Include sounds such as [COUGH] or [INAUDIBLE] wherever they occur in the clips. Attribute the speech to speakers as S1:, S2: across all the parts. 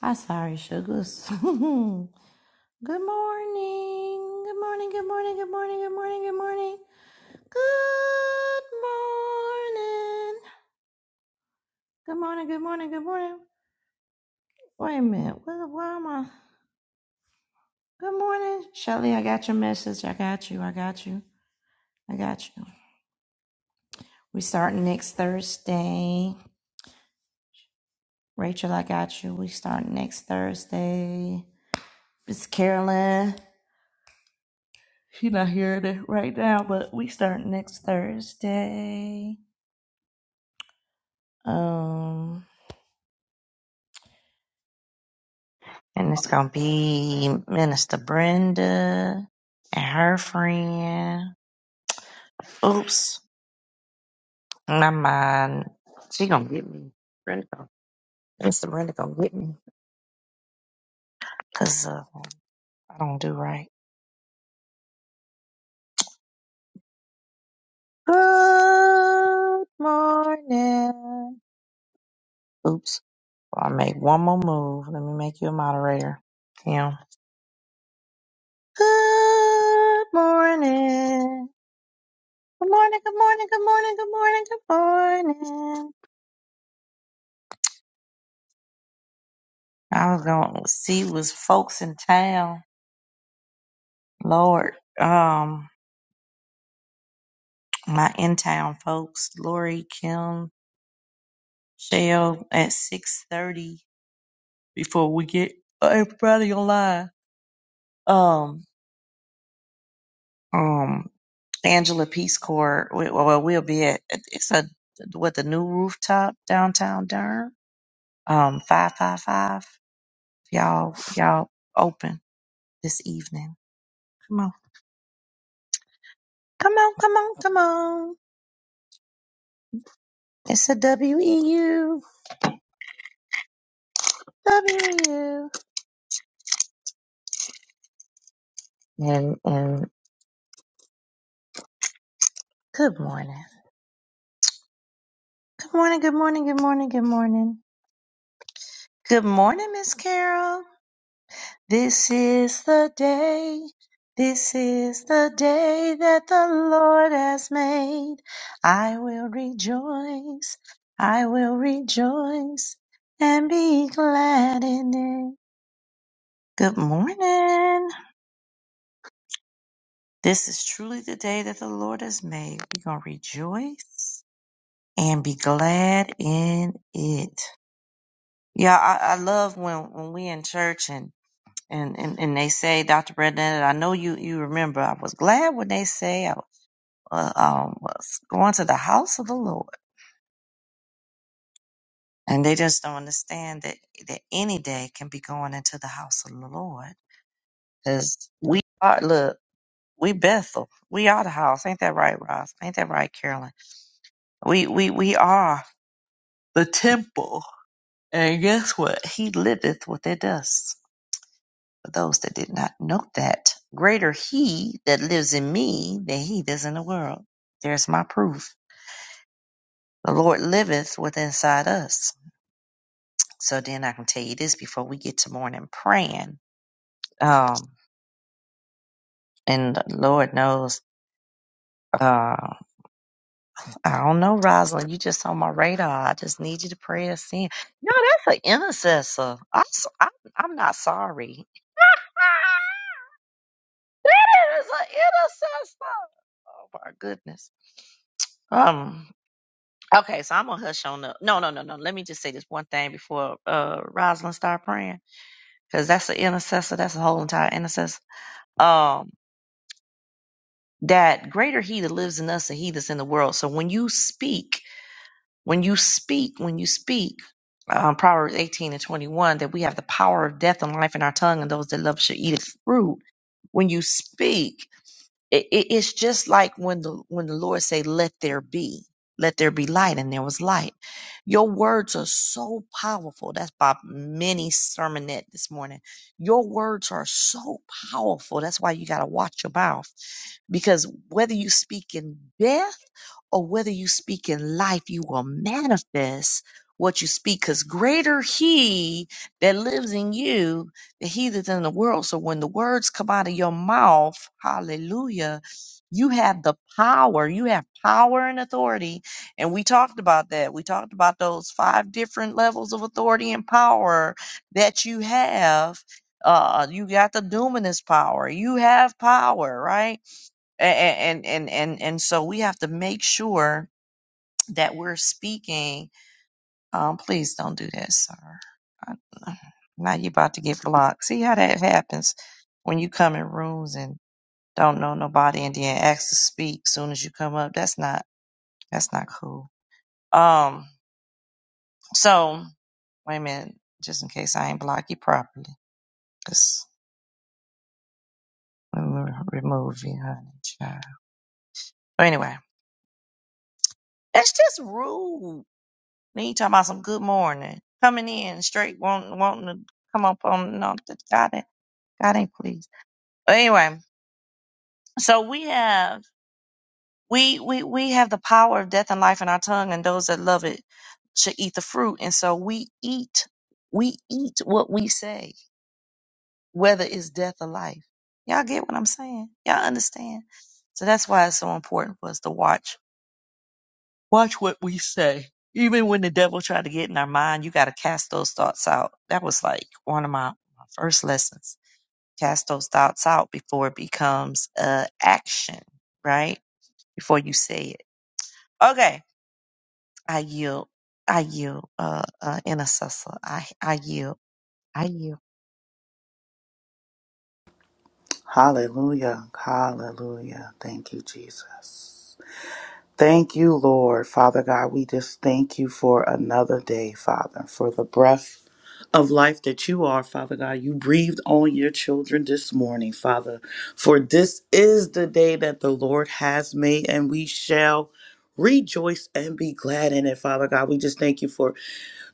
S1: I'm sorry, sugars. [LAUGHS] good morning. Good morning. Good morning. Good morning. Good morning. Good morning. Good morning. Good morning. Good morning. Good morning. Wait a minute. Where, where am I? Good morning, Shelly. I got your message. I got you. I got you. I got you. We start next Thursday. Rachel, I got you. We start next Thursday. It's Carolyn. She's not here to- right now, but we start next Thursday. Um, and it's gonna be Minister Brenda and her friend. Oops, my mind. She gonna get me. Brenda, gonna- Minister Brenda gonna get me because uh, I don't do right. Good morning. Oops. Well, I make one more move. Let me make you a moderator. Kim. Good morning. Good morning. Good morning. Good morning. Good morning. Good morning. I was gonna see was folks in town. Lord, um, my in town folks, Lori, Kim, Shell at six thirty before we get everybody online. Um, um, Angela Peace Corps. We, well, we'll be at it's a what the new rooftop downtown Durham. Um, five five five. Y'all, y'all open this evening. Come on, come on, come on, come on. It's a W E U. W and and good morning. Good morning, good morning, good morning, good morning. Good morning, Miss Carol. This is the day. This is the day that the Lord has made. I will rejoice. I will rejoice and be glad in it. Good morning. This is truly the day that the Lord has made. We're going to rejoice and be glad in it. Yeah, I, I love when, when we in church and, and, and, and they say, Dr. Brendan, I know you, you remember, I was glad when they say I uh, um, was going to the house of the Lord. And they just don't understand that, that any day can be going into the house of the Lord. Cause we are, look, we Bethel. We are the house. Ain't that right, Ross? Ain't that right, Carolyn? We, we, we are the temple. And guess what? He liveth with us. For those that did not know that, greater he that lives in me than he that's in the world. There's my proof. The Lord liveth within inside us. So then I can tell you this before we get to morning praying. Um, and the Lord knows, uh, I don't know, Rosalind, you just on my radar. I just need you to pray us in. No, that's an intercessor. I'm, so- I'm, I'm not sorry. [LAUGHS] that is an intercessor. Oh my goodness. Um, Okay, so I'm gonna hush on up. No, no, no, no. Let me just say this one thing before uh Rosalind start praying, because that's the intercessor. That's the whole entire intercessor. Um, that greater He that lives in us and He that's in the world. So when you speak, when you speak, when you speak, um, Proverbs 18 and 21, that we have the power of death and life in our tongue, and those that love shall eat its fruit. When you speak. It, it- it's just like when the when the Lord say, "Let there be." Let there be light, and there was light. Your words are so powerful. That's by many sermonette this morning. Your words are so powerful. That's why you got to watch your mouth because whether you speak in death or whether you speak in life, you will manifest what you speak because greater he that lives in you the heathens in the world. So when the words come out of your mouth, hallelujah, you have the power. You have power and authority. And we talked about that. We talked about those five different levels of authority and power that you have. Uh, you got the duminous power. You have power, right? And and and and and so we have to make sure that we're speaking um, please don't do that, sir. I- [SIGHS] Now you about to get blocked. See how that happens when you come in rooms and don't know nobody and then ask to speak soon as you come up. That's not that's not cool. Um, so wait a minute, just in case I ain't block you properly, just let me remove you, honey. Child. But anyway, that's just rude. Then you talking about some good morning, coming in straight, wanting wanting to come up on no, God ain't God ain't pleased. But anyway. So we have we we we have the power of death and life in our tongue, and those that love it should eat the fruit. And so we eat we eat what we say, whether it's death or life. Y'all get what I'm saying? Y'all understand? So that's why it's so important for us to watch watch what we say. Even when the devil try to get in our mind, you got to cast those thoughts out. That was like one of my, my first lessons. Cast those thoughts out before it becomes uh, action, right? Before you say it. Okay. I yield. I yield, uh, uh, intercessor. I, I yield. I yield.
S2: Hallelujah. Hallelujah. Thank you, Jesus. Thank you, Lord. Father God, we just thank you for another day, Father, for the breath of life that you are, Father God. You breathed on your children this morning, Father. For this is the day that the Lord has made, and we shall rejoice and be glad in it, Father God. We just thank you for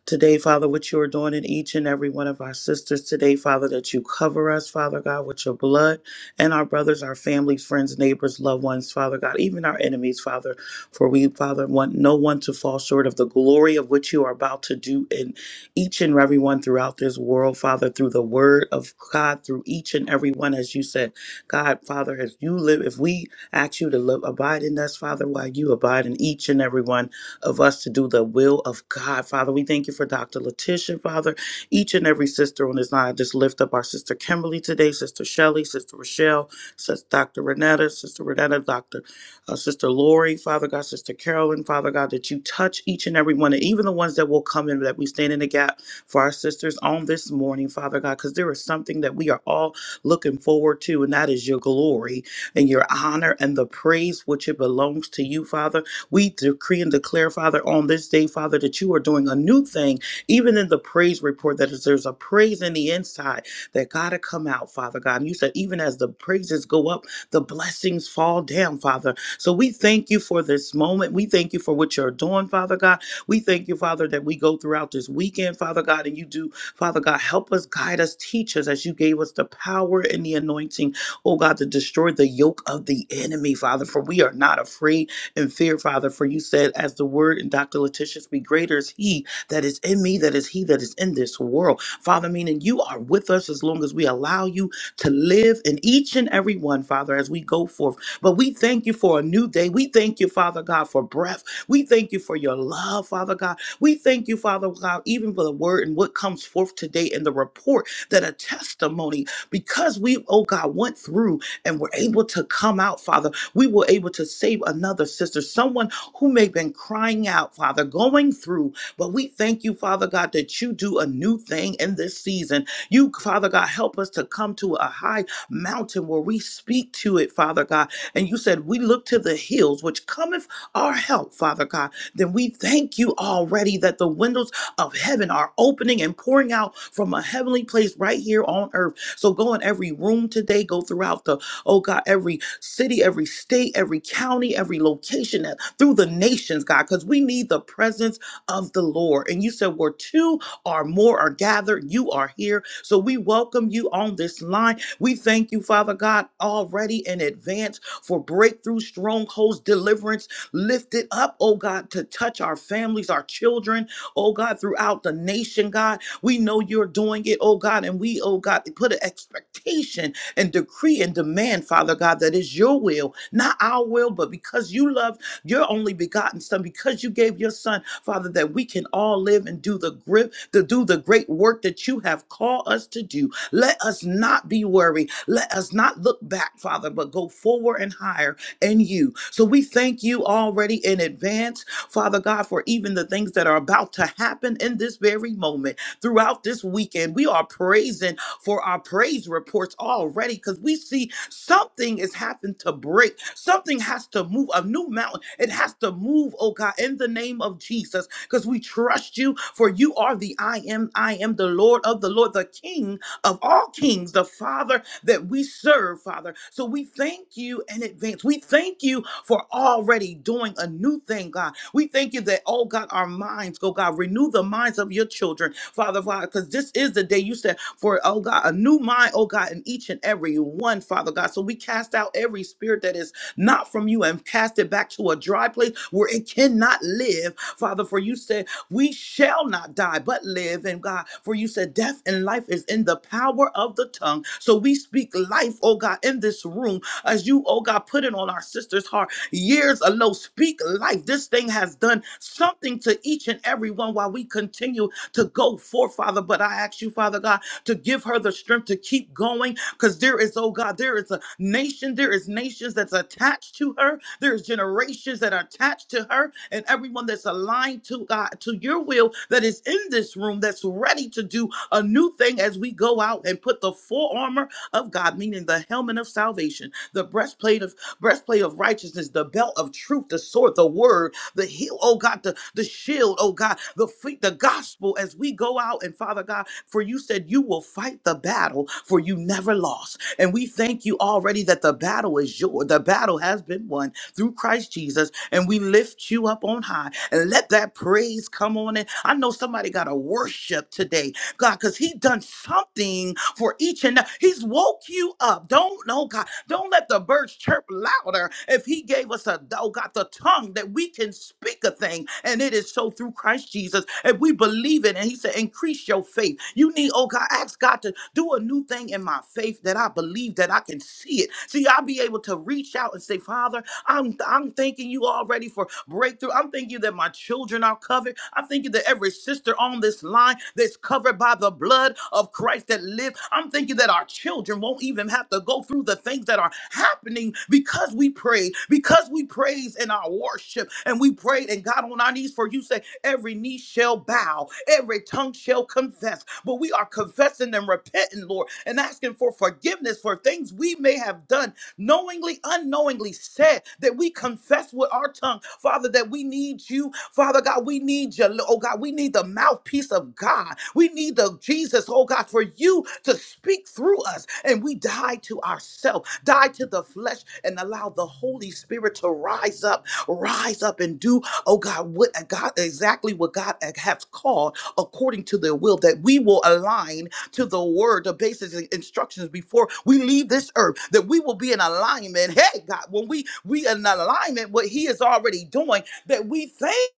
S2: Today, Father, what you are doing in each and every one of our sisters today, Father, that you cover us, Father God, with your blood and our brothers, our families, friends, neighbors, loved ones, Father God, even our enemies, Father. For we, Father, want no one to fall short of the glory of what you are about to do in each and every one throughout this world, Father, through the word of God, through each and every one, as you said, God, Father, as you live, if we ask you to live, abide in us, Father, while you abide in each and every one of us to do the will of God. Father, we thank you for Dr. Letitia, Father. Each and every sister on this line, I just lift up our sister Kimberly today, sister Shelley, sister Rochelle, sister Dr. Renetta, sister Renetta, Dr. Uh, sister Lori, Father God, sister Carolyn, Father God, that you touch each and every one, and even the ones that will come in, that we stand in the gap for our sisters on this morning, Father God, because there is something that we are all looking forward to, and that is your glory and your honor and the praise which it belongs to you, Father. We decree and declare, Father, on this day, Father, that you are doing a new thing, even in the praise report, that is, there's a praise in the inside that got to come out, Father God. And you said, even as the praises go up, the blessings fall down, Father. So we thank you for this moment. We thank you for what you're doing, Father God. We thank you, Father, that we go throughout this weekend, Father God, and you do, Father God, help us, guide us, teach us as you gave us the power and the anointing, oh God, to destroy the yoke of the enemy, Father. For we are not afraid and fear, Father, for you said, as the word in Dr. Letitia's be greater is he that is in me, that is he that is in this world. Father, meaning you are with us as long as we allow you to live in each and every one, Father, as we go forth. But we thank you for a new day. We thank you, Father God, for breath. We thank you for your love, Father God. We thank you, Father God, even for the word and what comes forth today and the report that a testimony, because we, oh God, went through and were able to come out, Father we were able to save another sister, someone who may have been crying out, Father, going through. But we thank you, Father God, that you do a new thing in this season. You, Father God, help us to come to a high mountain where we speak to it, Father God. And you said, We look to the hills, which cometh our help, Father God. Then we thank you already that the windows of heaven are opening and pouring out from a heavenly place right here on earth. So go in every room today, go throughout the, oh God, every city, every state, every county, every location, uh, through the nations, God, because we need the presence of the Lord. And you said, where two or more are gathered, you are here. So we welcome you on this line. We thank you, Father God, already in advance for breakthrough, strongholds, deliverance. Lift it up, oh God, to touch our families, our children, oh God, throughout the nation, God. We know you're doing it, oh God, and we, oh God, put an expectation and decree and demand, Father God, that is your will, not our will, but because you love your only begotten son, because you gave your son, Father, that we can all live and do the grip, to do the great work that you have called us to do. Let us not be worried. Let us not look back, Father, but go forward and higher in you. So we thank you already in advance, Father God, for even the things that are about to happen in this very moment throughout this weekend. We are praising for our praise reports already because we see something is happened to break. Something has to move, a new mountain. It has to move, oh God, in the name of Jesus because we trust you for you are the I am, I am the Lord of the Lord, the King of all kings, the Father that we serve, Father. So we thank you in advance. We thank you for already doing a new thing, God. We thank you that, oh God, our minds, oh God, renew the minds of your children, Father, Father, because this is the day you said for, oh God, a new mind, oh God, in each and every one, Father God. So we cast out every spirit that is not from you and cast it back to a dry place where it cannot live, Father, for you said, we shall not die but live and god for you said death and life is in the power of the tongue so we speak life oh god in this room as you oh god put it on our sister's heart years ago. Speak life. This thing has done something to each and every one while we continue to go forth, Father. But I ask you, Father God, to give her the strength to keep going because there is, oh God, there is a nation, there is nations that's attached to her, there is generations that are attached to her, and everyone that's aligned to God, to your will that is in this room that's ready to do a new thing as we go out and put the full armor of God, meaning the helmet of salvation, the breastplate of breastplate of righteousness, the belt of truth, the sword, the word, the heel, oh God, the, the shield, oh God, the feet, the gospel as we go out. And Father God, for you said you will fight the battle, for you never lost. And we thank you already that the battle is yours. The battle has been won through Christ Jesus. And we lift you up on high and let that praise come on in. I know somebody got to worship today God, because He done something for each and He's woke you up. Don't know, God. Don't let the birds chirp louder. If He gave us a oh God, the tongue that we can speak a thing, and it is so through Christ Jesus. If we believe it, and He said, increase your faith. You need, oh God, ask God to do a new thing in my faith that I believe that I can see it. See, I'll be able to reach out and say, Father, I'm I'm thanking you already for breakthrough. I'm I'm thanking you that my children are covered. I'm thanking you that every sister on this line that's covered by the blood of Christ that lived. I'm thanking you that our children won't even have to go through the things that are happening because we pray, because we praise in our worship, and we prayed and got on our knees for you. Say, every knee shall bow, every tongue shall confess. But we are confessing and repenting, Lord, and asking for forgiveness for things we may have done knowingly, unknowingly said that we confess with our tongue, Father, that we need you. Father God, we need you. Oh God, we need the mouthpiece of God. We need the Jesus, oh God, for you to speak through us. And we die to ourselves, die to the flesh, and allow the Holy Spirit to rise up, rise up and do, oh God, what God exactly what God has called according to their will, that we will align to the word, the basic instructions before we leave this earth, that we will be in alignment. Hey, God, when we we in alignment, what He is already doing, that we thank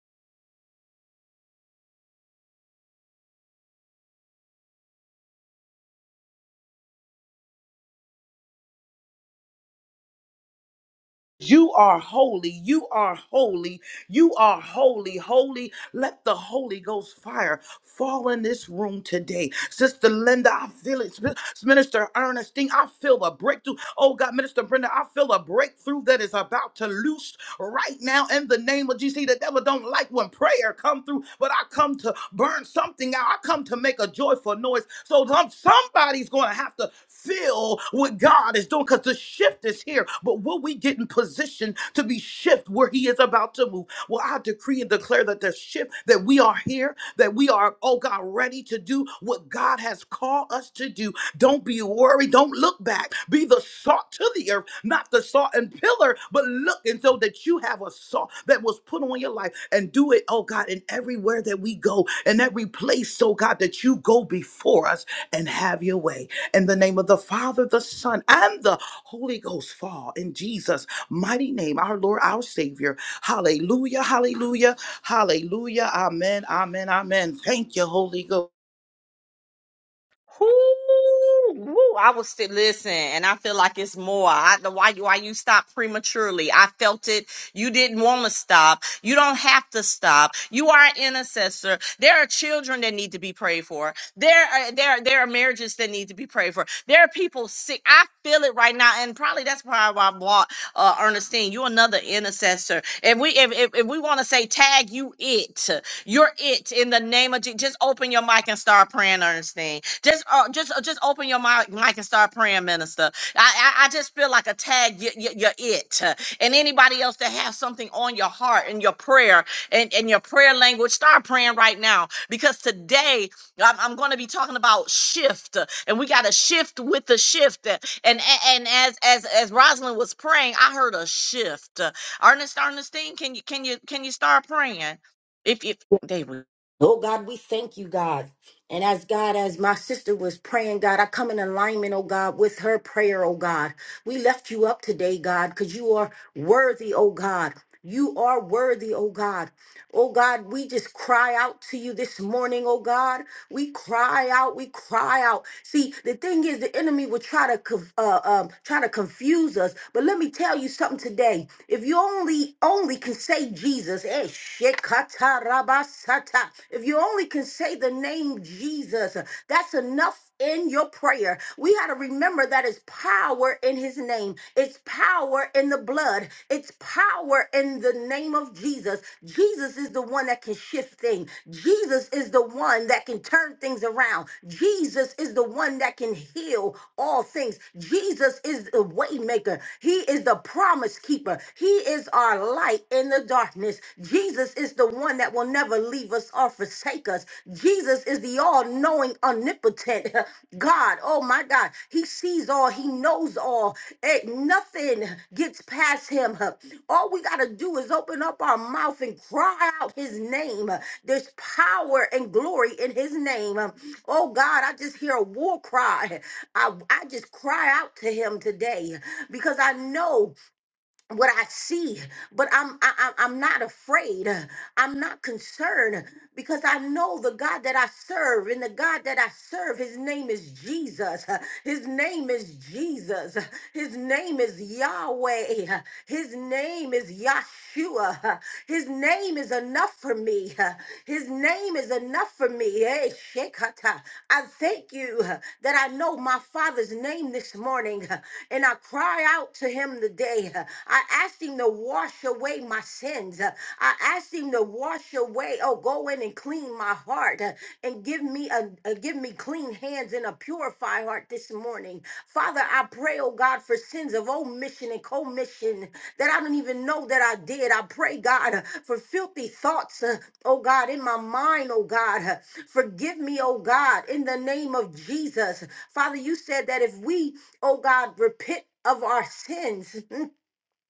S2: you are holy, you are holy, you are holy, holy. Let the Holy Ghost fire fall in this room today, Sister Linda. I feel it, Minister Ernestine. I feel a breakthrough. Oh God, Minister Brenda, I feel a breakthrough that is about to loose right now in the name of Jesus. See, the devil don't like when prayer come through, but I come to burn something out. I come to make a joyful noise. So some- somebody's going to have to feel what God is doing because the shift is here. But will we get in position to be shift where He is about to move? Well, I decree and declare that the shift that we are here, that we are, oh God, ready to do what God has called us to do don't be worried. Don't look back. Be the salt to the earth, not the salt and pillar, but look and so that you have a salt that was put on your life and do it, oh God, in everywhere that we go, in every place, oh God, that you go before us and have your way. In the name of the Father, the Son, and the Holy Ghost, fall in Jesus' mighty name, our Lord, our Savior. Hallelujah, hallelujah, hallelujah. Amen, amen, amen. Thank you, Holy
S1: Whoo, woo, I was still listen, and I feel like it's more. I, the why why you stopped prematurely. I felt it. You didn't want to stop. You don't have to stop. You are an intercessor. There are children that need to be prayed for. There are there are- there are marriages that need to be prayed for. There are people sick. I feel it right now, and probably that's probably why I bought uh, Ernestine. You're another intercessor. If we if if, if we want to say tag you it. You're it in the name of Jesus. Just open your mic and start praying, Ernestine. Just, uh, just, uh, just open your mic, mic and start praying, Minister. I, I, I just feel like a tag. You, you, you're it, uh, and anybody else that has something on your heart and your prayer and, and your prayer language, start praying right now because today I'm, I'm going to be talking about shift, uh, and we got to shift with the shift. uh, And a- and as as as Rosalind was praying, I heard a shift. uh, Ernest Ernestine, can you can you can you start praying? They will.
S3: Oh God, we thank you, God. And as God, as my sister was praying, God, I come in alignment, oh God, with her prayer, oh God. We left you up today, God, because you are worthy, oh God. You are worthy, oh God. Oh God, we just cry out to you this morning, oh God. We cry out. We cry out. See, the thing is, the enemy will try to conf- uh, um, try to confuse us. But let me tell you something today. If you only only can say Jesus, eh, shekatarabasata. if you only can say the name Jesus, that's enough in your prayer. We got to remember that it's power in his name. It's power in the the blood. It's power in the name of Jesus. Jesus is the one that can shift things. Jesus is the one that can turn things around. Jesus is the one that can heal all things. Jesus is the way maker. He is the promise keeper. He is our light in the darkness. Jesus is the one that will never leave us or forsake us. Jesus Jesus is the all knowing, omnipotent [LAUGHS] God. Oh my God. He sees all, He knows all. Ain't nothing gets past Him. All we got to do is open up our mouth and cry out His name. There's power and glory in His name. Oh God, I just hear a war cry. I, I just cry out to Him today because I know what I see, but I'm I, I- I'm not afraid. I'm not concerned because I know the God that I serve, and the God that I serve, His name is Jesus. His name is Jesus. His name is Yahweh. His name is Yahshua. Yeshua. His name is enough for me. His name is enough for me. Hey, Shekata. I thank you that I know my Father's name this morning and I cry out to him today. I asked him to wash away my sins. I asked him to wash away, oh, go in and clean my heart. Lord, uh, and give me a, a give me clean hands and a purified heart this morning. Father, I pray, oh God, for sins of omission and commission that I don't even know that I did. I pray, God, uh, for filthy thoughts, uh, oh God, in my mind, oh God. Uh, Forgive me, oh God, in the name of Jesus. Father, you said that if we, oh God, repent of our sins,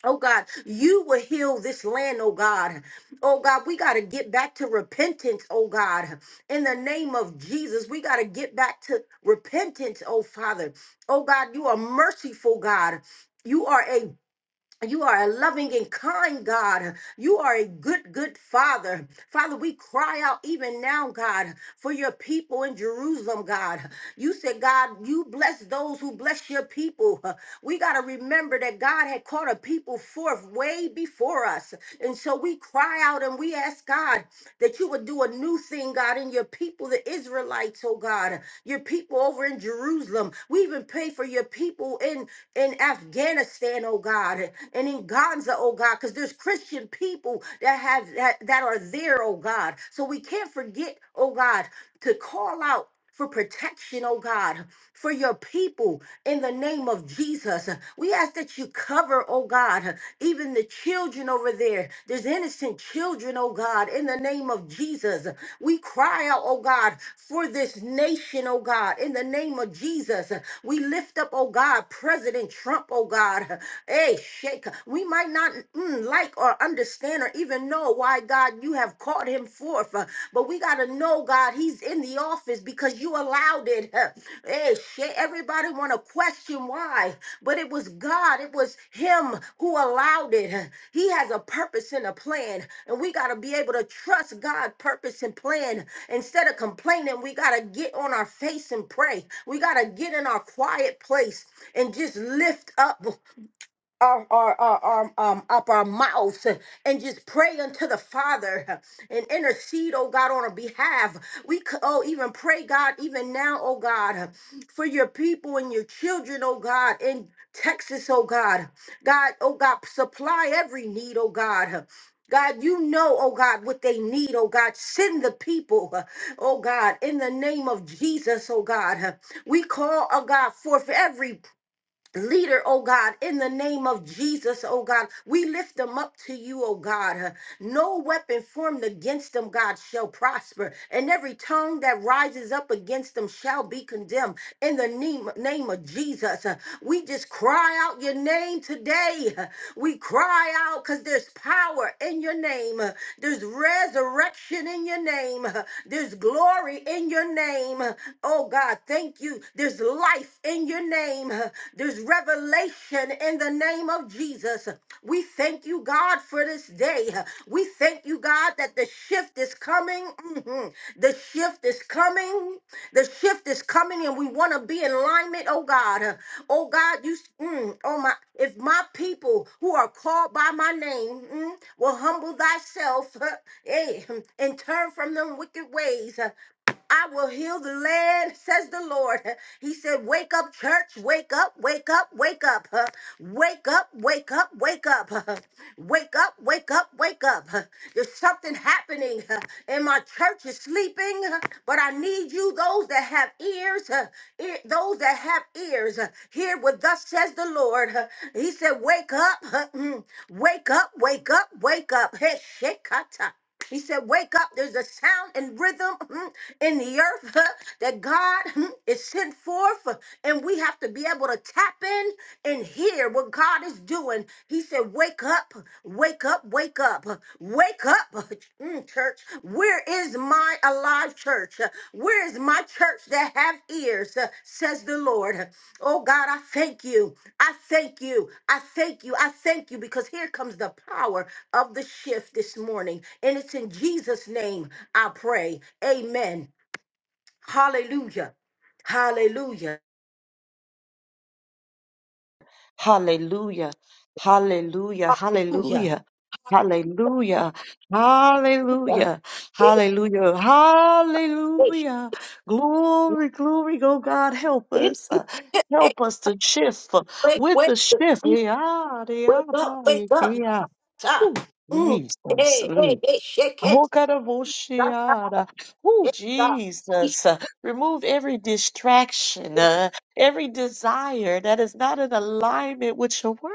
S3: Oh God, you will heal this land, oh God. Oh God, we got to get back to repentance, oh God. In the name of Jesus, we got to get back to repentance, oh Father. Oh God, you are merciful, God. You are a you are a loving and kind God. You are a good, good Father. Father, we cry out even now, God, for your people in Jerusalem, God. You said, God, you bless those who bless your people. We got to remember that God had called a people forth way before us. And so we cry out and we ask God that you would do a new thing, God, in your people, the Israelites, oh God, your people over in Jerusalem. We even pray for your people in, in Afghanistan, oh God, and in Gaza, oh God oh God, because there's Christian people that have that, that are there, oh God. So we can't forget, oh God, to call out for protection, oh God, for your people in the name of Jesus. We ask that you cover, oh God, even the children over there. There's innocent children, oh God, in the name of Jesus. We cry out, oh God, for this nation, oh God, in the name of Jesus. We lift up, oh God, President Trump, oh God. Hey, we might not mm, like or understand or even know why, God, you have called him forth. uh, But we got to know, God, he's in the office because you allowed it. Hey, shit, everybody want to question why, but it was God. It was him who allowed it. Uh, He has a purpose and a plan, and we got to be able to trust God's purpose and plan. Instead of complaining, we got to get on our face and pray. We got to get in our quiet place and just lift up our, our, our, our, um, up our mouths and just pray unto the Father and intercede, oh God, on our behalf. We could, oh, even pray, God, even now, oh God, for your people and your children, oh God, in Texas, oh God. God, oh God, supply every need, oh God. God, you know, oh God, what they need, oh God. Send the people, oh God, in the name of Jesus, oh God. We call, oh God, forth every leader, oh God, in the name of Jesus, oh God. We lift them up to you, oh God. No weapon formed against them, God, shall prosper, and every tongue that rises up against them shall be condemned. In the name, name of Jesus, we just cry out your name today. We cry out because there's power in your name, there's resurrection in your name, there's glory in your name. Oh God, thank you you. There's life in your name. There's revelation in the name of Jesus. We thank you, God, for this day. We thank you, God, that the shift is coming. Mhm. The shift is coming. The shift is coming, and we want to be in alignment, oh God. Oh God, you, mm, oh my, if my people who are called by my name mm, will humble thyself [LAUGHS] eh, and turn from them wicked ways, I will heal the land, [LAUGHS] says the Lord. He said, Wake up, church, wake up, wake up, wake up, [LAUGHS] huh? wake up, wake up, wake up, [LAUGHS] huh? wake up, wake up, wake up. [LAUGHS] huh? There's something happening, [LAUGHS] huh? and my church is sleeping, [LAUGHS] huh? but I need you, those that have ears, [LAUGHS] huh? ear, those that have ears, [LAUGHS] huh? hear what thus says the Lord. [LAUGHS] huh? He said, Wake up, huh? Mm. wake up, [LAUGHS] wake up, wake up. Hey, shekata. [LAUGHS] He said, Wake up. There's a sound and rhythm mm, in the earth [LAUGHS] that God mm, is sent forth, uh, and we have to be able to tap in and hear what God is doing. He said, Wake up, wake up, wake up, uh, wake up, [LAUGHS] Mm, church. Where is my alive church? Uh, Where is my church that have ears? uh, Says the Lord. Oh God, I thank you. I thank you. I thank you. I thank you because here comes the power of the shift this morning. And it's in Jesus' name I pray. Amen. Hallelujah. Hallelujah.
S1: Hallelujah. Hallelujah.
S3: Hallelujah.
S1: Hallelujah. Hallelujah. Hallelujah.
S3: Wake
S1: Hallelujah. Hallelujah. Glory, glory. Oh God, help us. Uh, Help us to shift uh,
S3: wake,
S1: with the shift. Yeah, yeah,
S3: wake up,
S1: yeah.
S3: wake up.
S1: yeah.
S3: Ta. Mm.
S1: Jesus.
S3: Hey, hey,
S1: mm.
S3: hey, shake
S1: Oh,
S3: it.
S1: God, of
S3: Ta, ta,
S1: Oshiara. Oh,
S3: eh, ta. Ish.
S1: Jesus. Uh, Remove every distraction, uh, every desire that is not in alignment with your word.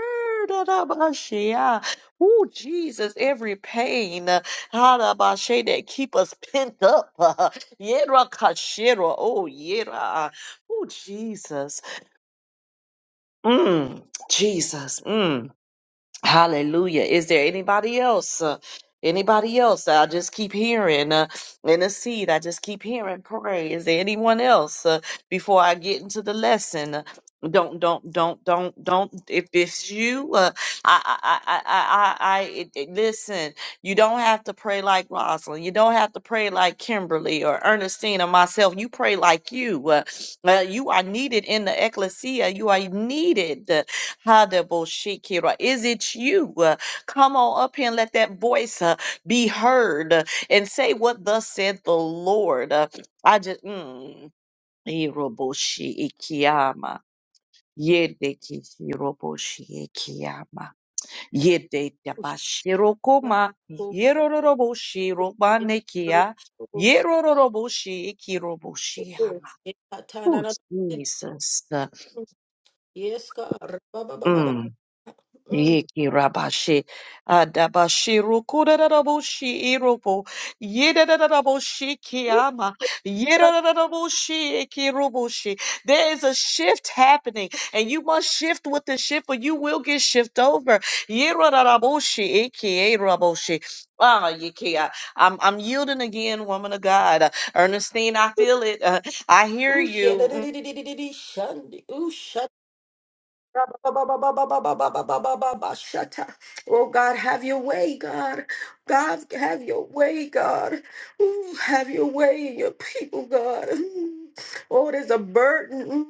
S1: Oh, Jesus. Every pain uh, Arabashe, that keep us pent up. uh, Yera kashera. Oh, yeah. Oh, Jesus. Mm, Jesus. Mm. Hallelujah. Is there anybody else? Uh, anybody else? I just keep hearing uh, in the seed. I just keep hearing pray. Is there anyone else uh, before I get into the lesson? Uh, don't don't don't don't don't if it's you uh, I I I I I I it, it- listen you don't have to pray like Rosalind you don't have to pray like Kimberly or Ernestine or myself you pray like you uh, uh, you are needed in the ecclesia you are needed Kadeboshikira. Is it you? Uh, Come on up here and let that voice uh, be heard uh, and say what thus said the Lord. Uh, I just, mm. Iroboshi ikiyama. Yede kishiroboshi ikiyama. Yede tabashirokoma. Yerororoboshi robanekia. Yerororoboshi ikiroboshi yama. Oh, Jesus. Uh,
S3: Yes, God. Ba, ba, ba, ba,
S1: mm.
S3: ba. Mm.
S1: Yeki rabashi adabashiru kuraraboshi irobo yedaraboshi kiyama yedaraboshi ekiroboshi. There is a shift happening, and you must shift with the shift, or you will get shift over. Yedaraboshi ekiraboshi. Ah, Yeki, I- I'm I'm yielding again, woman of God, Uh, Ernestine. I feel it. Uh, I hear
S3: Ooh, shit.
S1: you. Mm.
S3: Shundi. Ooh, shut. Ba, ba, ba, ba, ba, ba, ba, ba, ba, ba, ba, ba, ba, ba, shata. Oh, God, have your way, God. God, have your way, God. Ooh, have your way in your people, God. [LAUGHS] Oh, there's a burden. Mm.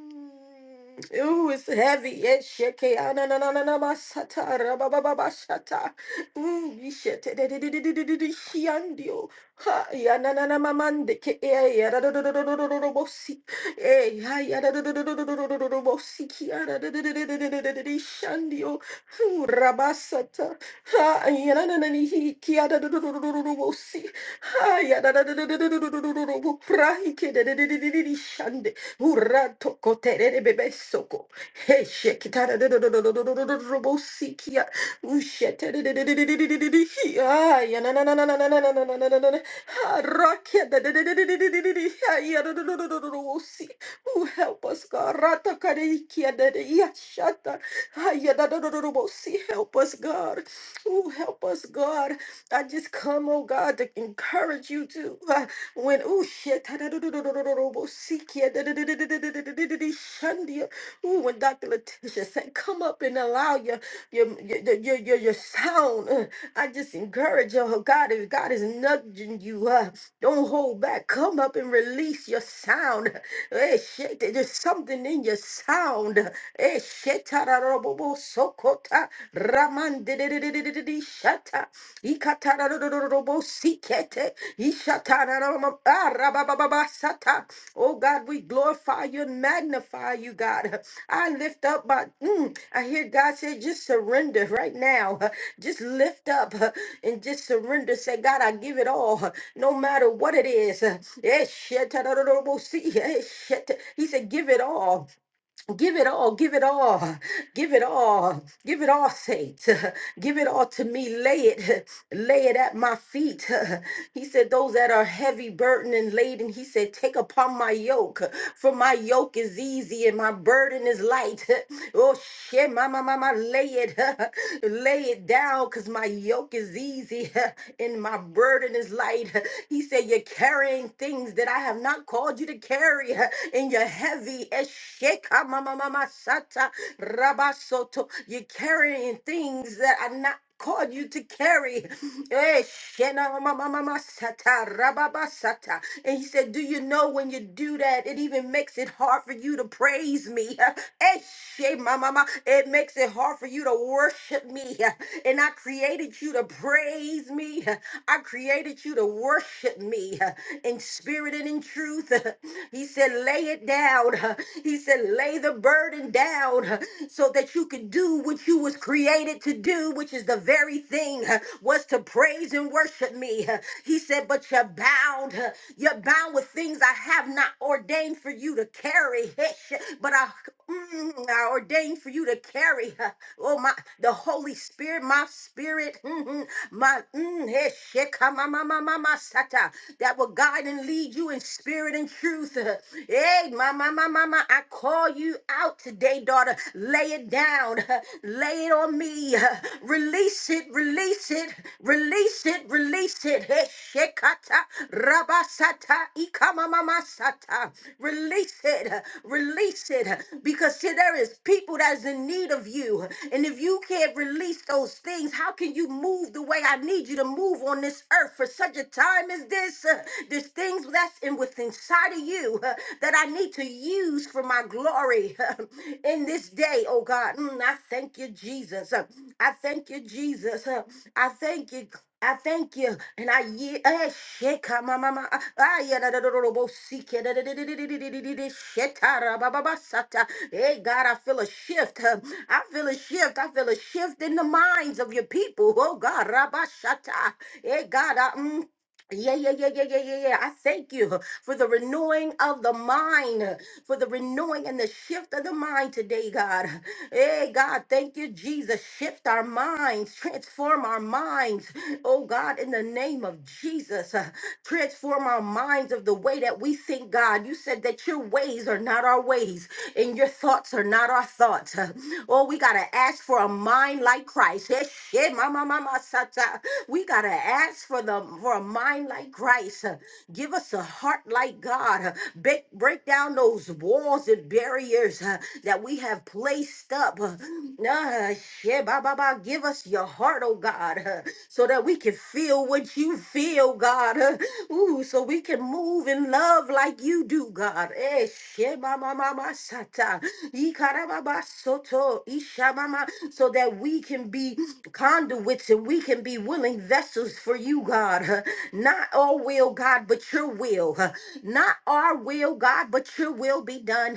S3: Ooh, it's heavy. Yes, sheke. Ah, na, na, na, na, na, ma, sata, ra, ba, ba, ba, ba, shata. Ooh, ye shete, de, de, de, de, de, de, de, de, shiandio. Ha, ya, na, na, na, ma, man, de, ke, eh, ya, da, do, do, do, do, do, do, do, do, bo, si. Eh, ha, ya, da, do, do, do, do, do, do, do, do, do, do, bo, si, ki, ya, da, de, de, de, de, de, de, de, de, de, de, shandio. Ooh, ra, ba, sata. Ha, ya, na, na, na, ni, hi, ki, ya, da, do, do, do, do, do, do, do, bo, si shande urato koterere bebe soko heshe kitara robo sikia ushete ya na na na na na na na na na na na na na harakia ya robo si who help us God rata kareikia ya shata ya robo si help us God who help us God God. I just come, oh God, to encourage you to uh, when oh shit, [LAUGHS] shandia. Ooh, when Dr. Letitia said, come up and allow your your your your, your, your sound. uh, I just encourage you, oh God, if God is nudging you, uh, don't hold back. Come up and release your sound. [LAUGHS] Hey, shit, there's something in your sound. Hey, shit, [LAUGHS] sokota ramandedededededede shata ikatararorobo sikete ishatararama- ah, rabababa sata. Oh God, we glorify you and magnify you, God. I lift up my mm, I hear God say just surrender right now. Just lift up and just surrender. Say, God, I give it all, no matter what it is. Eh, shatararorobo si- eh, shat- He said, give it all. Give it all, give it all, give it all, give it all, Saint. [LAUGHS] Give it all to me. Lay it, [LAUGHS] lay it at my feet. [LAUGHS] He said, Those that are heavy burdened and laden, he said, Take upon my yoke, for my yoke is easy and my burden is light. [LAUGHS] Oh shit, my my my, my lay it, [LAUGHS] lay it down, cause my yoke is easy [LAUGHS] and my burden is light. [LAUGHS] He said, You're carrying things that I have not called you to carry, [LAUGHS] and you're heavy heavy. Esheka mama mama sata rabasoto. You're carrying things that are not called you to carry. Eh, shena mama mama mama sata rababa sata. And he said, Do you know when you do that, it even makes it hard for you to praise me? [LAUGHS] Eh, she mama mama. It makes it hard for you to worship me. [LAUGHS] And I created you to praise me. [LAUGHS] I created you to worship me [LAUGHS] in spirit and in truth. [LAUGHS] He said, lay it down. [LAUGHS] He said, lay the burden down [LAUGHS] so that you can do what you was created to do, which is the very thing [LAUGHS] was to praise and worship me. [LAUGHS] He said, but you're bound. [LAUGHS] You're bound with things I have not ordained for you to carry. [LAUGHS] But I mm, are ordained for you to carry. uh, Oh my, the Holy Spirit, my spirit, mhm, my mm, eh, sheka ma ma ma ma ma sata, that will guide and lead you in spirit and truth. uh, Hey, ma ma ma ma ma, I call you out today, daughter. Lay it down, uh, lay it on me. uh, Release it, release it, release it, release it it. Shekata rabasata ikamamama sata. Release it. Release it. Because see, there is people that is in need of you. And if you can't release those things, how can you move the way I need you to move on this earth for such a time as this? Uh, There's things that's in within inside of you uh, that I need to use for my glory [LAUGHS] in this day, oh God. Mm, I thank you, Jesus. Uh, I thank you, Jesus. Uh, I thank you. I thank you, and I yield. eh, sheka ma ma ma, ah, ah, ya da da da da da, bo si ke da da da da da da da da da da, sheta ra ba ba ba sata. Hey God, I feel a shift. [LAUGHS] huh. I feel a shift. I feel a shift in the minds of your people. Oh God, rabashata. Hey God, yeah, yeah, yeah, yeah, yeah, yeah, yeah. I thank you for the renewing of the mind, for the renewing and the shift of the mind today, God. Hey, God, thank you, Jesus. Shift our minds, transform our minds. Oh, God, in the name of Jesus, uh, transform our minds of the way that we think, God. You said that your ways are not our ways and your thoughts are not our thoughts. Oh, we got to ask for a mind like Christ. Eh, shit, ma, ma, ma, ma, sata. We got to ask for the for a mind like Christ. Uh, Give us a heart like God. Uh, Break, break down those walls and barriers uh, that we have placed up. Uh, Nah, shit, ba, ba, ba. Give us your heart, oh God, uh, so that we can feel what you feel, God. Uh, Ooh, so we we can move in love like you do, God. Eh, shema mama masata, ikarababa soto, ishamama, So that we can be conduits and we can be willing vessels for you, God. Not our will, God, but your will. Not our will, God, but your will be done.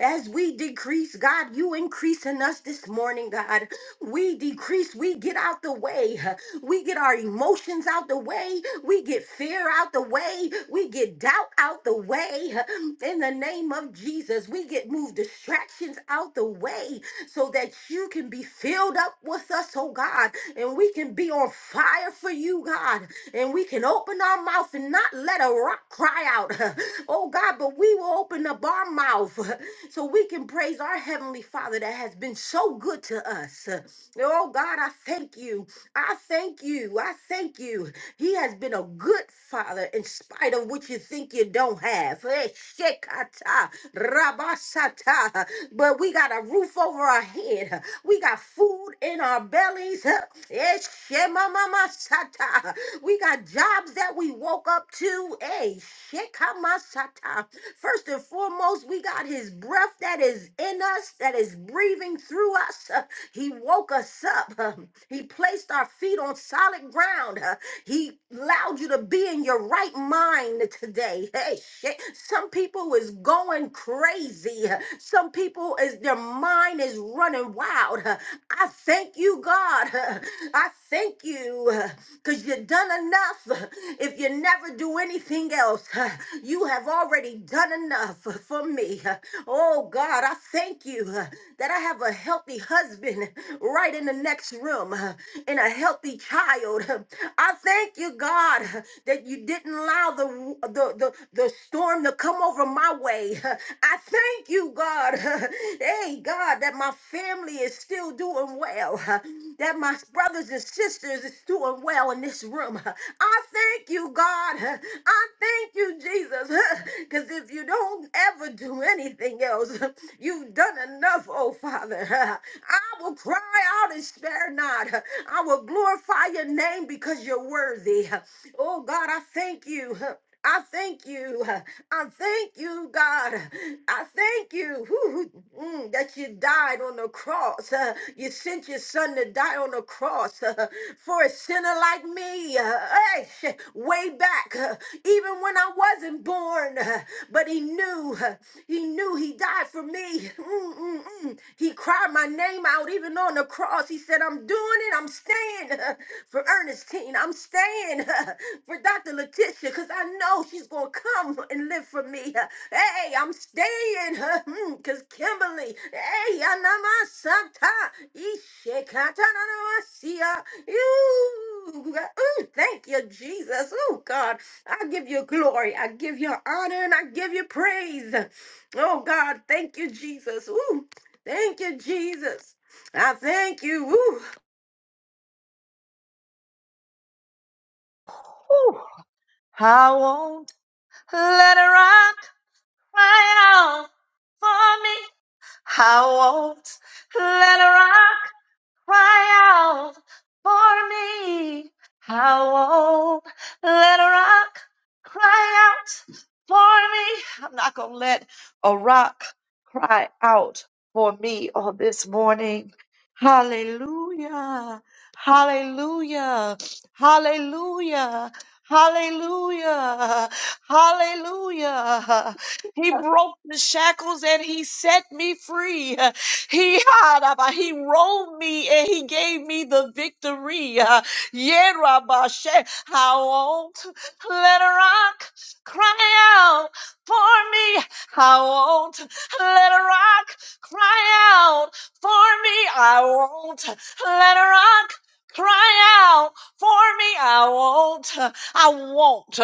S3: As we decrease, God, you increase in us this morning, God. We decrease, we get out the way. We get our emotions out the way. We get fear out the way. We get doubt out the way. [SIGHS] In the name of Jesus, we get move distractions out the way so that you can be filled up with us, oh God, and we can be on fire for you, God, and we can open our mouth and not let a rock cry out, [SIGHS] [LAUGHS] oh God, but we will open up our mouth [SIGHS] [LAUGHS] so we can praise our Heavenly Father that has been so good to us. Oh God, I thank thank you. I thank you. I thank you. He has been a good father in spite of what you think you don't have. Eh, shekata, rabasata. But we got a roof over our head. We got food in our bellies. Eh, shemamamasata. We got jobs that we woke up to. Hey, shekamasata. First and foremost, we got his breath that is in us, that is breathing through us. Uh, He woke woke us up. [LAUGHS] He placed our feet on solid ground. Uh, He allowed you to be in your right mind today. [LAUGHS] Hey, shit. Some people is going crazy. [LAUGHS] Uh, Some people is their mind is running wild. [LAUGHS] Uh, I thank you, God. [LAUGHS] Uh, I thank you [LAUGHS] uh, because you've done enough. [LAUGHS] Uh, If you never do anything else, [LAUGHS] uh, you have already done enough [LAUGHS] uh, for me. [LAUGHS] Uh, Oh, God, I thank you [LAUGHS] uh, that I have a healthy healthy husband right in the next room and a healthy child. I thank you, God, that you didn't allow the, the, the, the storm to come over my way. I thank you, God, [LAUGHS] hey, God, that my family is still doing well, [LAUGHS] that my brothers and sisters is doing well in this room. [LAUGHS] I thank you, God. [LAUGHS] I thank you, Jesus, [LAUGHS] because if you don't ever do anything else, [LAUGHS] you've done enough enough, oh Father. [LAUGHS] I will cry out and spare not. I will glorify your name because you're worthy. Oh God, I thank you. I thank you. I thank you, God. I thank you whew, whew, mm, that you died on the cross. Uh, You sent your son to die on the cross uh, for a sinner like me. Uh, Hey, sh- way back, uh, even when I wasn't born, uh, but he knew. uh, He knew he died died for me. Mm, mm, mm. He cried my name out even on the cross. He said, I'm doing it. I'm staying [LAUGHS] for Ernestine. I'm staying [LAUGHS] for Dr. Letitia because I know she's going to come and live for me. [LAUGHS] Hey, I'm staying [LAUGHS] because Kimberly, hey, Yanamasata, Ishekatanamasia. Ooh, ooh, thank you, Jesus. Oh, God. I give you glory. I give you honor and I give you praise. Oh God, thank you, Jesus. Ooh, thank you, Jesus. I thank you. Ooh.
S1: Whew. I won't let her run. crying out for me. I won't let her out. Cry out for me. How old? Let a rock cry out for me. I'm not going to let a rock cry out for me on this morning. Hallelujah. Hallelujah. Hallelujah. Hallelujah. Hallelujah. He broke the shackles and he set me free. He Haraba, he rolled me and he gave me the victory. Uh, Yerabashe, how old? Let a rock cry out for me. How old? Let a rock cry out for me. I won't let a rock cry out for me. I won't. I won't.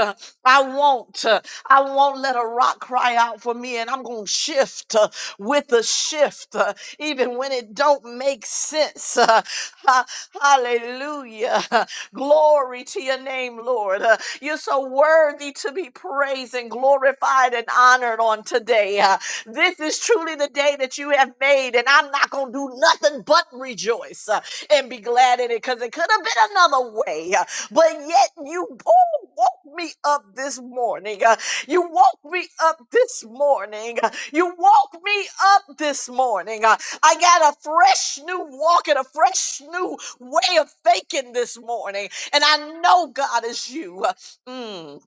S1: I won't. I won't let a rock cry out for me. And I'm going to shift uh, with the shift. uh, even when it don't make sense. [LAUGHS] Uh, Ha- hallelujah. [LAUGHS] Glory to your name, Lord. Uh, You're so worthy to be praised and glorified and honored on today. Uh, This is truly the day that you have made, and I'm not going to do nothing but rejoice uh, and be glad in it because it could have been another way. uh, But yet, you oh, woke me up this morning. uh, You woke me up this morning. uh, You woke me up this morning. Uh, I got a fresh new walk and a fresh new way of thinking this morning. And I know God is you. Mm.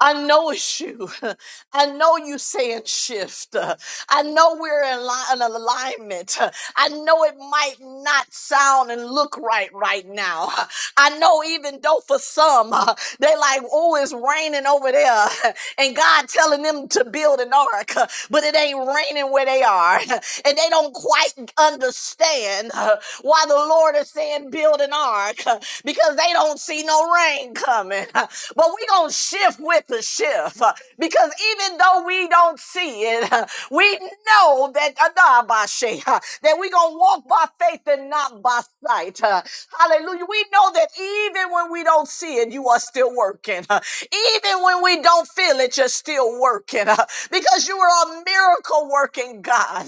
S1: I know it's you. [LAUGHS] I know you saying shift. Uh, I know we're in, li- in alignment. Uh, I know it might not sound and look right right now. Uh, I know even though for some [LAUGHS] uh, they like, oh, it's raining over there, [LAUGHS] and God telling them to build an ark, [LAUGHS] uh, but it ain't raining where they are, [LAUGHS] and they don't quite understand [LAUGHS] uh, why the Lord is saying build an ark [LAUGHS] uh, because they don't see no rain coming. [LAUGHS] But we're going to shift with the shift uh, because even though we don't see it, uh, we know that Adabashe, uh, that we're going to walk by faith and not by sight. uh, Hallelujah. We know that even when we don't see it, you are still working. uh, Even when we don't feel it, you're still working uh, because you are a miracle working God.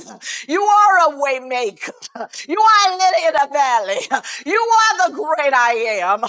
S1: You are a way maker. [LAUGHS] You are a lily in the valley. [LAUGHS] You are the great I am. [LAUGHS] And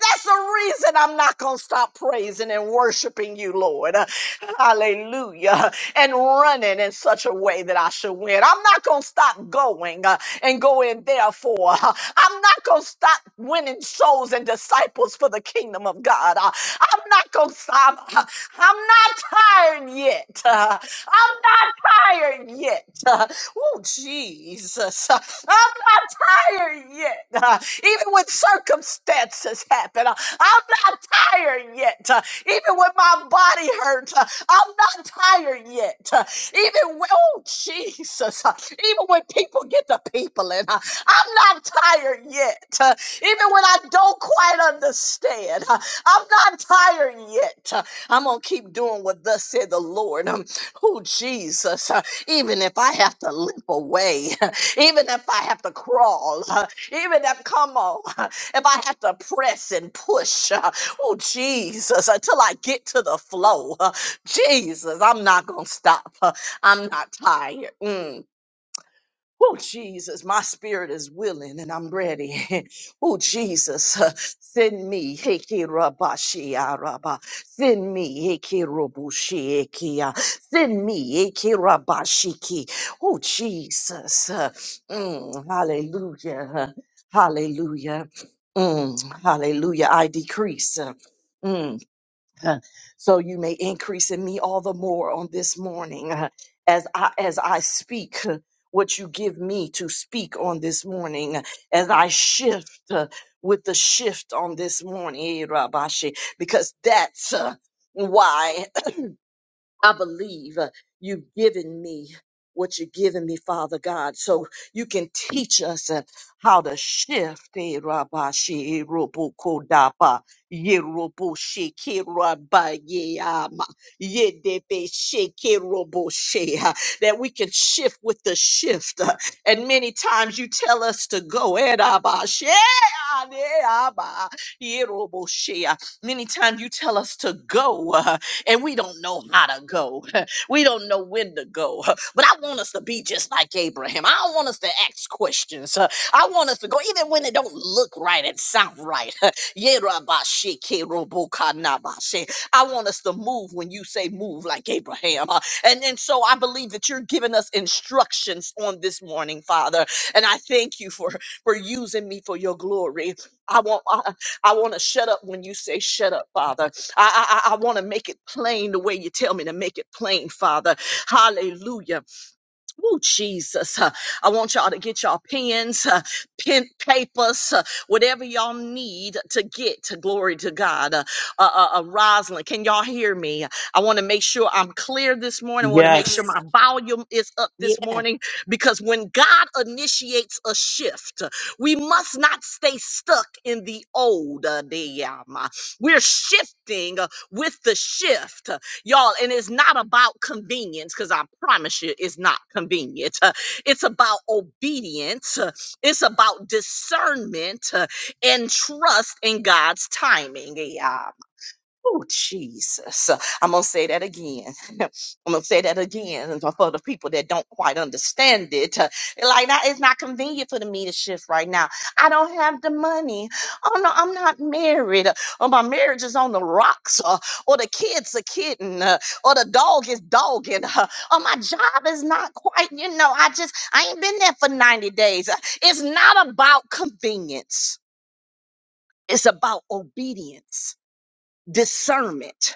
S1: that's the reason I'm not going to stop praising and worshiping you, Lord. [LAUGHS] Hallelujah. And running in such a way that I should win. I'm not going to stop going uh, and going, therefore. [LAUGHS] I'm not going to stop winning souls and disciples for the kingdom of God. Uh, I'm not going to stop. [LAUGHS] I'm not tired yet. [LAUGHS] I'm not tired yet. [LAUGHS] Uh, oh, Jesus. [LAUGHS] Uh, I'm not tired yet. [LAUGHS] Uh, even when circumstances happen, [LAUGHS] uh, I'm not tired yet. [LAUGHS] Uh, even when my body hurts, [LAUGHS] uh, I'm not tired yet. [LAUGHS] Uh, even when, oh, Jesus. [LAUGHS] Uh, even when people get to people and uh, [LAUGHS] I'm not tired yet. [LAUGHS] Uh, even when I don't quite understand, [LAUGHS] uh, I'm not tired yet. [LAUGHS] Uh, I'm going to keep doing what thus said the Lord. [LAUGHS] Um, Oh, Jesus, uh, even if I have to limp away, [LAUGHS] even if I have to crawl, uh, even if, come on, [LAUGHS] if I have to press and push, uh, oh, Jesus, until I get to the flow, uh, Jesus, I'm not going to stop. uh, I'm not tired. Mm. Oh, Jesus, my spirit is willing and I'm ready. [LAUGHS] oh, Jesus, uh, send me. Hekirabashiaraba. Send me. Hekirobushikia. Send me. Hekirabashiki. Oh, Jesus. uh, mm, hallelujah. uh, Hallelujah. Mm, hallelujah. I decrease. uh, mm, uh, so you may increase in me all the more on this morning uh, as I as I speak uh, what you give me to speak on this morning uh, as I shift uh, with the shift on this morning eh, Rabashi, because that's uh, why I believe uh, you've given me what you've given me, Father God, so you can teach us uh, how to shift. Eh, rabba, she, eh, robo, ko, da, ba, ye, robo, she, ke, rabba, ye, ama, ye, de, be, she, ke, robo, she, uh, That we can shift with the shift. uh, And many times you tell us to go. eh, rabba, she, ah, de, ama, ye, robo, she, uh, Many times you tell us to go. uh, and we don't know how to go. [LAUGHS] We don't know when to go. [LAUGHS] But I want us to be just like Abraham. I don't want us to ask questions. [LAUGHS] Uh, I want us to go even when it don't look right and sound right. [LAUGHS] Yerabashikerobokanabashe. I want us to move when you say move like Abraham. [LAUGHS] Uh, And and so I believe that you're giving us instructions on this morning, Father. And I thank you for for using me for your glory. I want I, I want to shut up when you say shut up, Father. I, I, I want to make it plain the way you tell me to make it plain, Father. Hallelujah. Oh, Jesus. Uh, I want y'all to get y'all pens, uh, pen, papers, uh, whatever y'all need to get to glory to God. Uh, uh, uh, uh, Rosalind, can y'all hear me? I want to make sure I'm clear this morning. I want to
S2: Ghost.
S1: make sure my volume is up this morning because when God initiates a shift, uh, we must not stay stuck in the old. uh, the, um, uh, We're shifting uh, with the shift y'all. And it's not about convenience, because I promise you, it's not convenient. Uh, It's about obedience. Uh, It's about discernment uh, and trust in God's timing. Yeah. Oh, Jesus. I'm going to say that again. [LAUGHS] I'm going to say that again And for the people that don't quite understand it. uh, Like, that is not convenient for me to shift right now. I don't have the money. Oh, no, I'm not married. Or my marriage is on the rocks. uh, Or the kid's are kidding. uh, Or the dog is dogging. uh, Or my job is not quite, you know, I just, I ain't been there for 90 days. Uh, It's not about convenience, it's about obedience, discernment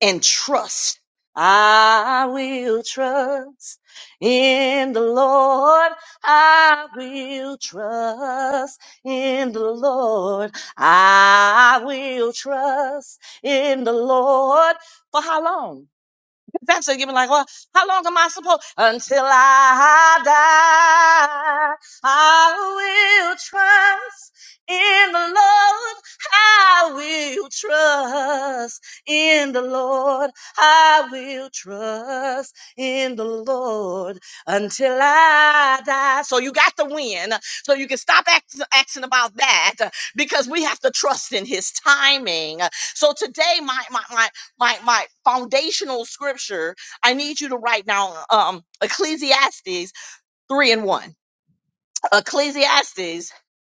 S1: and trust. I will trust in the Lord. I will trust in the Lord. I will trust in the Lord. For how long? That's what you're like, well, how long am I supposed? Until I die, I will trust in the Lord. I will trust in the Lord. I will trust in the Lord until I die. So you got the win. So you can stop act- asking about that uh, because we have to trust in His timing. So today, my my my my my foundational scripture i need you to write down um ecclesiastes 3 and 1 ecclesiastes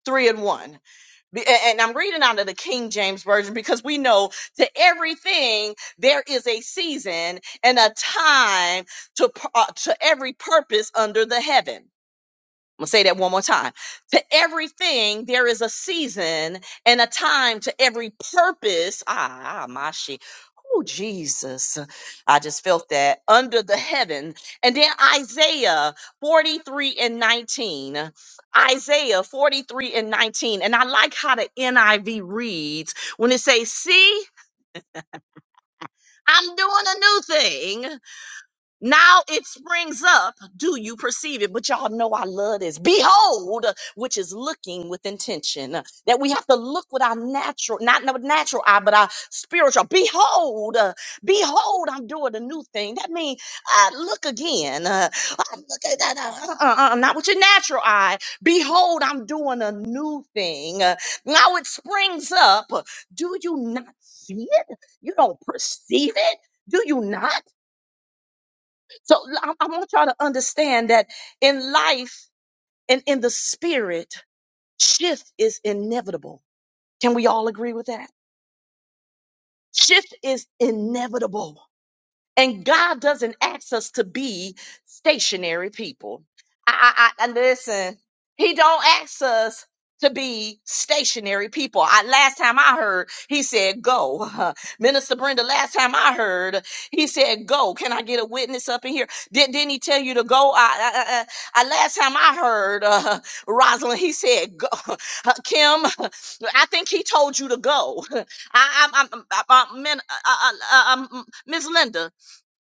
S1: 3 and 1 Be- a- and i'm reading out of the king james version because we know to everything there is a season and a time to pu- uh, to every purpose under the heaven I'm gonna say that one more time. To everything, there is a season and a time to every purpose. Ah, ah my she. Oh, Jesus. I just felt that under the heaven. And then Isaiah 43 and 19. Isaiah 43 and 19. And I like how the NIV reads when it says, See, I'm doing a new thing. Now it springs up. Do you perceive it? But y'all know I love this. Behold, which is looking with intention. That we have to look with our natural, not with natural eye, but our spiritual. Behold, uh, behold, I'm doing a new thing. That means I look again. Uh, I look at that. Uh, uh, uh, uh, not with your natural eye. Behold, I'm doing a new thing. Uh, now it springs up. Do you not see it? You don't perceive it? Do you not? So I I want y'all to understand that in life and in the spirit, shift is inevitable. Can we all agree with that? Shift is inevitable. And God doesn't ask us to be stationary people. I, I, I and listen. He don't ask us to be stationary people. I last time I heard, he said, "Go, [LAUGHS] Minister Brenda." Last time I heard, he said, "Go." Can I get a witness up in here? Did, didn't he tell you to go? I, I, I I- last time I heard, uh, [LAUGHS] Rosalind, he said, "Go, [LAUGHS] Uh, Kim." [LAUGHS] I think he told you to go. [LAUGHS] I, I'm, I'm, I'm, I'm, I'm, I'm, Miss Linda.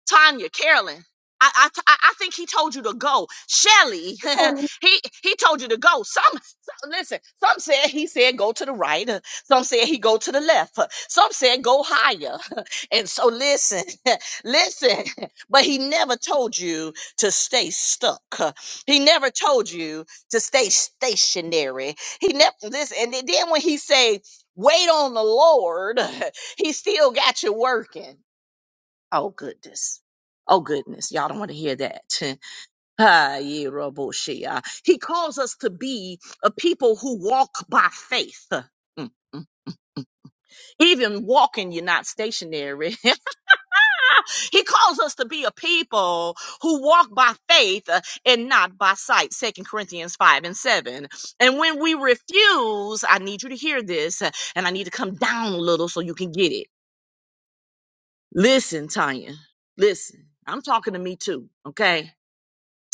S1: Tanya, Carolyn. I, I, t- I I think he told you to go. Shelly,
S3: Yeah.
S1: [LAUGHS] he he told you to go. Some, some listen. Some said he said go to the right. uh, Some said he go to the left. uh, Some said go higher. [LAUGHS] And so listen, [LAUGHS] listen. [LAUGHS] But he never told you to stay stuck. uh, He never told you to stay stationary. He never listen. And then when he say wait on the Lord, [LAUGHS] he still got you working. Oh goodness. Oh goodness. Y'all don't want to hear that. [LAUGHS] Ah, yeah, Roboshia. He calls us to be a people who walk by faith. Mm, mm. Even walking, you're not stationary. [LAUGHS] he calls us to be a people who walk by faith uh, and not by sight. Second Corinthians 5 and 7. And when we refuse, I need you to hear this, uh, and I need to come down a little so you can get it. Listen, Tanya. Listen. I'm talking to me too, okay?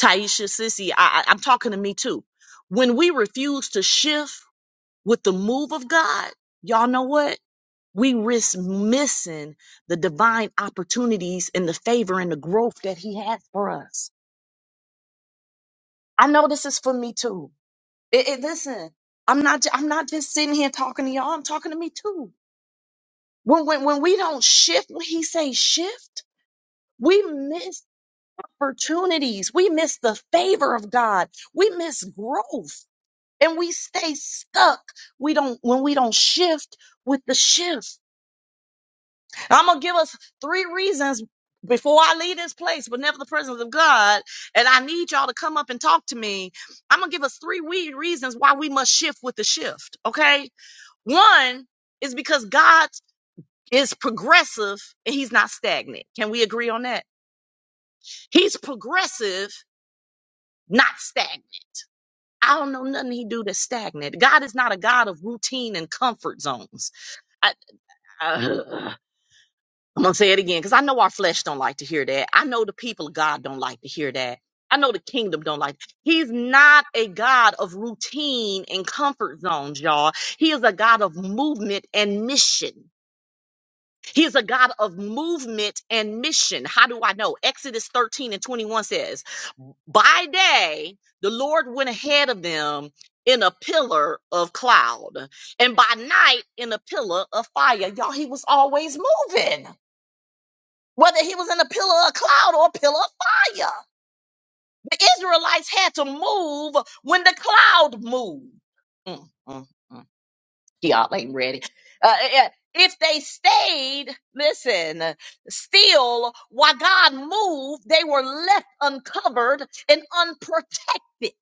S1: Taisha, Sissy, I, I, I'm talking to me too. When we refuse to shift with the move of God, y'all know what? We risk missing the divine opportunities and the favor and the growth that He has for us. I know this is for me too. It, it, listen, I'm not. ju- I'm not just sitting here talking to y'all. I'm talking to me too. When when when we don't shift, when He say shift, we miss opportunities. We miss the favor of God. We miss growth and we stay stuck. We don't when we don't shift with the shift. I'm gonna give us three reasons before I leave this place, but never the presence of God. And I need y'all to come up and talk to me. I'm gonna give us three we- reasons why we must shift with the shift. Okay, one is because God is progressive and He's not stagnant. Can we agree on that? He's progressive, not stagnant. I don't know nothing He do that's stagnant. God is not a God of routine and comfort zones. I, Uh, I'm gonna say it again because I know our flesh don't like to hear that. I know the people of God don't like to hear that. I know the kingdom don't like. He's not a God of routine and comfort zones, y'all. He is a God of movement and mission. He is a God of movement and mission. How do I know? Exodus 13 and 21 says, By day, the Lord went ahead of them in a pillar of cloud, and by night, in a pillar of fire. Y'all, he was always moving whether he was in a pillar of cloud or a pillar of fire. The Israelites had to move when the cloud moved. Mm, mm, mm. Y'all ain't ready. Uh, eh, eh, if they stayed, listen, still, while God moved, they were left uncovered and unprotected.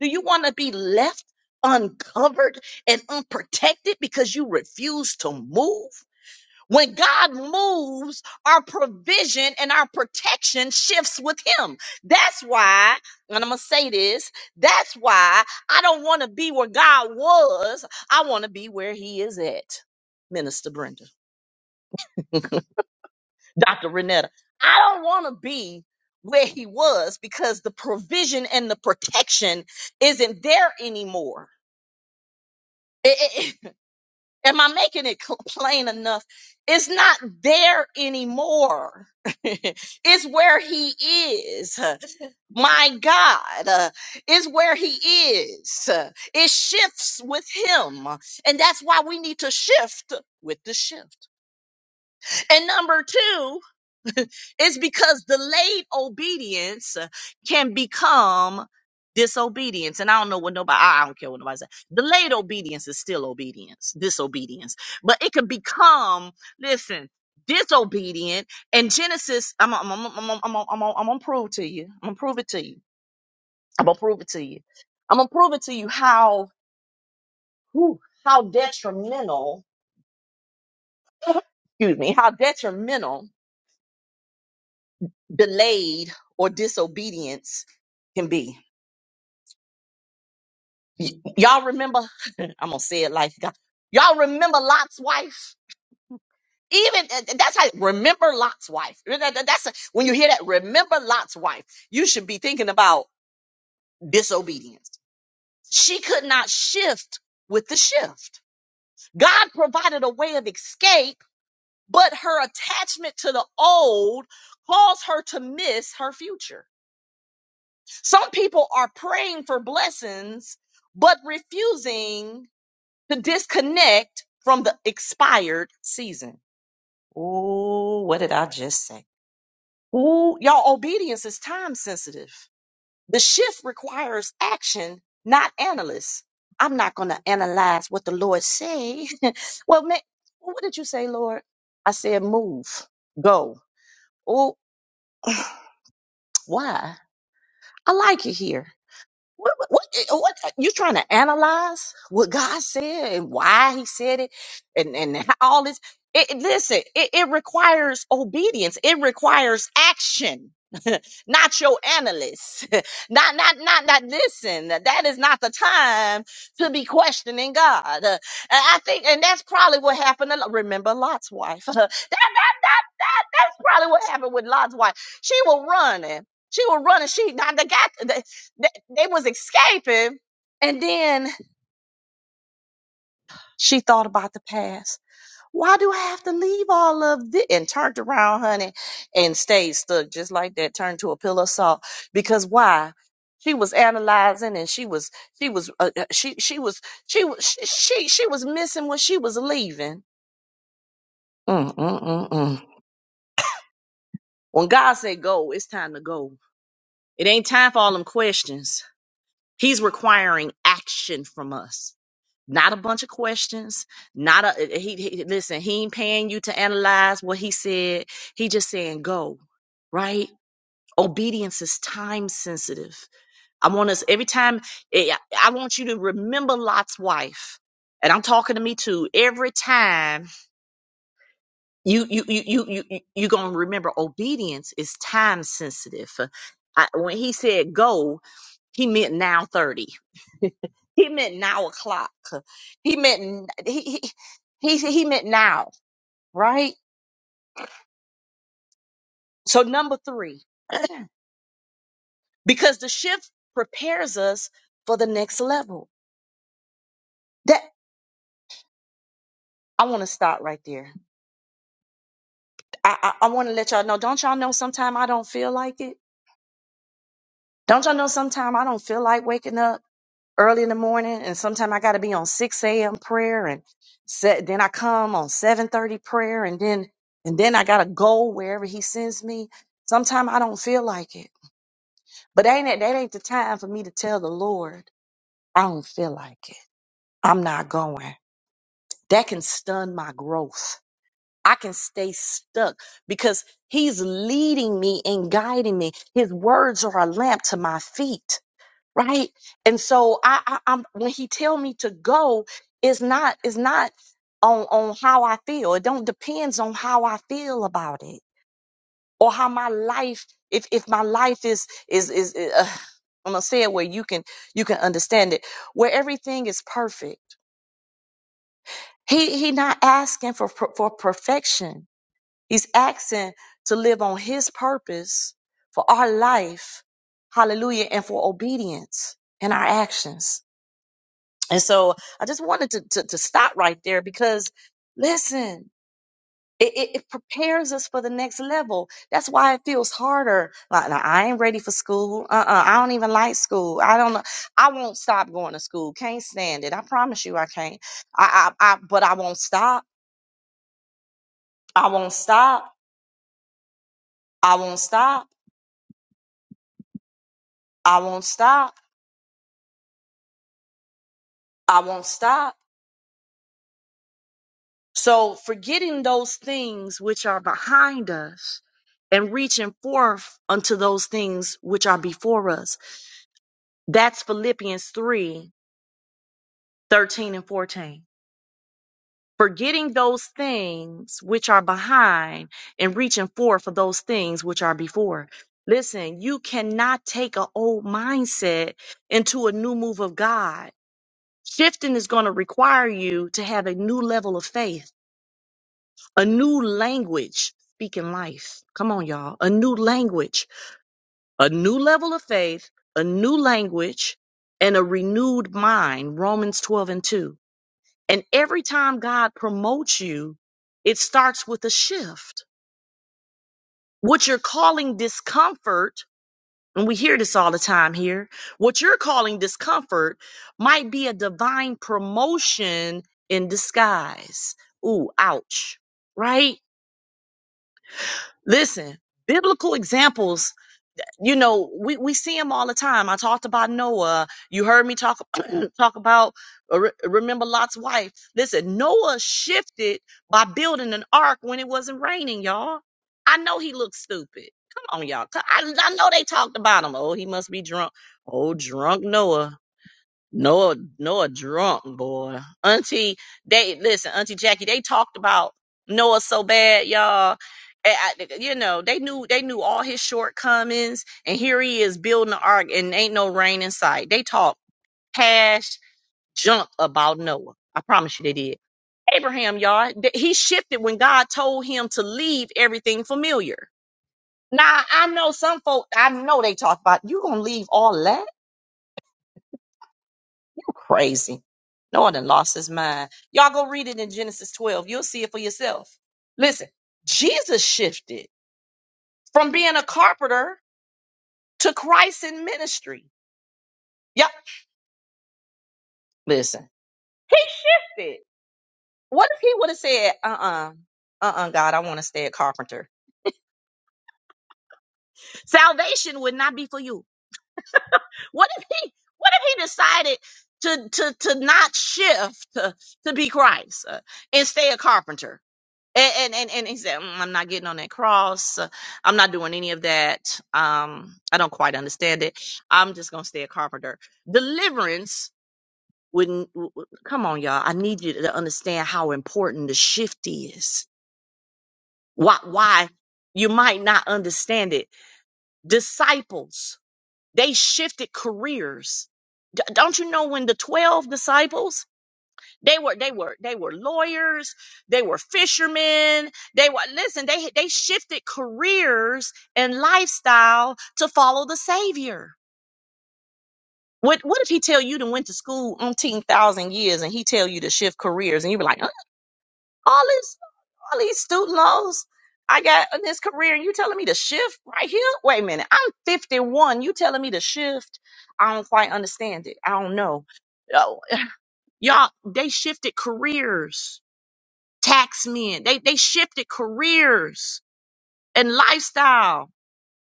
S1: Do you want to be left uncovered and unprotected because you refuse to move? When God moves, our provision and our protection shifts with Him. That's why, and I'm going to say this, that's why I don't want to be where God was. I want to be where He is at. Minister Brenda, Dr. Renetta, I don't want to be where He was because the provision and the protection isn't there anymore. [LAUGHS] Am I making it [LAUGHS] cl- plain enough? It's not there anymore. [LAUGHS] it's where he is. My God uh, is where he is. It shifts with him. And that's why we need to shift with the shift. And number two, [LAUGHS] it's because delayed obedience can become disobedience. And I don't know what nobody, I don't care what nobody says. Delayed obedience is still obedience, disobedience, but it can become, listen, disobedient. And Genesis, I'm, I'm, I'm, I'm, I'm, I'm, I'm, I'm gonna prove to you. I'm gonna prove it to you. I'm gonna prove it to you. I'm gonna prove it to you how, whew, how detrimental, [LAUGHS] excuse me, how detrimental delayed or disobedience can be. Y- y'all remember? [LAUGHS] I'm gonna say it like God. Y'all remember Lot's wife? Even and- that's how remember Lot's wife. That- that- That's when you hear that. Remember Lot's wife. You should be thinking about disobedience. She could not shift with the shift. God provided a way of escape, but her attachment to the old caused her to miss her future. Some people are praying for blessings, but refusing to disconnect from the expired season. Ooh, what did I just say? Ooh, y'all, obedience is time sensitive. The shift requires action, not analysts. I'm not going to analyze what the Lord say. [LAUGHS] well, ma- what did you say, Lord? I said, move, go. Oh, [CLEARS THROAT] why? I like it here. What, what, what you trying to analyze what God said and why He said it, and and all this? It, it- listen, it, it requires obedience. It requires action, [LAUGHS] not your analysts. [LAUGHS] not not not not. Listen, that is not the time to be questioning God. Uh, and I think, and that's probably what happened. To, Lot- remember Lot's wife. [LAUGHS] that, that that that that's probably what happened with Lot's wife. She was running. She was running. She now the guy. They, they was escaping. And then she thought about the past. Why do I have to leave all of this? And turned around, honey, and stayed stuck just like that, turned to a pillar of salt. Because why? She was analyzing and she was, she was, uh, uh, she, she was, she was, she, she was missing when she was leaving. Mm, mm, mm, mm. When God said go, it's time to go. It ain't time for all them questions. He's requiring action from us. not a bunch of questions not a eh, he, he listen he ain't paying you to analyze what he said he just saying go right obedience is time sensitive i want us every time eh, i want you to remember lot's wife and i'm talking to me too every time you you you you you you you gonna remember obedience is time sensitive I, when he said go he meant now 30. [LAUGHS] He meant now o'clock. He meant he he he, he meant now, right? So number three, because the shift prepares us for the next level. That I want to stop right there. I I, I want to let y'all know. Don't y'all know? Sometime I don't feel like it. Don't y'all know? Sometime I don't feel like waking up. early in the morning and sometimes I gotta be on six AM prayer and set then I come on seven thirty prayer and then and then I gotta go wherever he sends me. Sometimes I don't feel like it. But ain't it that ain't the time for me to tell the Lord, I don't feel like it. I'm not going. That can stun my growth. I can stay stuck because he's leading me and guiding me. His words are a lamp to my feet right? And so I, I I'm when he tell me to go, it's not it's not on on how I feel. It don't depends on how I feel about it or how my life. If if my life is is is uh, I'm gonna say it where you can you can understand it, where everything is perfect. He he not asking for per- for perfection. He's asking to live on his purpose for our life, hallelujah, and for obedience in our actions. And so I just wanted to, to, to stop right there because listen, it, it, it prepares us for the next level. That's why it feels harder. Like, like, I ain't ready for school. Uh-uh. I don't even like school. I don't know. I won't stop going to school. Can't stand it. I promise you I can't. I, I, I but I won't stop. I won't stop. I won't stop. I won't stop. I won't stop. So, forgetting those things which are behind us and reaching forth unto those things which are before us. That's Philippians 3, 13 and 14. Forgetting those things which are behind and reaching forth for those things which are before. Listen, you cannot take an old mindset into a new move of God. Shifting is going to require you to have a new level of faith a new language speaking life. Come on, y'all. A new language, a new level of faith, a new language, and a renewed mind. Romans 12 and 2. And every time God promotes you, it starts with a shift. What you're calling discomfort, and we hear this all the time here, what you're calling discomfort might be a divine promotion in disguise. Ooh, ouch. Right? Listen, biblical examples, you know, we, we see them all the time. I talked about Noah. You heard me talk [CLEARS THROAT] talk about uh, re- remember Lot's wife. Listen, Noah shifted by building an ark when it wasn't raining, y'all. I know he looked stupid. Come on, y'all. I, I know they talked about him. Oh, he must be drunk. Oh, drunk Noah. Noah, Noah drunk boy. Auntie, they listen. Auntie Jackie, they talked about Noah so bad, y'all. And I- you know, they knew they knew all his shortcomings, and here he is building the ark, and ain't no rain in sight. They talk cash junk about Noah. I promise you, they did. Abraham, y'all, th- he shifted when God told him to leave everything familiar. Now I know some folk. I know they talk about you gonna leave all that. [LAUGHS] Crazy. No one done lost his mind. Y'all go read it in Genesis 12. You'll see it for yourself. Listen, Jesus shifted from being a carpenter to Christ in ministry. Yep. Listen, he shifted. What if he would have said, uh-uh, uh-uh, God, I want to stay a carpenter. Salvation would not be for you. What if he, what if he decided to, to, to not shift to, to be Christ uh, and stay a carpenter? And, and and and he said, "Mm, "I'm not getting on that cross. Uh, I'm not doing any of that. Um, I don't quite understand it. I'm just gonna stay a carpenter. Deliverance wouldn't. w- w- Come on, y'all. I need you to understand how important the shift is. Why? Why you might not understand it. Disciples, they shifted careers. D- don't you know when the twelve disciples? They were they were they were lawyers, they were fishermen, they were listen, they they shifted careers and lifestyle to follow the savior. What what if he tell you to went to school umpteen thousand years and he tell you to shift careers and you be like, "Uh, all this all these student loans I got in this career and you telling me to shift right here? Wait a minute, I'm 51. You telling me to shift? I don't quite understand it. I don't know. Oh, [LAUGHS] y'all, they shifted careers tax men. They they shifted careers and lifestyle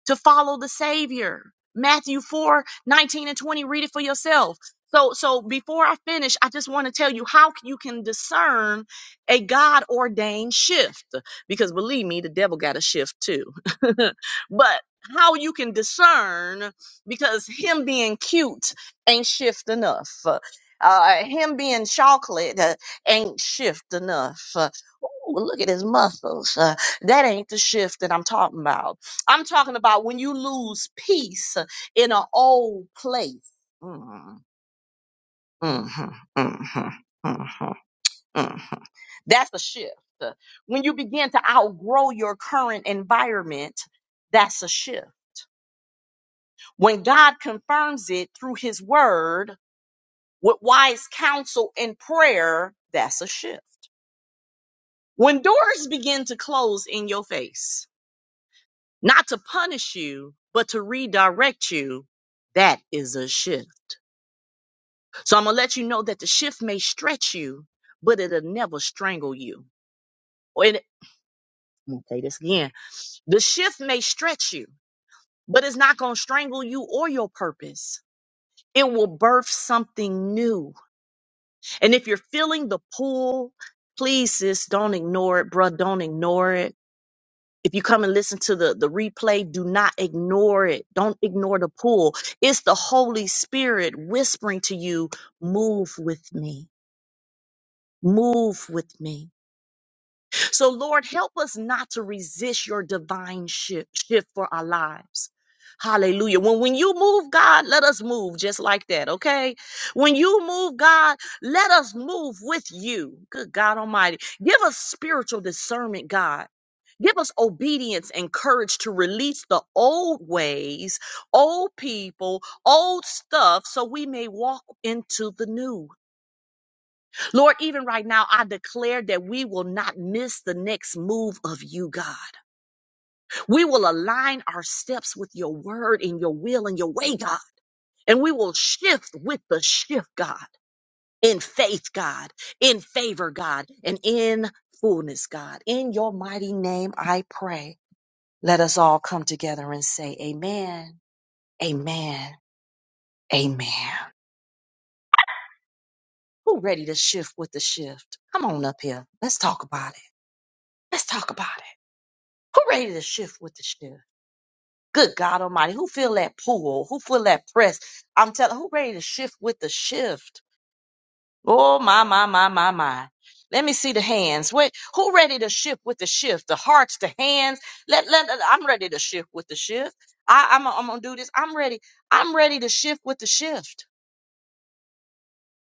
S1: to follow the Savior. Matthew 4 19 and 20. Read it for yourself. So, so before I finish, I just want to tell you how you can discern a God ordained shift. Because believe me, the devil got a shift too. [LAUGHS] but how you can discern because him being cute ain't shift enough. Uh, him being chocolate uh, ain't shift enough. Uh, Ooh, look at his muscles. Uh, that ain't the shift that I'm talking about I'm talking about when you lose peace in an old place. Mm, mhm, mhm, mhm, mhm. That's a shift. When you begin to outgrow your current environment, that's a shift. When God confirms it through his word with wise counsel and prayer, that's a shift. When doors begin to close in your face, not to punish you, but to redirect you, that is a shift So I'm gonna let you know that the shift may stretch you, but it'll never strangle you. Or it, I'm gonna say this again. The shift may stretch you, but it's not gonna strangle you or your purpose. It will birth something new. And if you're feeling the pull, please, sis, don't ignore it, bruh. Don't ignore it. If you come and listen to the, the replay, do not ignore it. Don't ignore the pull. It's the Holy Spirit whispering to you, move with me, move with me. So, Lord, help us not to resist your divine shift, shift for our lives. Hallelujah. When when you move, God, let us move just like that, okay? When you move, God, let us move with you. Good God Almighty. Give us spiritual discernment, God. Give us obedience and courage to release the old ways, old people, old stuff, so we may walk into the new. Lord, even right now, I declare that we will not miss the next move of you, God. We will align our steps with your word and your will and your way, God. And we will shift with the shift, God, in faith, God, in favor, God, and in fullness, God. In your mighty name, I pray. Let us all come together and say, Amen, Amen, Amen. Who ready to shift with the shift? Come on up here. Let's talk about it. Let's talk about it. Who ready to shift with the shift? Good God Almighty, who feel that pull? Who feel that press? I'm telling, who ready to shift with the shift? Oh my my my my my. Let me see the hands. Wait, who ready to shift with the shift? The hearts, the hands. Let let. I'm ready to shift with the shift. I, I'm I'm gonna do this. I'm ready. I'm ready to shift with the shift.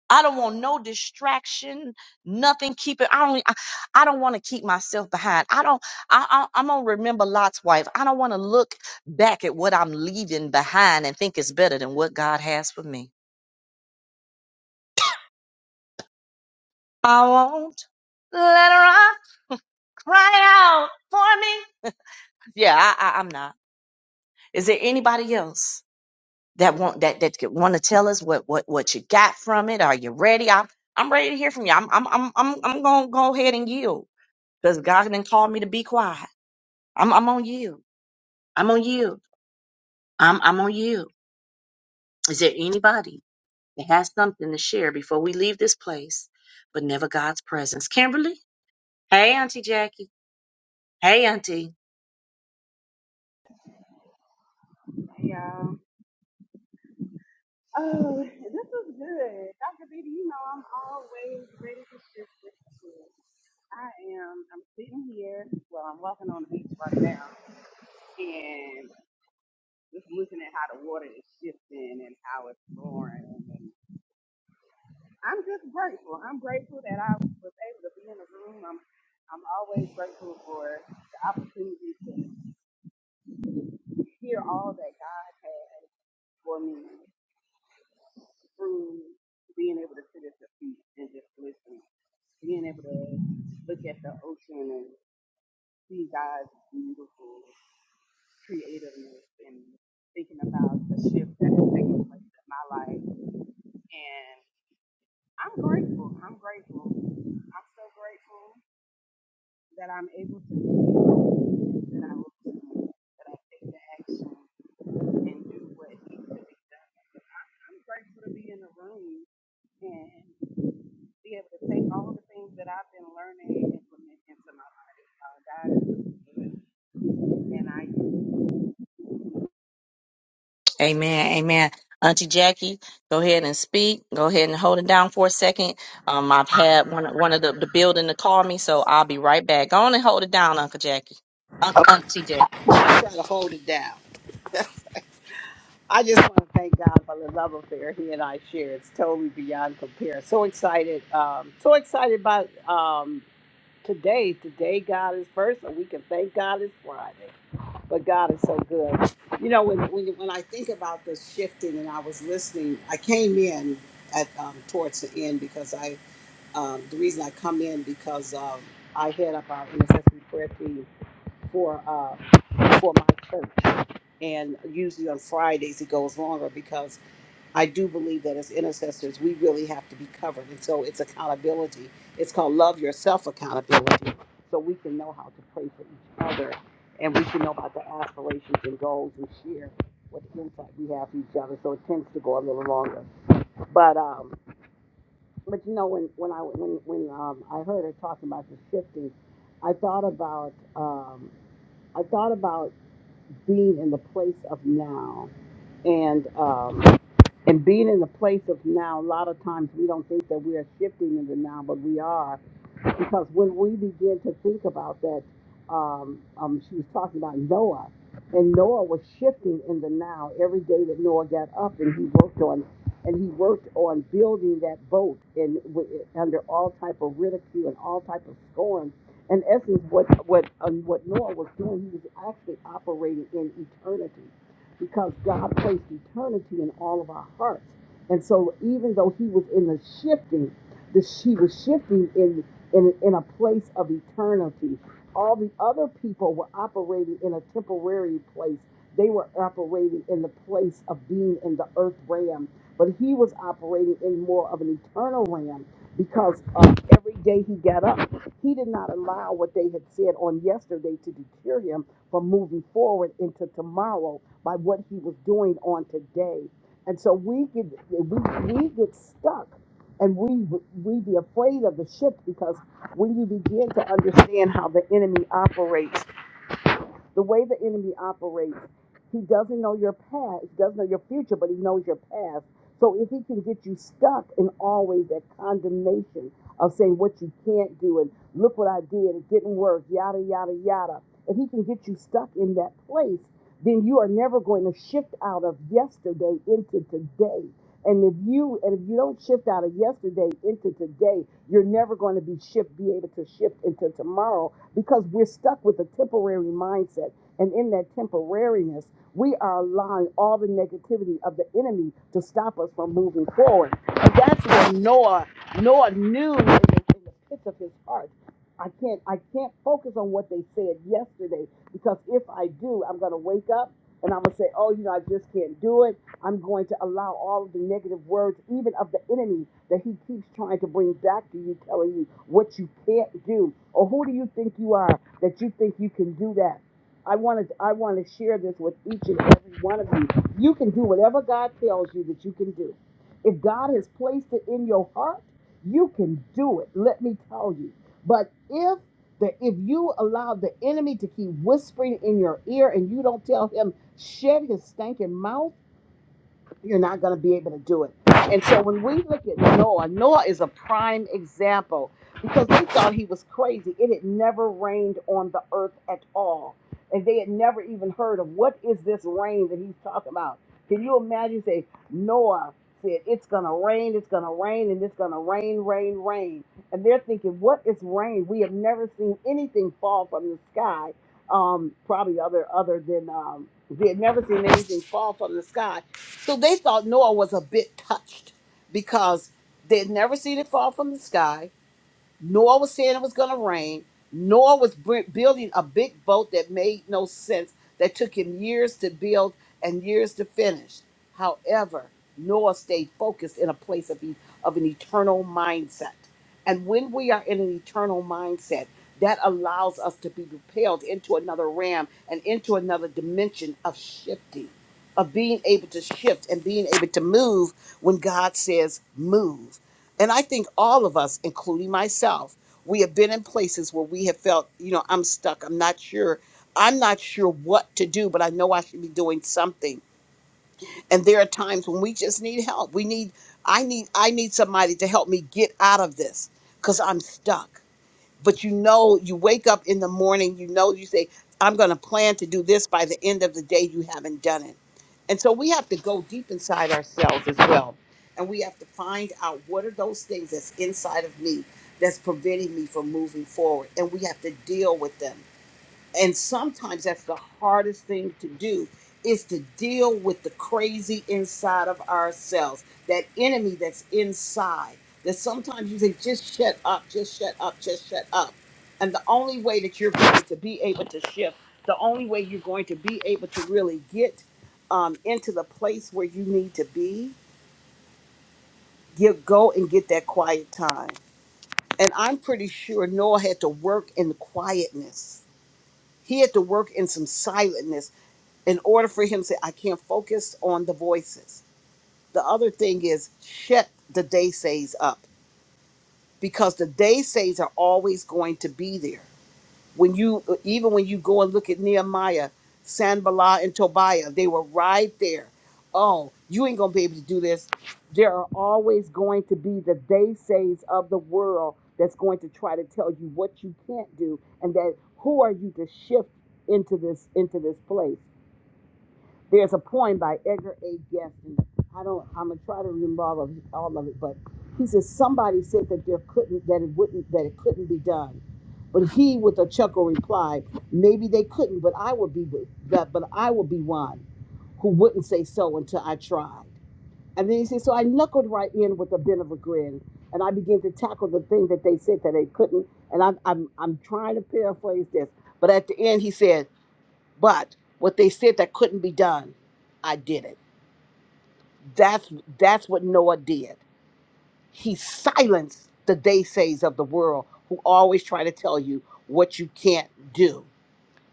S1: I don't want no distraction, nothing keeping. I don't I, I don't want to keep myself behind. I don't I, I I'm gonna remember Lot's wife. I don't want to look back at what I'm leaving behind and think it's better than what God has for me. I won't let her out, cry out for me. Yeah, I, I I'm not. Is there anybody else that want that that want to tell us what what what you got from it? Are you ready? I'm I'm ready to hear from you. I'm I'm I'm I'm, I'm gonna go ahead and yield because God didn't call me to be quiet. I'm I'm on yield. I'm on yield. I'm I'm on yield. Is there anybody that has something to share before we leave this place, but never God's presence? Kimberly, hey Auntie Jackie, hey Auntie.
S4: Yeah. Oh, this is good. Dr. Beatty, you know I'm always ready to shift this shit. I am, I'm sitting here, well, I'm walking on the beach right now, and just looking at how the water is shifting and how it's roaring. And I'm just grateful. I'm grateful that I was able to be in the room. I'm, I'm always grateful for the opportunity to hear all that God has for me. through being able to sit at your feet and just listen, being able to look at the ocean and see God's beautiful creativeness and thinking about the shift that has taken place in my life. And I'm grateful. I'm grateful. I'm so grateful that I'm able to do that I will do, that I take the action and do what needs to be done. I'm I'm grateful to be in the room and. be able to take all the things that I've been learning and implement into my life. Uh, God is really good, and I
S1: Amen. Amen. Auntie Jackie, go ahead and speak. Go ahead and hold it down for a second. Um, I've had one one of the, the building to call me, so I'll be right back. Go on and hold it down, Uncle Jackie. Aunt, Auntie Jackie.
S5: try to hold it down. [LAUGHS] I just want to thank God for the love affair he and I share. It's totally beyond compare. So excited. Um, so excited about um, today. Today, God is first, and we can thank God it's Friday. But God is so good. You know, when, when, when I think about this shifting and I was listening, I came in at um, towards the end because I, um, the reason I come in because um, I head up our intercessory prayer team for, uh, for my church and usually on Fridays it goes longer because I do believe that as intercessors we really have to be covered, and so it's accountability. It's called love yourself accountability, so we can know how to pray for each other, and we can know about the aspirations and goals and share what insight we have for each other. So it tends to go a little longer, but um, but you know when when I when when um, I heard her talking about the shifting, I thought about um, I thought about being in the place of now and um, and being in the place of now. A lot of times we don't think that we are shifting into now, but we are because when we begin to think about that, um, um, she was talking about Noah, and Noah was shifting in the now. Every day that Noah got up and he worked on, and he worked on building that boat, and w- under all type of ridicule and all type of scorn. In essence, what what um, what Noah was doing, he was actually operating in eternity, because God placed eternity in all of our hearts. And so, even though he was in the shifting, that she was shifting in in, in a place of eternity. All the other people were operating in a temporary place. They were operating in the place of being in the earth realm, but he was operating in more of an eternal realm because uh, every day he got up, he did not allow what they had said on yesterday to deter him from moving forward into tomorrow by what he was doing on today. And so we get we, we get stuck and we we be afraid of the shift because when you begin to understand how the enemy operates the way the enemy operates he doesn't know your past he doesn't know your future but he knows your past so if he can get you stuck in always that condemnation of saying what you can't do and look what i did it didn't work yada yada yada if he can get you stuck in that place then you are never going to shift out of yesterday into today and if you and if you don't shift out of yesterday into today, you're never going to be shift be able to shift into tomorrow because we're stuck with a temporary mindset. And in that temporariness, we are allowing all the negativity of the enemy to stop us from moving forward. And that's what Noah Noah knew in the, in the pits of his heart. I can't I can't focus on what they said yesterday because if I do, I'm gonna wake up and I'm gonna say, Oh, you know, I just can't do it. I'm going to allow all of the negative words, even of the enemy that he keeps trying to bring back to you, telling you what you can't do. Or who do you think you are that you think you can do that? I wanted I want to share this with each and every one of you. You can do whatever God tells you that you can do. If God has placed it in your heart you can do it, let me tell you. But if the if you allow the enemy to keep whispering in your ear and you don't tell him shut his stinking mouth, you're not going to be able to do it. And so when we look at Noah, Noah is a prime example because they thought he was crazy. It had never rained on the earth at all. And they had never even heard of what is this rain that he's talking about. Can you imagine say Noah said it's going to rain, it's going to rain and it's going to rain, rain, rain. And they're thinking what is rain? We have never seen anything fall from the sky. Um, probably other other than um, they had never seen anything fall from the sky so they thought Noah was a bit touched because they'd never seen it fall from the sky. Noah was saying it was going to rain. Noah was br- building a big boat that made no sense, that took him years to build and years to finish. However, Noah stayed focused in a place of, e- of an eternal mindset. And when we are in an eternal mindset, that allows us to be propelled into another realm and into another dimension of shifting of being able to shift and being able to move when God says move. And I think all of us, including myself, we have been in places where we have felt, you know, I'm stuck, I'm not sure. I'm not sure what to do, but I know I should be doing something. And there are times when we just need help. We need I need I need somebody to help me get out of this cuz I'm stuck but you know you wake up in the morning you know you say i'm going to plan to do this by the end of the day you haven't done it and so we have to go deep inside ourselves as well and we have to find out what are those things that's inside of me that's preventing me from moving forward and we have to deal with them and sometimes that's the hardest thing to do is to deal with the crazy inside of ourselves, that enemy that's inside. That sometimes you say, just shut up, just shut up, just shut up. And the only way that you're going to be able to shift, the only way you're going to be able to really get um, into the place where you need to be, you go and get that quiet time. And I'm pretty sure Noah had to work in quietness. He had to work in some silence. in order for him to say, I can't focus on the voices. The other thing is shut the day says up because the day says are always going to be there. When you even when you go and look at Nehemiah, Sanballat, and Tobiah, they were right there. Oh, you ain't gonna be able to do this. There are always going to be the day says of the world that's going to try to tell you what you can't do and that who are you to shift into this into this place. There's a poem by Edgar A. Guest, and I don't. I'm gonna try to remember all of all of it, but he says somebody said that there couldn't, that it wouldn't, that it couldn't be done. But he, with a chuckle, replied, "Maybe they couldn't, but I would be with that. But I would be one who wouldn't say so until I tried." And then he said, "So I knuckled right in with a bit of a grin, and I began to tackle the thing that they said that they couldn't." And I'm I'm I'm trying to paraphrase this, but at the end he said. But what they said that couldn't be done, I did it. That's that's what Noah did. He silenced the they says of the world who always try to tell you what you can't do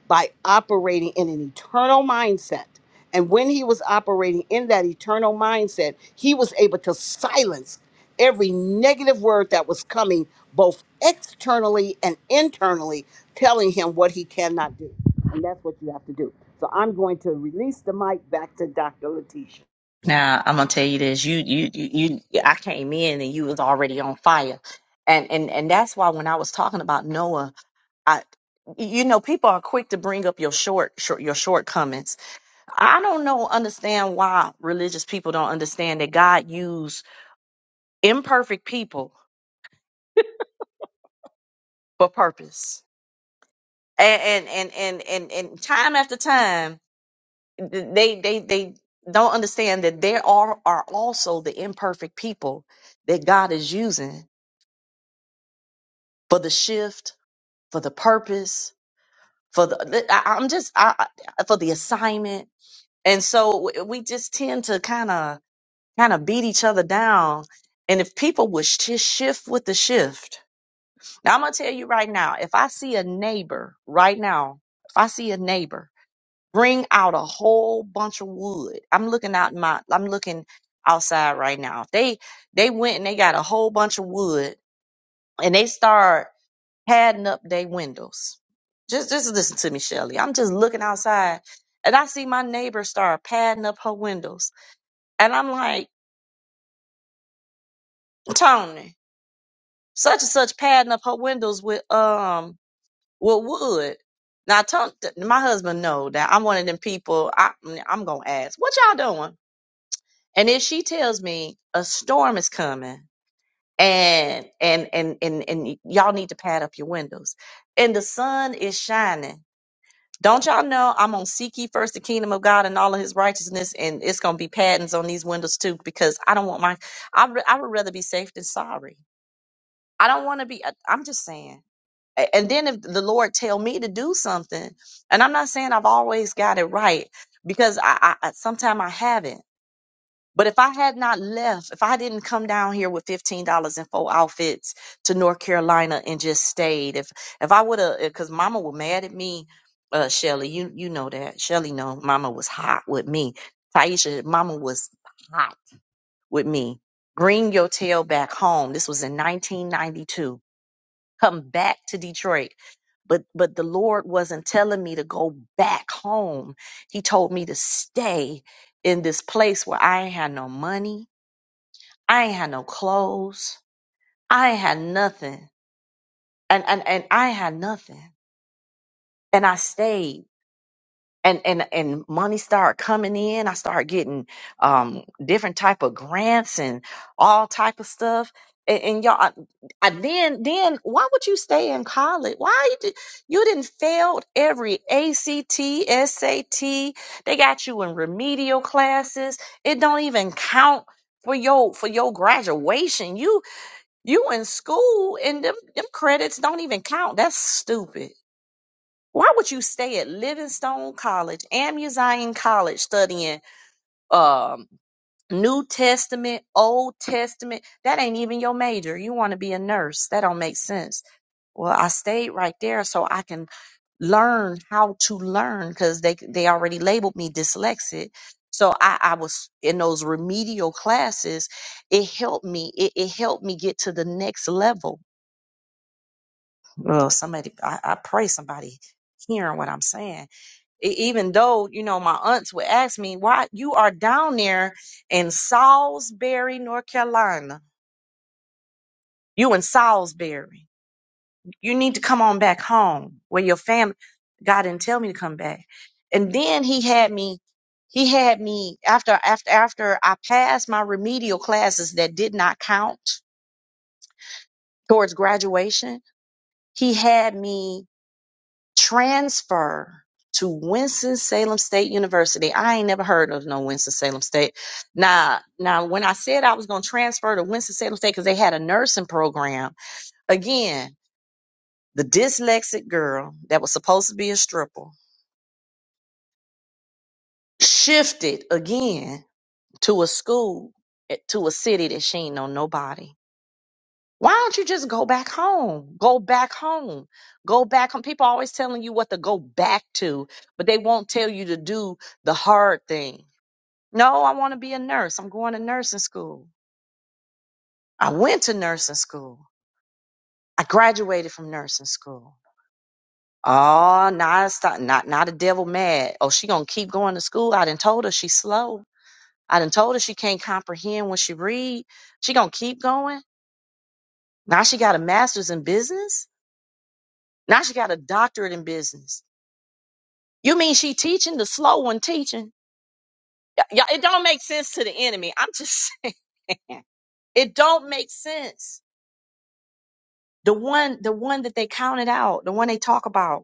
S5: by operating in an eternal mindset. And when he was operating in that eternal mindset, he was able to silence every negative word that was coming both externally and internally, telling him what he cannot do. And that's what you have to do. So I'm going to release the mic back to Dr. Letitia.
S1: Now I'm gonna tell you this: you, you, you, you I came in and you was already on fire, and and and that's why when I was talking about Noah, I, you know, people are quick to bring up your short, short, your shortcomings. I don't know, understand why religious people don't understand that God used imperfect people for purpose, and and and and and, and time after time, they they they don't understand that there are are also the imperfect people that God is using for the shift for the purpose, for the I, I'm just I, I- for the assignment, and so w- we just tend to kind of kind of beat each other down. And if people would sh- just shift with the shift, now I'm gonna tell you right now. If I see a neighbor right now, if I see a neighbor bring out a whole bunch of wood, I'm looking out my I'm looking outside right now. If they they went and they got a whole bunch of wood and they start padding up their windows. Just just listen to me, Shelly. I'm just looking outside and I see my neighbor start padding up her windows. And I'm like, Tony, such and such padding up her windows with um with wood. Now Tony, my husband know that I'm one of them people I I'm gonna ask, what y'all doing? And if she tells me a storm is coming and and and and, and y'all need to pad up your windows and the sun is shining Don't y'all know I'm gonna seek ye first the kingdom of God and all of His righteousness, and it's gonna be patterns on these windows too because I don't want my. I re- I would rather be safe than sorry. I don't want to be. I- I'm just saying. A- And then if the Lord tell me to do something, and I'm not saying I've always got it right because I, I, I sometimes I haven't. But if I had not left, if I didn't come down here with fifteen dollars and four outfits to North Carolina and just stayed, if if I would have, because Mama was mad at me, uh, Shelly, you you know that Shelly know Mama was hot with me. Taisha, Mama was hot with me. Bring your tail back home. This was in 1992. Come back to Detroit. But but the Lord wasn't telling me to go back home. He told me to stay in this place where I ain't had no money. I ain't had no clothes. I ain't had nothing. And and, and I ain't had nothing. And I stayed. And and and money started coming in. I started getting um different type of grants and all type of stuff. And, and y'all, I, I then then why would you stay in college? Why you did, you didn't failed every ACT, SAT. They got you in remedial classes. It don't even count for your for your graduation. You. You in school and them, them credits don't even count. That's stupid. Why would you stay at Livingstone College, Amu College, studying um, New Testament, Old Testament? That ain't even your major. You want to be a nurse. That don't make sense. Well, I stayed right there so I can learn how to learn because they they already labeled me dyslexic. So I, I was in those remedial classes. It helped me. It, it helped me get to the next level Well, somebody, I, I pray somebody hearing what I'm saying. E- even though, you know, my aunts would ask me, why you are down there in Salisbury, North Carolina. You in Salisbury. You need to come on back home where your family, God didn't tell me to come back. And then he had me, he had me after, after, after I passed my remedial classes that did not count towards graduation. He had me transfer to Winston-Salem State University. I ain't never heard of no Winston-Salem State. Now, now when I said I was going to transfer to Winston-Salem State because they had a nursing program, again, the dyslexic girl that was supposed to be a stripper shifted again to a school, eh, to a city that she ain't know nobody. Why don't you just go back home? Go back home. Go back home. People always telling you what to go back to, but they won't tell you to do the hard thing. No, I want to be a nurse. I'm going to nursing school. I went to nursing school. I graduated from nursing school. Oh, now it's not, not, not a devil mad. Oh, she gonna keep going to school. I done told her she's slow. I done told her she can't comprehend when she read. She gonna keep going. Now she got a master's in business. Now she got a doctorate in business. You mean she teaching the slow one teaching? Y- y'all, it don't make sense to the enemy. I'm just [LAUGHS] saying it don't make sense. The one, the one that they counted out, the one they talk about,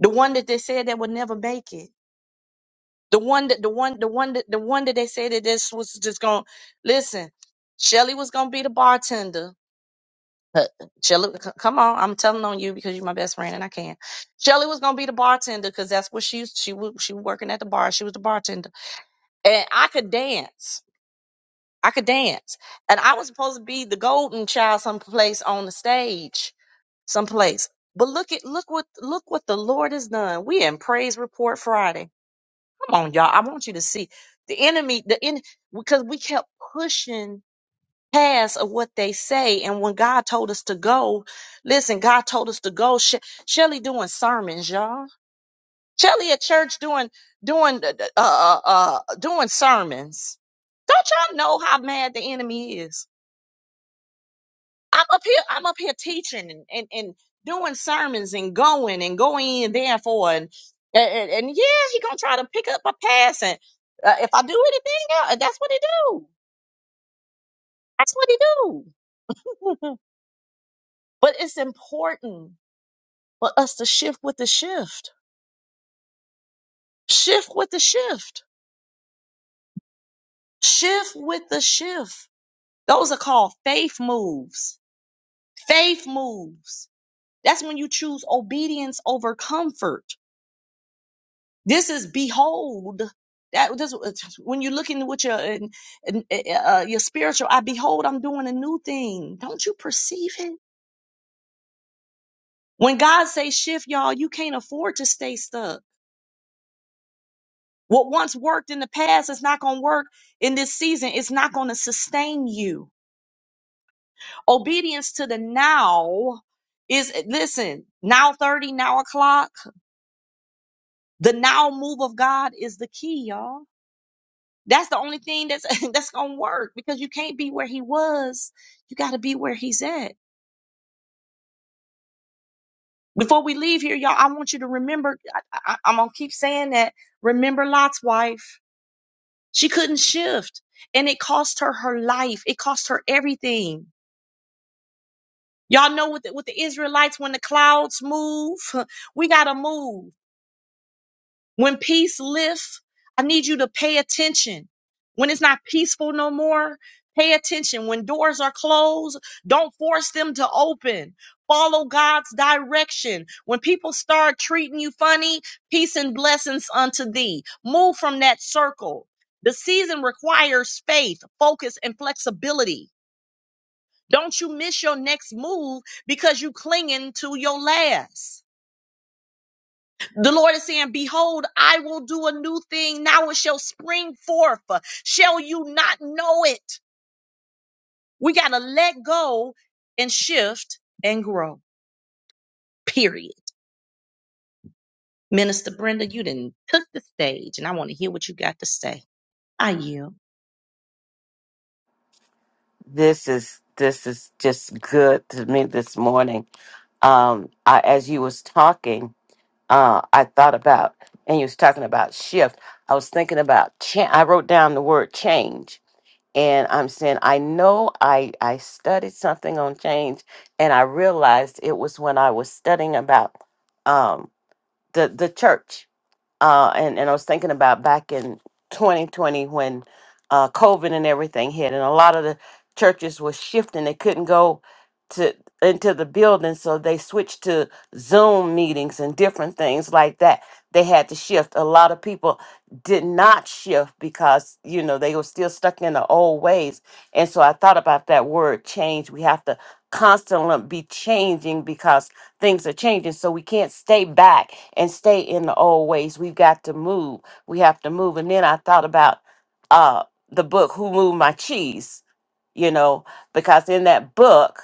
S1: the one that they said that would never make it, the one that, the one, the one that, the one that they said that this was just going. to Listen, Shelly was going to be the bartender. Uh, Shelly, c- come on, I'm telling on you because you're my best friend and I can. Shelly was gonna be the bartender because that's what she used. She was she was working at the bar. She was the bartender, and I could dance. I could dance. And I was supposed to be the golden child someplace on the stage, someplace. But look at look what look what the Lord has done. We in praise report Friday. Come on, y'all. I want you to see the enemy, the in because we kept pushing past of what they say. And when God told us to go, listen, God told us to go. She- Shelly doing sermons, y'all. Shelly at church doing doing uh uh uh doing sermons. Don't y'all know how mad the enemy is? I'm up here, I'm up here teaching and, and, and doing sermons and going and going in therefore and and, and yeah, he gonna try to pick up a pass and uh, if I do anything, uh, that's what he do. That's what he do. [LAUGHS] but it's important for us to shift with the shift, shift with the shift, shift with the shift. Those are called faith moves. Faith moves. That's when you choose obedience over comfort. This is behold. That this, when you're looking with your and, and, eh, eh, uh, your spiritual I behold, I'm doing a new thing. Don't you perceive it? When God says shift, y'all, you can't afford to stay stuck. What once worked in the past is not going to work in this season. It's not going to sustain you. Obedience to the now is eh, listen. Now thirty, now o'clock. The now move of God is the key, y'all. That's the only thing that's [LAUGHS] that's gonna work because you can't be where he was. You got to be where he's at. Before we leave here, y'all, I want you to remember. I, I, I'm gonna keep saying that. Remember Lot's wife. She couldn't shift, and it cost her her life. It cost her everything. Y'all know with the, with the Israelites when the clouds move, [LAUGHS] we gotta move. When peace lifts, I need you to pay attention. When it's not peaceful no more, pay attention. When doors are closed, don't force them to open. Follow God's direction. When people start treating you funny, peace and blessings unto thee. Move from that circle. The season requires faith, focus, and flexibility. Don't you miss your next move because you clinging to your last. The Lord is saying, Behold, I will do a new thing. Now it shall spring forth. Shall you not know it? We got to let go and shift and grow, period. Minister Brenda, you didn't took the stage, and I want to hear what you got to say. I yield.
S6: this is this is just good to me this morning. Um, I, as you was talking, uh, I thought about, and you was talking about shift. I was thinking about. change. I wrote down the word change, and I'm saying I know I I studied something on change, and I realized it was when I was studying about um, the the church uh, and and I was thinking about back in 2020 when uh, COVID and everything hit, and a lot of the churches were shifting; they couldn't go to into the building, so they switched to Zoom meetings and different things like that. They had to shift. A lot of people did not shift because you know they were still stuck in the old ways, and so I thought about that word change. We have to constantly be changing because things are changing. So we can't stay back and stay in the old ways. We've got to move. We have to move. And then I thought about uh, the book, Who Moved My Cheese? You know, because in that book,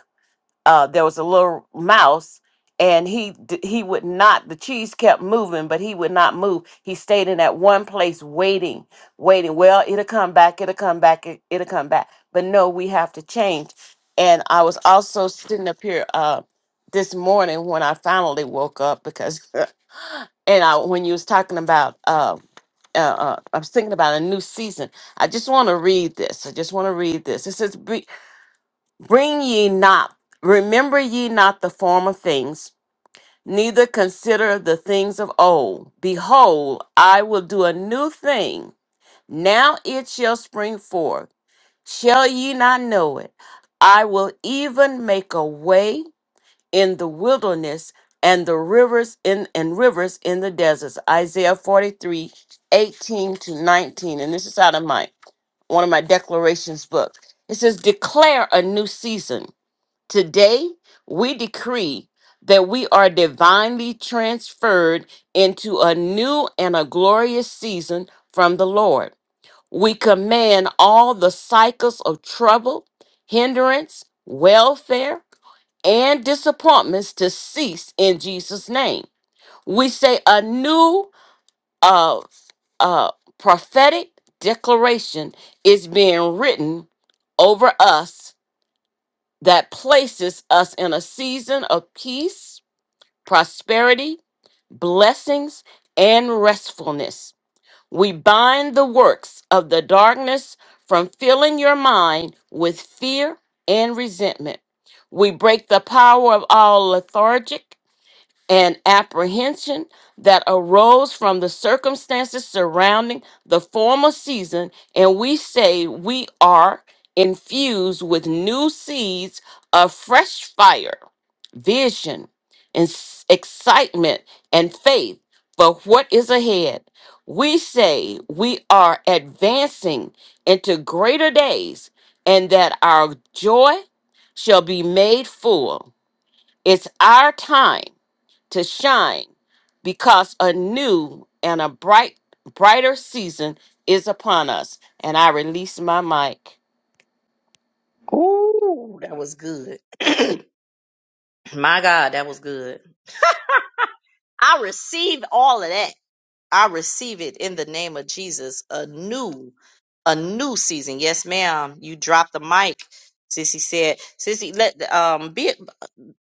S6: uh, there was a little mouse and he d- he would not the cheese kept moving but he would not move he stayed in that one place waiting waiting well it'll come back it'll come back it, it'll come back but no we have to change and i was also sitting up here uh this morning when i finally woke up because [LAUGHS] and i when you was talking about uh uh, uh, I was thinking about a new season. I just want to read this. I just want to read this. It says, Bring ye not, remember ye not the former things, neither consider the things of old. Behold, I will do a new thing. Now it shall spring forth. Shall ye not know it? I will even make a way in the wilderness and the rivers in and rivers in the deserts. Isaiah 43, 18 to 19. And this is out of my one of my declarations book. It says, declare a new season Today, we decree that we are divinely transferred into a new and a glorious season from the Lord. We command all the cycles of trouble, hindrance, welfare, and disappointments to cease in Jesus' name. We say a new uh, uh, prophetic declaration is being written over us that places us in a season of peace, prosperity, blessings, and restfulness. We bind the works of the darkness from filling your mind with fear and resentment. We break the power of all lethargic and apprehension that arose from the circumstances surrounding the former season, and we say we are infused with new seeds of fresh fire, vision, and s- excitement and faith for what is ahead. We say we are advancing into greater days and that our joy shall be made full. It's our time to shine because a new and a bright brighter season is upon us. And I release my mic.
S1: Ooh, that was good. [CLEARS THROAT] My God, that was good. I receive all of that. I receive it in the name of Jesus. A new, a new season. Yes, ma'am. You dropped the mic. Sissy said, Sissy, let um be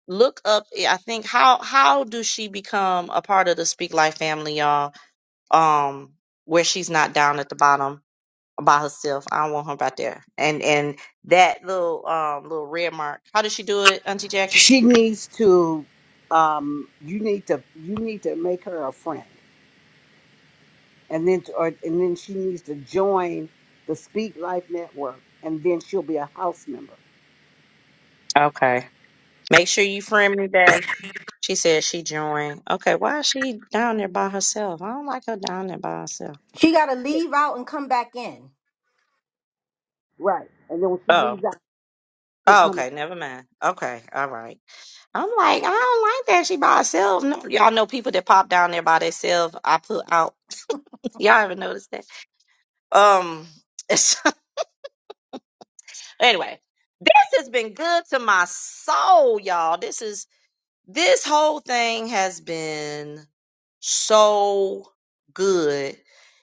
S1: look up eh, I think how how do she become a part of the Speak Life family, y'all? Um, where she's not down at the bottom by herself. I don't want her right there. And and that little um little red mark. How does she do it, Auntie Jackie?
S5: She needs to um, you need to you need to make her a friend and then to, or, and then she needs to join the Speak Life Network, and then she'll be a house member,
S1: Okay. Make sure you friend me that. She said she joined. Okay, why is she down there by herself? I don't like her down there by herself.
S3: She got to leave out and come back in.
S5: right? And then when she
S1: Oh,
S5: leaves out, she'll
S1: oh,
S5: come.
S1: okay,
S5: back.
S1: never mind. Okay, all right. I'm like, I don't like that she by herself. No, y'all know people that pop down there by themselves. I put out. [LAUGHS] Y'all ever noticed that? Um. [LAUGHS] anyway, this has been good to my soul, y'all. This is this whole thing has been so good.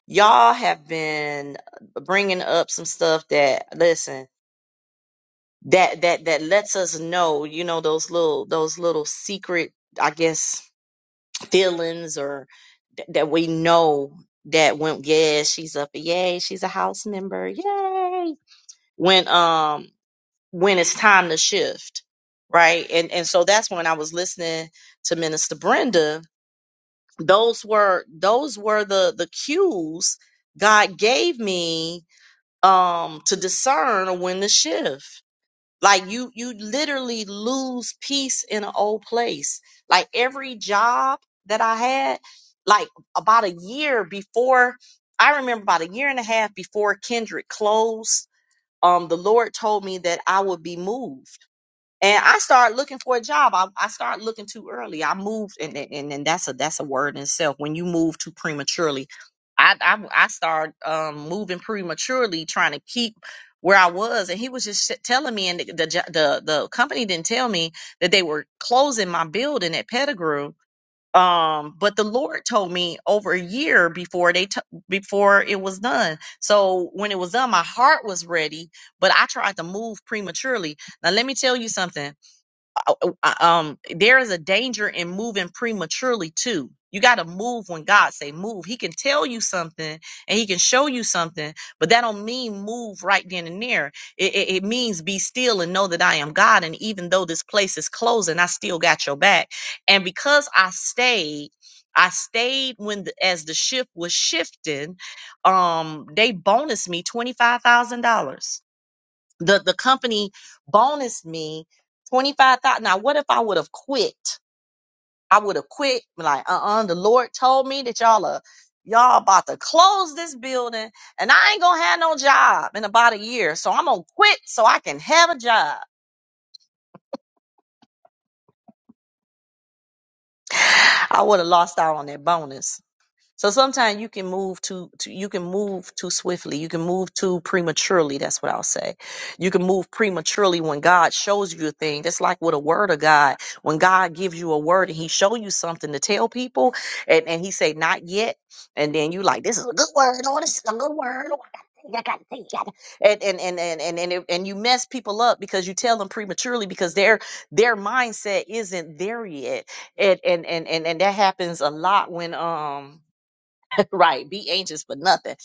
S1: Y'all have been bringing up some stuff that listen that that that lets us know, you know, those little those little secret, I guess, feelings or th- that we know that when yeah, she's up, yay, she's a house member, yay. When um when it's time to shift, right? And and so that's when I was listening to Minister Brenda those were those were the the cues God gave me um to discern when to shift. Like you you literally lose peace in an old place. Like every job that I had, like about a year before I remember about a year and a half before Kendrick closed, um the Lord told me that I would be moved and I started looking for a job. I, I started looking too early. I moved, and, and and that's a that's a word in itself. When you move too prematurely, I I, I started um, moving prematurely, trying to keep where I was. And he was just sh- telling me, and the, the jo- the the company didn't tell me that they were closing my building at Pettigrew. Um, but the Lord told me over a year before they t- before it was done. So when it was done, my heart was ready, but I tried to move prematurely. Now let me tell you something uh, uh, uh, um there is a danger in moving prematurely too you got to move when god say move he can tell you something and he can show you something but that don't mean move right then and there it, it, it means be still and know that i am god and even though this place is closing i still got your back and because i stayed I stayed when the, as the ship was shifting. Um, they bonused me twenty five thousand dollars the the company bonused me twenty five thousand. Now, what if I would have quit? I would have quit. Like, uh, uh the Lord told me that y'all are y'all about to close this building, and I ain't gonna have no job in about a year. So I'm gonna quit so I can have a job. I would have lost out on that bonus. So sometimes you can move too, too you can move too swiftly. You can move too prematurely. That's what I'll say. You can move prematurely when God shows you a thing. That's like with a word of God. When God gives you a word and he show you something to tell people and, and he say not yet. And then you like, this is a good word. Oh, this is a good word. Oh, I got to think. I got to think. I got- And and and and and and, and you mess people up because you tell them prematurely because their their mindset isn't there yet. And and and and, and that happens a lot when um [LAUGHS] right be anxious for nothing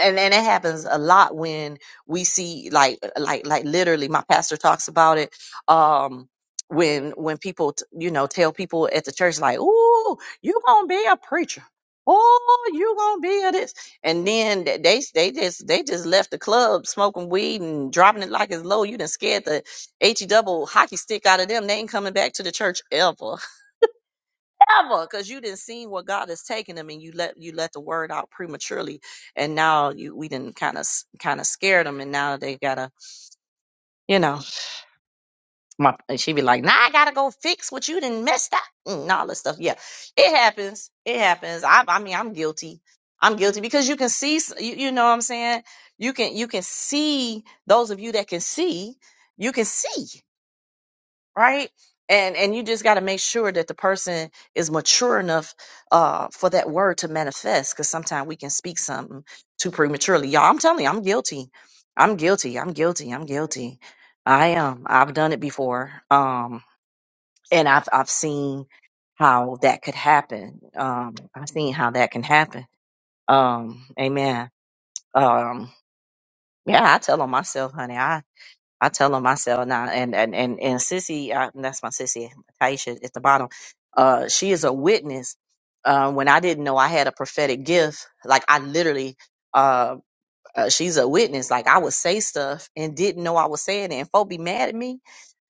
S1: and and it happens a lot when we see like uh, like like literally my pastor talks about it um when when people t- you know tell people at the church like oh you gonna be a preacher oh you gonna be a this and then th- they they just they just left the club smoking weed and dropping it like it's low you done scared the he double hockey stick out of them they ain't coming back to the church ever Ever, because you didn't see what God has taken them, and you let you let the word out prematurely, and now you we didn't kind of kind of scare them, and now they gotta, you know, my and she be like, nah, I gotta go fix what you didn't messed up, and all this stuff. Yeah, it happens. It happens. I I mean, I'm guilty. I'm guilty because you can see, s- you, you know what I'm saying. You can you can see those of you that can see, you can see. right and and you just got to make sure that the person is mature enough uh for that word to manifest because sometimes we can speak something too prematurely y'all i'm telling you i'm guilty i'm guilty i'm guilty i'm guilty i am i've done it before um and i've i've seen how that could happen um i've seen how that can happen um amen um yeah i tell on myself honey I tell them myself, now, and and and and sissy, uh, that's my sissy Taisha at the bottom. Uh, she is a witness. Uh, when I didn't know I had a prophetic gift, like I literally, uh, uh, she's a witness. Like I would say stuff and didn't know I was saying it, and folk be mad at me.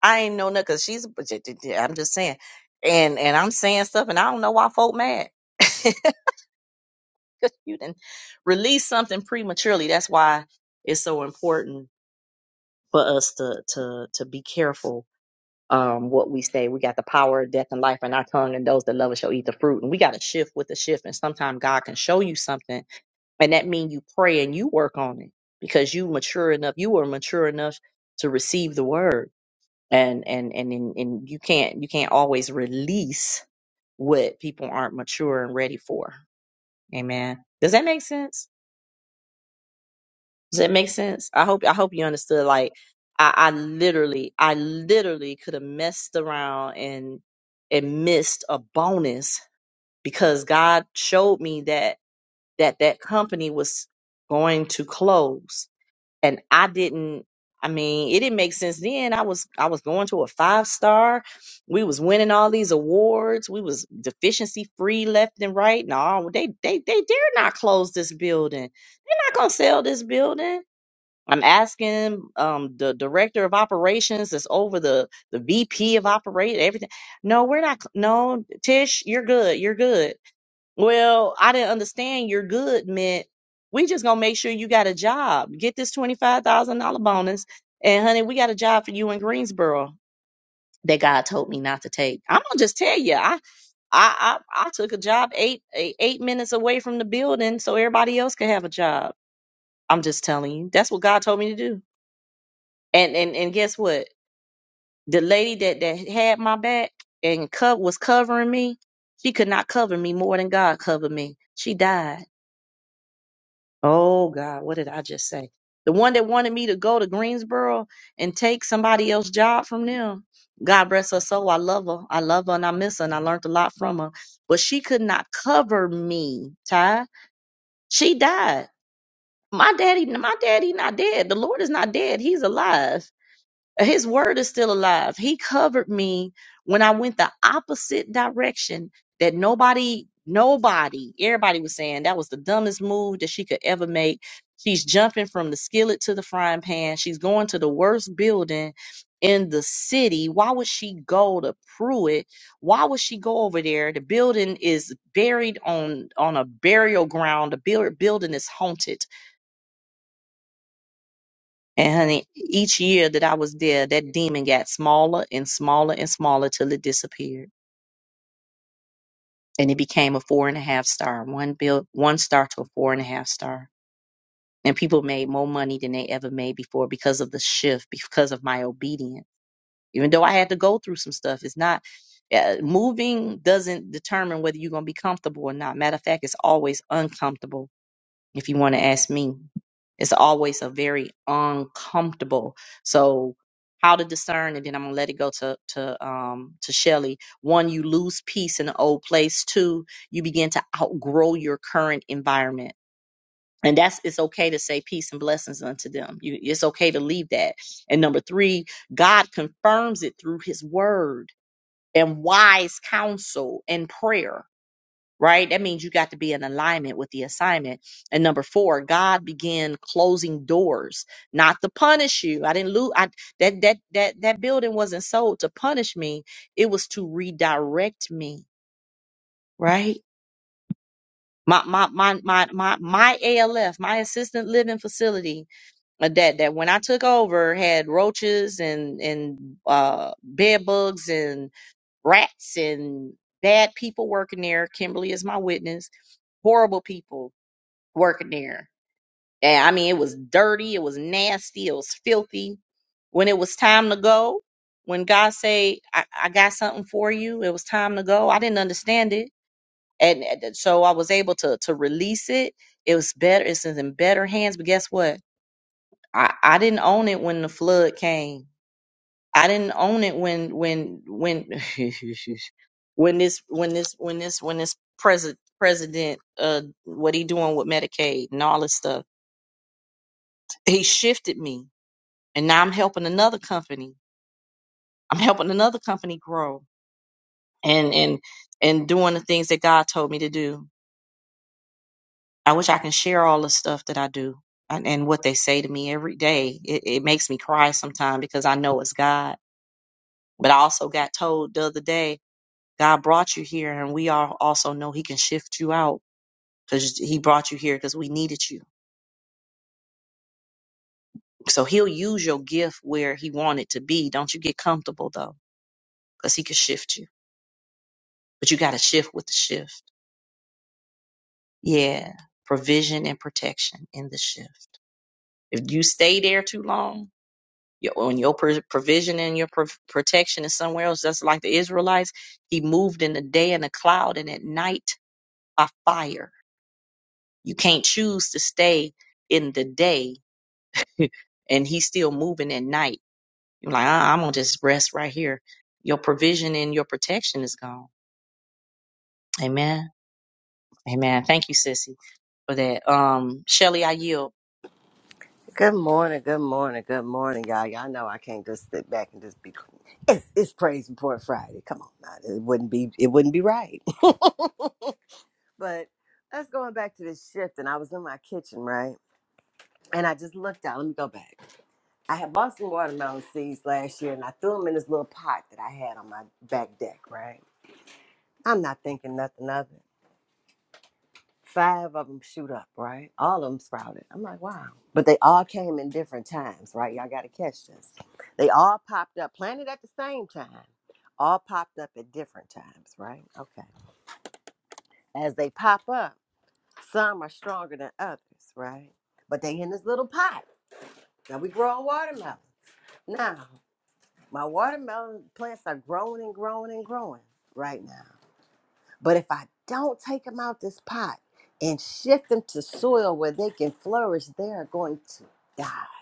S1: I ain't know nothing because she's. but j- j- j- I'm just saying, and and I'm saying stuff, and I don't know why folk mad. [LAUGHS] Cause you didn't release something prematurely. That's why it's so important for us to to to be careful um, what we say. We got the power of death and life in our tongue, and those that love it shall eat the fruit. And we got to shift with the shift. And sometimes God can show you something, and that means you pray and you work on it because you mature enough. You are mature enough to receive the word, and and and and, and you can't you can't always release what people aren't mature and ready for. Amen. Does that make sense? Does that make sense? I hope I hope you understood. Like I, I literally, I literally could have messed around and and missed a bonus because God showed me that that that company was going to close, and I didn't. I mean, it didn't make sense then. I was I was going to a five star. We was winning all these awards. We was deficiency free left and right. No, they they they dare not close this building. They're not gonna sell this building I'm asking um, the director of operations that's over the the VP of operate everything. No, we're not. No, Tish, you're good. You're good. Well, I didn't understand you're good meant we just gonna make sure you got a job. Get this twenty five thousand dollar bonus, and honey, we got a job for you in Greensboro that God told me not to take. I'm gonna just tell you, I I I, I took a job eight, eight eight minutes away from the building so everybody else could have a job. I'm just telling you, that's what God told me to do. And and and guess what? The lady that that had my back and co- was covering me, she could not cover me more than God covered me. She died. Oh God, what did I just say? The one that wanted me to go to Greensboro and take somebody else's job from them. God bless her soul. I love her. I love her and I miss her and I learned a lot from her. But she could not cover me, Ty. She died. My daddy, my daddy not dead. The Lord is not dead. He's alive His word is still alive. He covered me when I went the opposite direction that nobody, nobody, everybody was saying that was the dumbest move that she could ever make. She's jumping from the skillet to the frying pan. She's going to the worst building in the city. Why would she go to Pruitt? Why would she go over there? The building is buried on on a burial ground. The buil- building is haunted and honey, each year that I was there, that demon got smaller and smaller and smaller till it disappeared. And it became a four and a half star, one bill, one star to a four and a half star. And people made more money than they ever made before because of the shift, because of my obedience. Even though I had to go through some stuff, it's not uh, moving doesn't determine whether you're going to be comfortable or not. Matter of fact, it's always uncomfortable if you want to ask me. It's always a very uncomfortable. So how to discern, and then I'm gonna let it go to to um to Shelly. One, you lose peace in the old place. Two, you begin to outgrow your current environment. And that's it's okay to say peace and blessings unto them. You, it's okay to leave that. And number three, God confirms it through His Word and wise counsel and prayer right? That means you got to be in alignment with the assignment. And number four, God began closing doors, not to punish you. I didn't lose. I that that that that building wasn't sold to punish me. It was to redirect me, right? My my my my my my ALF, my assistant living facility uh, that that when I took over had roaches and and uh bed bugs and rats and bad people working there. Kimberly is my witness. Horrible people working there. And I mean, it was dirty, it was nasty, it was filthy. When it was time to go, when God say, I, I got something for you, it was time to go. I didn't understand it. And and so I was able to to release it. It was better, it's in better hands. But guess what? I, I didn't own it when the flood came. I didn't own it when when when [LAUGHS] when this when this when this when this president president uh what he doing with Medicaid and all this stuff. he shifted me and now i'm helping another company i'm helping another company grow and and and doing the things that god told me to do i wish i can share all the stuff that i do and, and what they say to me every day it, it makes me cry sometimes because i know it's god but i also got told the other day god brought you here and we all also know he can shift you out because he brought you here because we needed you so he'll use your gift where he wanted to be don't you get comfortable though because he can shift you but you got to shift with the shift. Yeah, provision and protection in the shift. If you stay there too long, your, when your pro- provision and your pro- protection is somewhere else, just like the Israelites, he moved in the day in a cloud and at night by fire. You can't choose to stay in the day [LAUGHS] and he's still moving at night. You're like, "Ah, I'm going to just rest right here. Your provision and your protection is gone. Amen. Amen. Thank you, sissy, for that. Um, Shelly, I yield.
S7: Good morning, good morning, good morning, y'all. Y'all know I can't just sit back and just be. It's it's praise report Friday. Come on, now. it wouldn't be it wouldn't be right. [LAUGHS] But us going back to this shift, and I was in my kitchen, right? And I just looked out. Let me go back. I had bought some watermelon seeds last year, and I threw them in this little pot that I had on my back deck, right? I'm not thinking nothing of it. five of them shoot up, right? All of them sprouted. I'm like, wow. But they all came in different times, right? Y'all got to catch this. They all popped up, planted at the same time, all popped up at different times, right? Okay. As they pop up, some are stronger than others, right? But they in this little pot. Now we grow watermelon. Now, my watermelon plants are growing and growing and growing right now. But if I don't take them out this pot and shift them to soil where they can flourish, they are going to die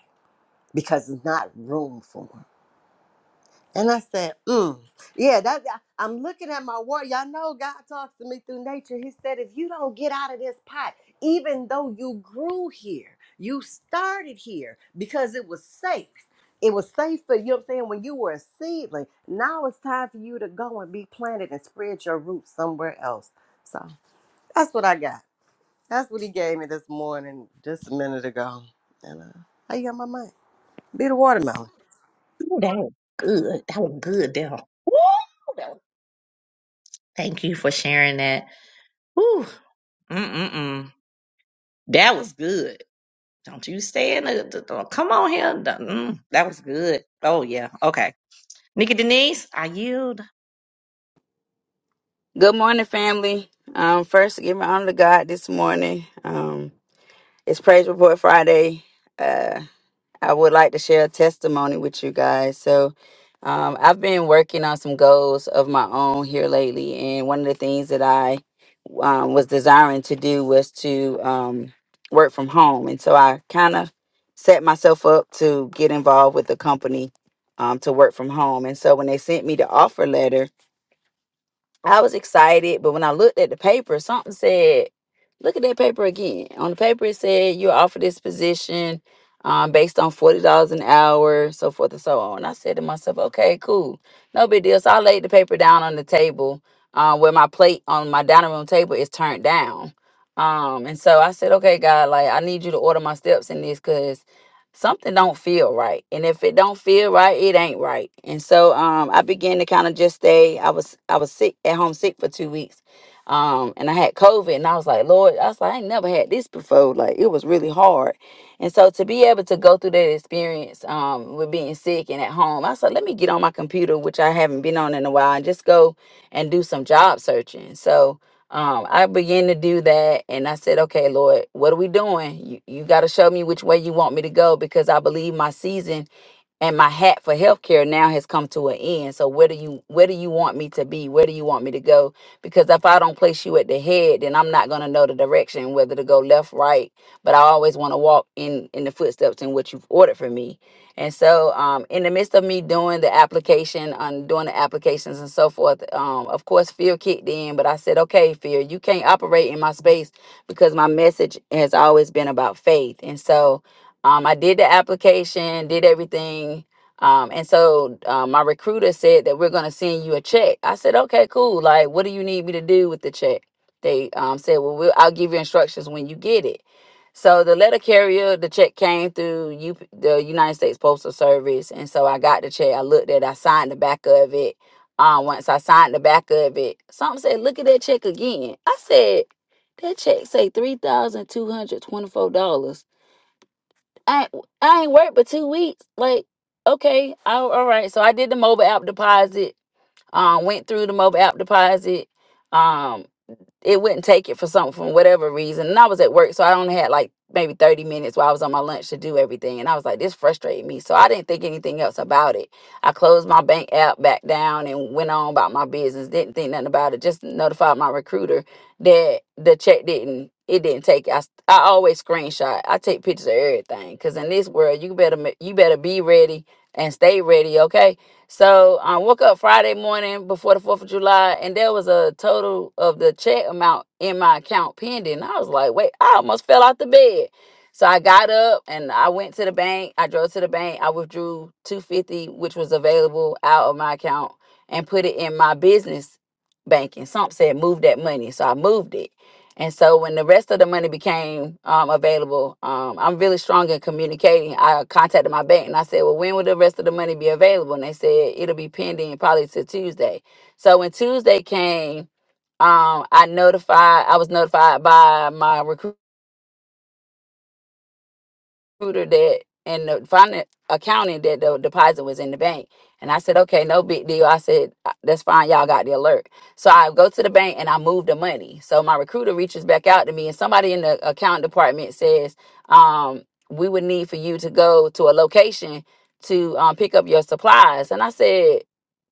S7: because there's not room for them. And I said, mm, yeah, that, that- I'm looking at my water. Y'all know God talks to me through nature. He said, if you don't get out of this pot, even though you grew here, you started here because it was safe. It was safe for you know what I'm saying when you were a seedling. Now it's time for you to go and be planted and spread your roots somewhere else. So that's what I got. That's what he gave me this morning, just a minute ago. And uh, I got my mind. Be the watermelon.
S1: Ooh, that was good. That was good there. Woo! That was- Thank you for sharing that. Woo. Mm-mm-mm. That was good. Don't you stay in the, the- the- come on here. The- mm, that was good. Oh yeah. Okay. Nikki Denise, I yield.
S8: Good morning, family. Um, first, give my honor to God this morning. Um, it's Praise Report Friday. Uh, I would like to share a testimony with you guys. So, um, I've been working on some goals of my own here lately, and one of the things that I um, was desiring to do was to um, work from home. And so, I kind of set myself up to get involved with the company um, to work from home. And so, when they sent me the offer letter, I was excited, but when I looked at the paper, something said, look at that paper again. On the paper, it said, you're offered this position um, based on $40 an hour, so forth and so on. And I said to myself, okay, cool. No big deal. So I laid the paper down on the table uh, where my plate on my dining room table is turned down. Um, and so I said, okay, God, like, I need you to order my steps in this because something don't feel right and if it don't feel right it ain't right and so um i began to kind of just stay i was i was sick at home sick for two weeks um and i had covid and i was like lord i was like i ain't never had this before like it was really hard and so to be able to go through that experience um with being sick and at home i said let me get on my computer which i haven't been on in a while and just go and do some job searching so um, I began to do that and I said, okay, Lord, what are we doing? You, you got to show me which way you want me to go because I believe my season and my hat for healthcare now has come to an end. So where do you where do you want me to be? Where do you want me to go? Because if I don't place you at the head, then I'm not gonna know the direction whether to go left, right. But I always want to walk in in the footsteps in what you've ordered for me. And so, um, in the midst of me doing the application, on doing the applications and so forth, um, of course, fear kicked in. But I said, okay, fear, you can't operate in my space because my message has always been about faith. And so, um, I did the application, did everything. Um, and so uh, my recruiter said that we're going to send you a check. I said, okay, cool. Like, what do you need me to do with the check? They um, said, well, we'll, I'll give you instructions when you get it. So the letter carrier, the check came through U- the United States Postal Service. And so I got the check. I looked at it, I signed the back of it. Um, once I signed the back of it, something said, look at that check again. I said, that check say $3,224. I I ain't worked but two weeks. Like, okay, I, all right. So I did the mobile app deposit. Um, went through the mobile app deposit. Um it wouldn't take it for something from whatever reason. And I was at work, so I only had like maybe 30 minutes while I was on my lunch to do everything. And I was like, this frustrated me. So I didn't think anything else about it. I closed my bank app back down and went on about my business. Didn't think nothing about it. Just notified my recruiter that the check didn't it didn't take it. I, s- I always screenshot. I take pictures of everything. Cause in this world you better ma- you better be ready and stay ready, okay? So I woke up Friday morning before the 4th of July, and there was a total of the check amount in my account pending. I was like, wait, I almost fell out the bed. So I got up and I went to the bank. I drove to the bank. I withdrew 250, which was available out of my account, and put it in my business banking. Something said move that money. So I moved it. And so when the rest of the money became um, available, um, I'm really strong in communicating. I contacted my bank and I said, Well, when will the rest of the money be available? And they said, It'll be pending probably to Tuesday. So when Tuesday came, um, I notified, I was notified by my recruiter computer that and the finance accounting that the deposit was in the bank. And I said, okay, no big deal. I said, "Uh, that's fine. Y'all got the alert. So I go to the bank and I move the money. So my recruiter reaches back out to me and somebody in the account department says, um, we would need for you to go to a location to um, pick up your supplies. And I said,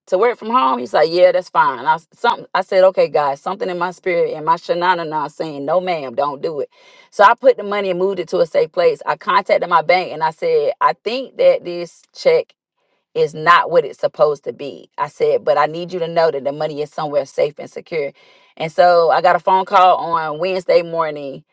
S8: to work from home? He's like, yeah, that's fine. I something I said, okay, guys, something in my spirit and my shanana now saying, no, ma'am, don't do it. So I put the money and moved it to a safe place. I contacted my bank and I said, I think that this check is not what it's supposed to be. I said, but I need you to know that the money is somewhere safe and secure. And so I got a phone call on Wednesday morning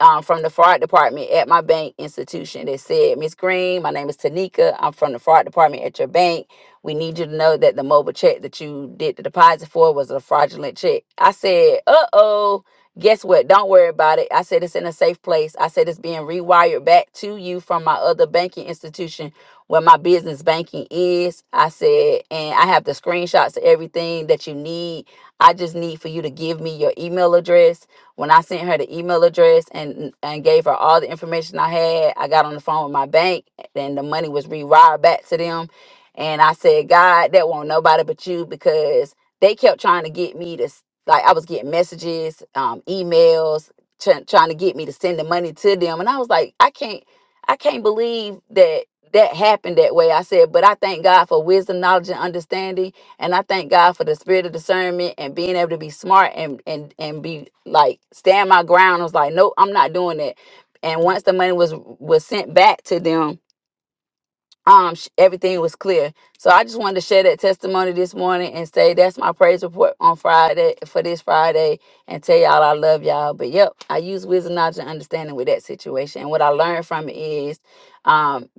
S8: um, from the fraud department at my bank institution that said, Miss Green, my name is Tanika. I'm from the fraud department at your bank. We need you to know that the mobile check that you did the deposit for was a fraudulent check. I said, uh oh. Guess what? Don't worry about it. I said it's in a safe place. I said it's being rewired back to you from my other banking institution where my business banking is. I said, and I have the screenshots of everything that you need. I just need for you to give me your email address. When I sent her the email address and and gave her all the information I had, I got on the phone with my bank and the money was rewired back to them. And I said, God, that won't nobody but you because they kept trying to get me to s- like I was getting messages, um, emails, try- trying to get me to send the money to them. And I was like, I can't. I can't believe that that happened that way. I said, but I thank God for wisdom, knowledge, and understanding. And I thank God for the spirit of discernment and being able to be smart and and and be like stand my ground. I was like, nope, I'm not doing that. And once the money was was sent back to them, um sh- everything was clear so i just wanted to share that testimony this morning and say that's my praise report on friday for this friday and tell y'all i love y'all but yep i use wisdom knowledge and understanding with that situation and what i learned from it is um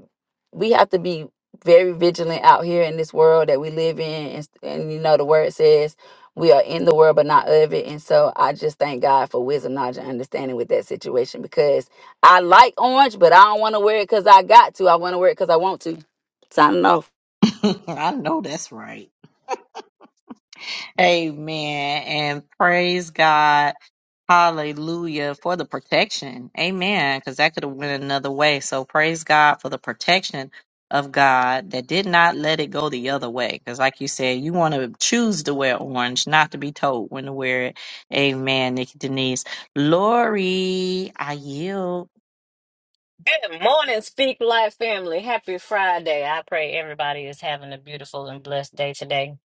S8: we have to be very vigilant out here in this world that we live in and, s- and you know the word says we are in the world but not of it and so i just thank god for wisdom knowledge and understanding with that situation because I like orange, but I don't want to wear it because I got to. I want to wear it because I want to. Signing off.
S1: [LAUGHS] I know that's right. Amen. And praise God. Hallelujah for the protection. Amen. Because that could have went another way. So praise God for the protection of God that did not let it go the other way. Because like you said, you want to choose to wear orange, not to be told when to wear it. Amen, Nikki Denise. Lori, I yield.
S9: Good morning, Speak Life family. Happy Friday. I pray everybody is having a beautiful and blessed day today.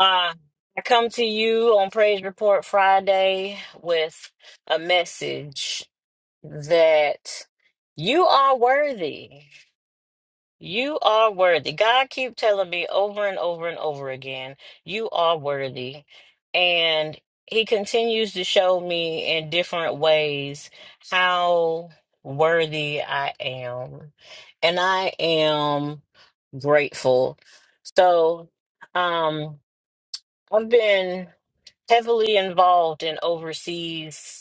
S9: Uh, I come to you on Praise Report Friday with a message that you are worthy. You are worthy. God keep telling me over and over and over again, you are worthy. And he continues to show me in different ways how worthy I am. And I am grateful. So, um I've been heavily involved in overseas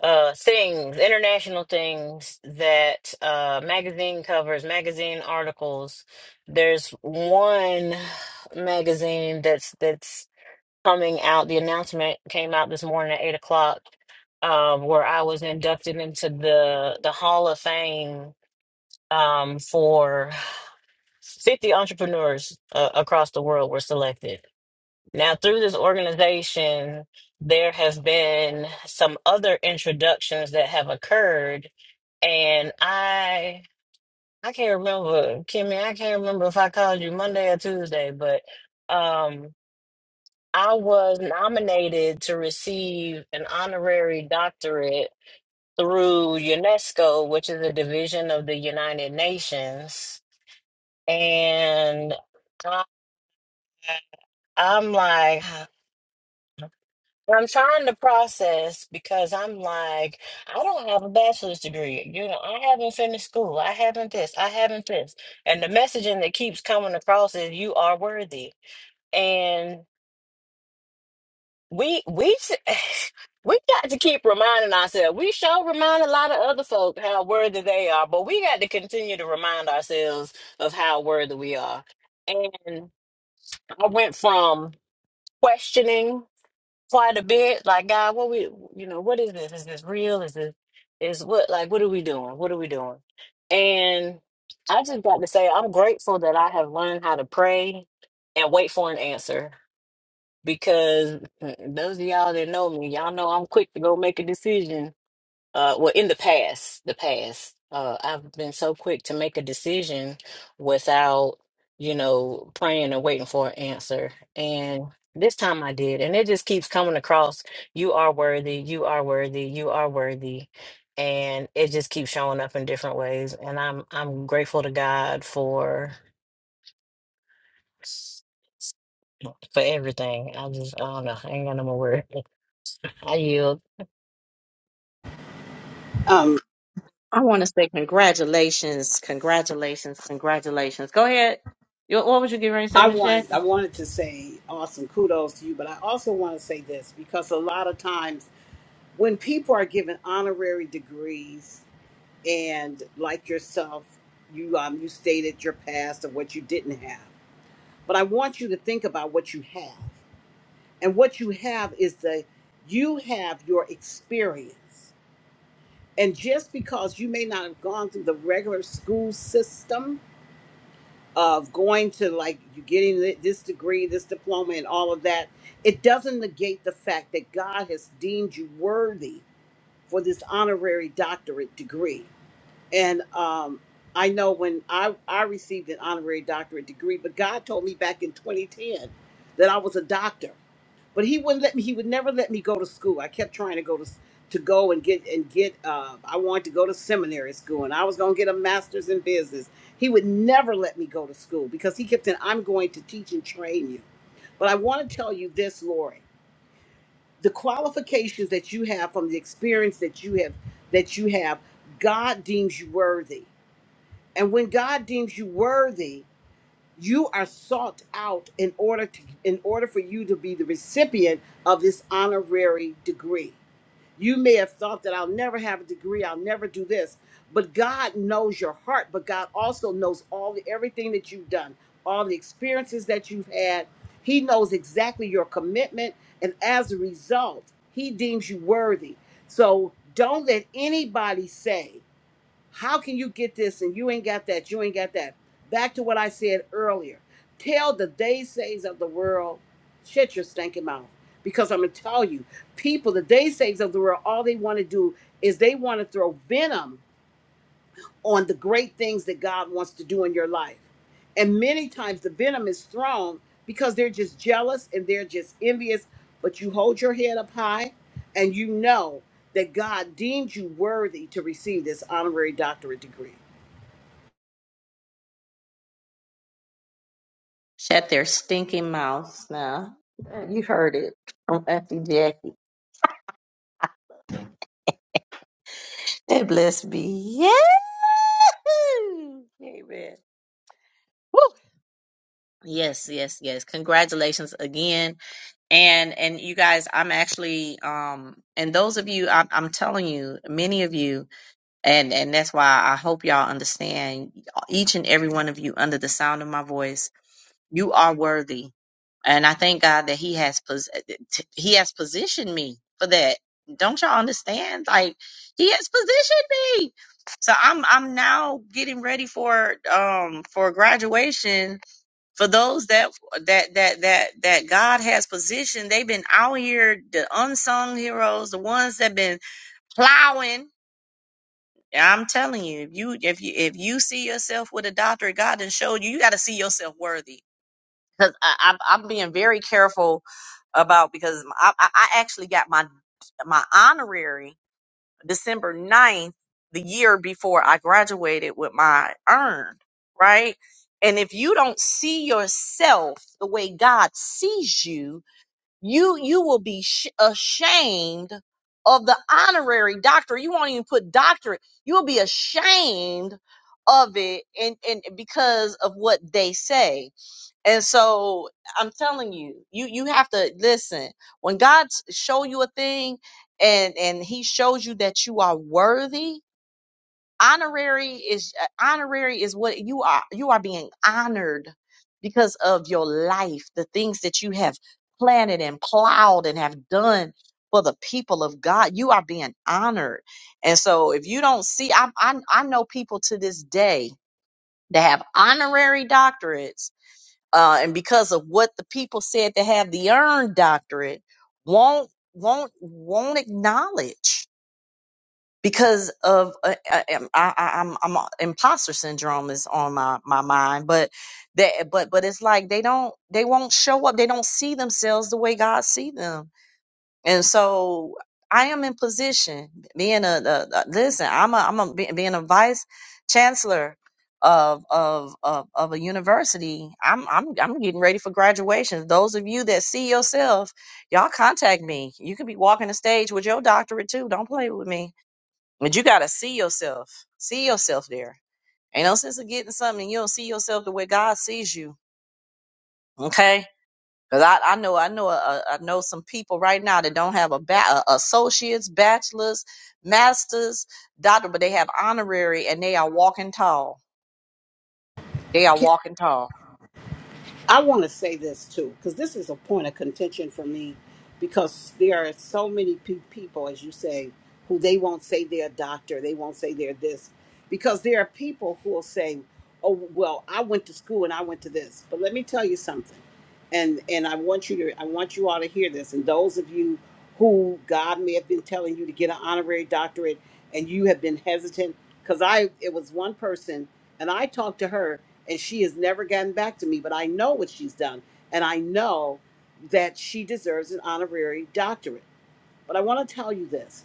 S9: uh things international things that uh magazine covers magazine articles there's one magazine that's that's coming out the announcement came out this morning at eight o'clock um where i was inducted into the the hall of fame um for 50 entrepreneurs uh, across the world were selected now, through this organization, there has been some other introductions that have occurred, and I I can't remember, Kimmy, I can't remember if I called you Monday or Tuesday, but um I was nominated to receive an honorary doctorate through UNESCO, which is a division of the United Nations, and I I'm like. I'm trying to process because I'm like, I don't have a bachelor's degree. You know, I haven't finished school. I haven't this. I haven't this. And the messaging that keeps coming across is you are worthy. And we we s- [SIGHS] we got to keep reminding ourselves. We sure remind a lot of other folk how worthy they are, but we got to continue to remind ourselves of how worthy we are. And I went from questioning quite a bit. Like, God, what we, you know, what is this? Is this real? Is this, is what, like, what are we doing? What are we doing? And I just got to say, I'm grateful that I have learned how to pray and wait for an answer because mm, those of y'all that know me, y'all know I'm quick to go make a decision uh well in the past the past uh I've been so quick to make a decision without you know praying and waiting for an answer and this time I did and it just keeps coming across you are worthy you are worthy you are worthy and it just keeps showing up in different ways and I'm I'm grateful to God for for everything I just I don't know I ain't got no more words [LAUGHS] I yield
S5: Um,
S1: I want to say congratulations, congratulations, congratulations. Go ahead. You- What would you get ready to say,
S5: I
S1: Miss
S5: wanted I
S1: Jackie?
S5: wanted to say awesome kudos to you, but I also want to say this because a lot of times when people are given honorary degrees and like yourself, you um you stated your past of what you didn't have, but I want you to think about what you have, and what you have is the you have your experience And just because you may not have gone through the regular school system of going to like you getting thi- this degree, this diploma, and all of that, it doesn't negate the fact that God has deemed you worthy for this honorary doctorate degree. And um, I know when I, I received an honorary doctorate degree, but God told me back in 2010 that I was a doctor but he wouldn't let me he would never let me go to school i kept trying to go to to go and get and get uh, i wanted to go to seminary school and i was going to get a master's in business he would never let me go to school because he kept saying i'm going to teach and train you but i want to tell you this lori the qualifications that you have from the experience that you have that you have god deems you worthy and when god deems you worthy you are sought out in order to in order for you to be the recipient of this honorary degree you may have thought that i'll never have a degree i'll never do this but god knows your heart but god also knows all the everything that you've done all the experiences that you've had he knows exactly your commitment and as a result he deems you worthy so don't let anybody say how can you get this and you ain't got that? You ain't got that. Back to what I said earlier. Tell the day says of the world, shut your stinking mouth. Because I'm going to tell you, people, the day says of the world, all they want to do is they want to throw venom on the great things that God wants to do in your life. And many times the venom is thrown because they're just jealous and they're just envious. But you hold your head up high and you know that God deemed you worthy to receive this honorary doctorate degree.
S1: Shut their stinking mouths now. You heard it from Effie Jackie. It blessed me. Yeah. Amen. Woo. Yes, yes, yes. Congratulations again. And and you guys, I'm actually um and those of you I'm I'm telling you, many of you and and that's why I hope y'all understand each and every one of you under the sound of my voice you are worthy. And I thank God that He has pos- He has positioned me for that. Don't y'all understand? Like He has positioned me. So I'm I'm now getting ready for um for graduation for those that that that that that God has positioned. They've been out here, the unsung heroes, the ones that been plowing. Yeah, I'm telling you, if you if you if you see yourself with a doctorate, God has showed you you got to see yourself worthy because I'm I'm being very careful about because I I I actually got my my honorary December ninth the year before I graduated with my earned, right? And if you don't see yourself the way God sees you, you you will be sh- ashamed of the honorary doctor. You won't even put doctorate. You will be ashamed of it and and because of what they say and so I'm telling you, you you have to listen. When God s- show you a thing and and he shows you that you are worthy, honorary is uh, honorary is what you are you are being honored because of your life, the things that you have planted and plowed and have done for the people of God. You are being honored. And so if you don't see I I I know people to this day that have honorary doctorates uh, and because of what the people said to have the earned doctorate won't won't won't acknowledge because of uh, I, I, I'm I'm uh, imposter syndrome is on my my mind, but that but but it's like they don't they won't show up. They don't see themselves the way God see them and so I am in position being a, a, a- listen, I'm a, I'm a, be- being a vice chancellor of, of, of, of a university. I'm, I'm, I'm getting ready for graduation. Those of you that see yourself, y'all contact me. You could be walking the stage with your doctorate too. Don't play with me. But you got to see yourself, see yourself there. Ain't no sense of getting something and you don't see yourself the way God sees you. Okay Cause I, I know I know uh, I know some people right now that don't have a ba- a- associates, bachelors, masters, doctor, but they have honorary and they are walking tall. They are walking tall.
S5: I want to say this too, because this is a point of contention for me, because there are so many pe- people, as you say, who they won't say they're a doctor, they won't say they're this, because there are people who will say, "Oh, well, I went to school and I went to this." But let me tell you something, and and I want you to, I want you all to hear this, and those of you who God may have been telling you to get an honorary doctorate, and you have been hesitant, because I, it was one person, and I talked to her and she has never gotten back to me, but I know what she's done, and I know that she deserves an honorary doctorate. But I want to tell you this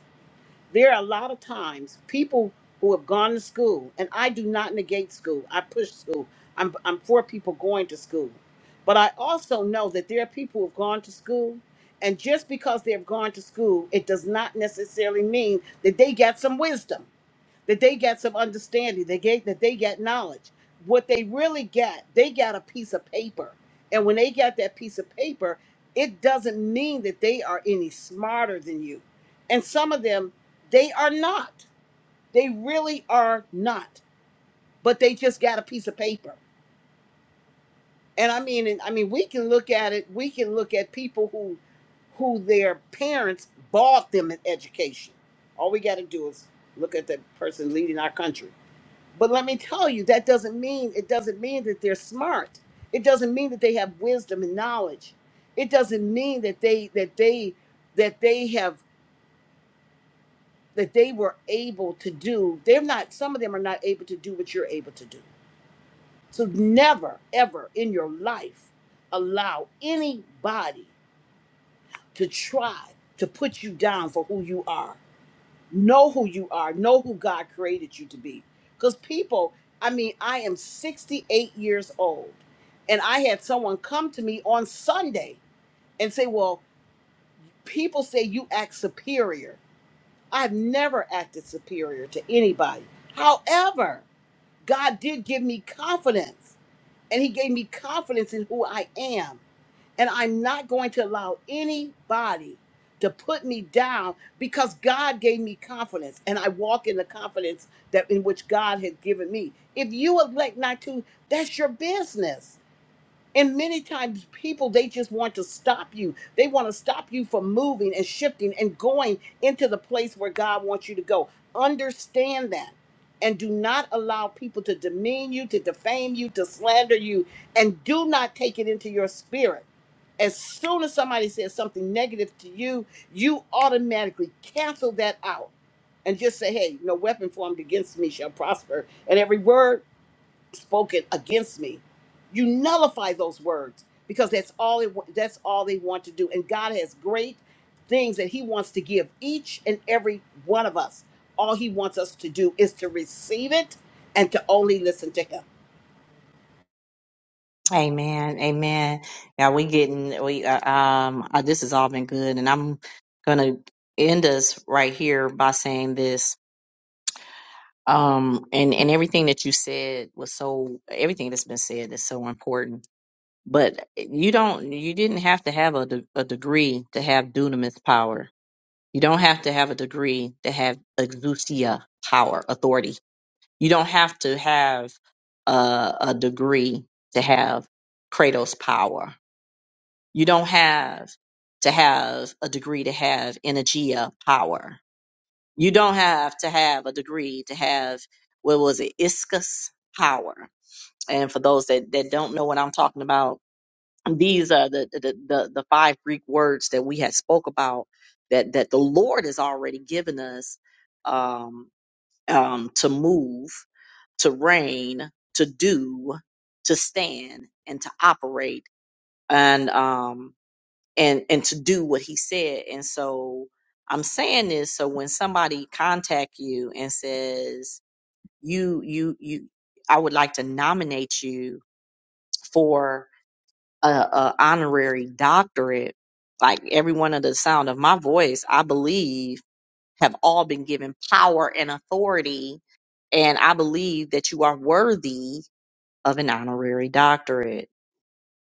S5: there are a lot of times people who have gone to school, and I do not negate school, I push school. I'm, I'm for people going to school. But I also know that there are people who have gone to school, and just because they have gone to school, it does not necessarily mean that they got some wisdom that they got some understanding they get that they got knowledge what they really got they got a piece of paper and when they got that piece of paper it doesn't mean that they are any smarter than you and some of them they are not they really are not but they just got a piece of paper and i mean and i mean we can look at it we can look at people who who their parents bought them an education all we got to do is look at the person leading our country but let me tell you, that doesn't mean it doesn't mean that they're smart. It doesn't mean that they have wisdom and knowledge. It doesn't mean that they that they that they have that they were able to do. They're not some of them are not able to do what you're able to do. So never ever in your life allow anybody to try to put you down for who you are. know who you are know who god created you to be because people i mean i am 68 years old and i had someone come to me on sunday and say well people say you act superior i've never acted superior to anybody however god did give me confidence and he gave me confidence in who I am. And I'm not going to allow anybody to put me down because God gave me confidence and I walk in the confidence that in which God has given me. If you elect not to, that's your business. And many times people they just want to stop you. They want to stop you from moving and shifting and going into the place where God wants you to go. Understand that. And do not allow people to demean you, to defame you, to slander you, and do not take it into your spirit. As soon as somebody says something negative to you, you automatically cancel that out and just say, hey, no weapon formed against me shall prosper. And every word spoken against me you nullify those words because that's all it, that's all they want to do and god has great things that he wants to give each and every one of us all he wants us to do is to receive it and to only listen to him
S1: Amen. Amen. Yeah, we getting we uh, um uh, this has all been good, and I'm gonna end us right here by saying this. Um and and everything that you said was so everything that's been said is so important But eh, you don't, you didn't have to have a, de- a degree to have dunamis power. You don't have to have a degree to have exousia power, authority. You don't have to have a, a degree to have kratos power. You don't have to have a degree to have energia power. You don't have to have a degree to have, what was it, iscus power. And for those that, that don't know what I'm talking about, these are the the, the the five greek words that we had spoke about that that the lord has already given us um um to move to reign to do to stand and to operate and um and and to do what he said and so i'm saying this so when somebody contact you and says you you you i would like to nominate you for a, a honorary doctorate, like everyone of the sound of my voice, I believe have all been given power and authority, and I believe that you are worthy of an honorary doctorate.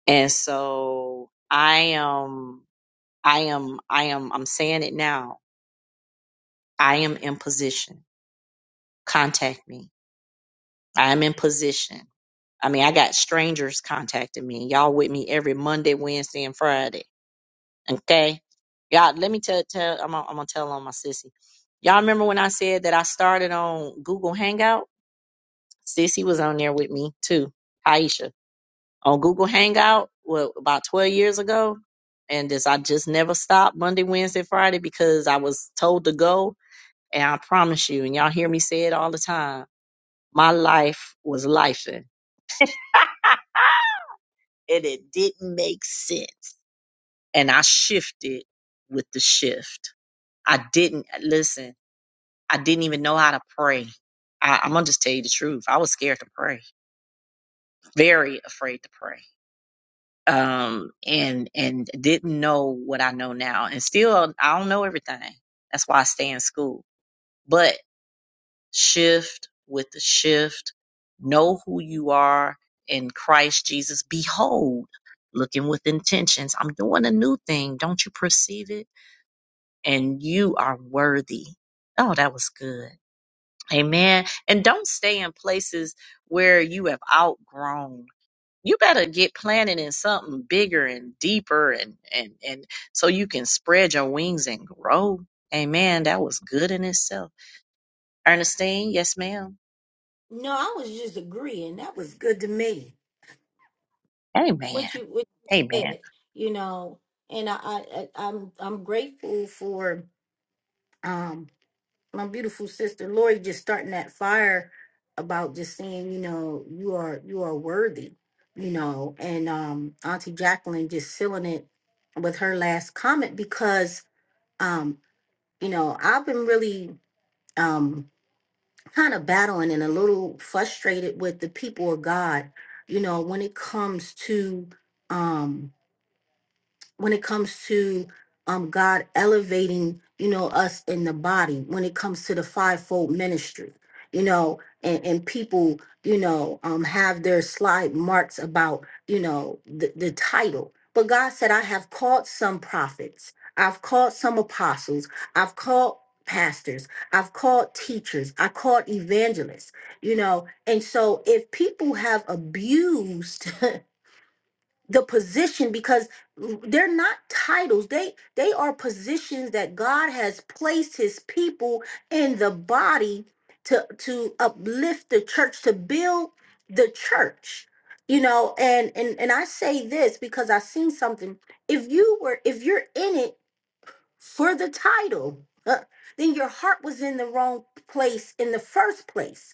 S1: And so I am, I am, I am, I'm saying it now. I am in position. Contact me. I am in position. I mean, I got strangers contacting me. Y'all with me every Monday, Wednesday, and Friday Okay. Y'all, let me tell tell I'm gonna, I'm gonna tell on my sissy. Y'all remember when I said that I started on Google Hangout? Sissy was on there with me too, Aisha. On Google Hangout, what about 12 years ago? And this I just never stopped Monday, Wednesday, Friday because I was told to go. And I promise you, and y'all hear me say it all the time, my life was lifing. And it didn't make sense. And I shifted with the shift. I didn't listen. I didn't even know how to pray. I, I'm gonna just tell you the truth. I was scared to pray, very afraid to pray, um, and and didn't know what I know now. And still, I don't know everything. That's why I stay in school. But shift with the shift. Know who you are in Christ Jesus. Behold, looking with intentions. I'm doing a new thing. Don't you perceive it? And you are worthy. Oh, that was good. Amen. And don't stay in places where you have outgrown. You better get planted in something bigger and deeper and and and so you can spread your wings and grow. Amen. That was good in itself. Ernestine, yes, ma'am.
S3: No, I was just agreeing. That was good to me.
S1: Amen.
S3: What you what you
S1: Amen.
S3: said, you know, and I, I I- I'm I'm grateful for. um, my beautiful sister Lori just starting that fire about just saying, you know, you are you are worthy, you know, and um Auntie Jacqueline just sealing it with her last comment because um, you know, I've been really um kind of battling and a little frustrated with the people of God, you know, when it comes to um when it comes to um God elevating, you know, us in the body, when it comes to the fivefold ministry, you know, and, and people, you know, um have their slide marks about, you know, the, the title. But God said, I have called some prophets, I've called some apostles, I've called pastors, I've called teachers, I called evangelists, you know. And so if people have abused [LAUGHS] the position because they're not titles they they are positions that god has placed his people in the body to to uplift the church to build the church you know and and and i say this because i seen something if you were if you're in it for the title uh, then your heart was in the wrong place in the first place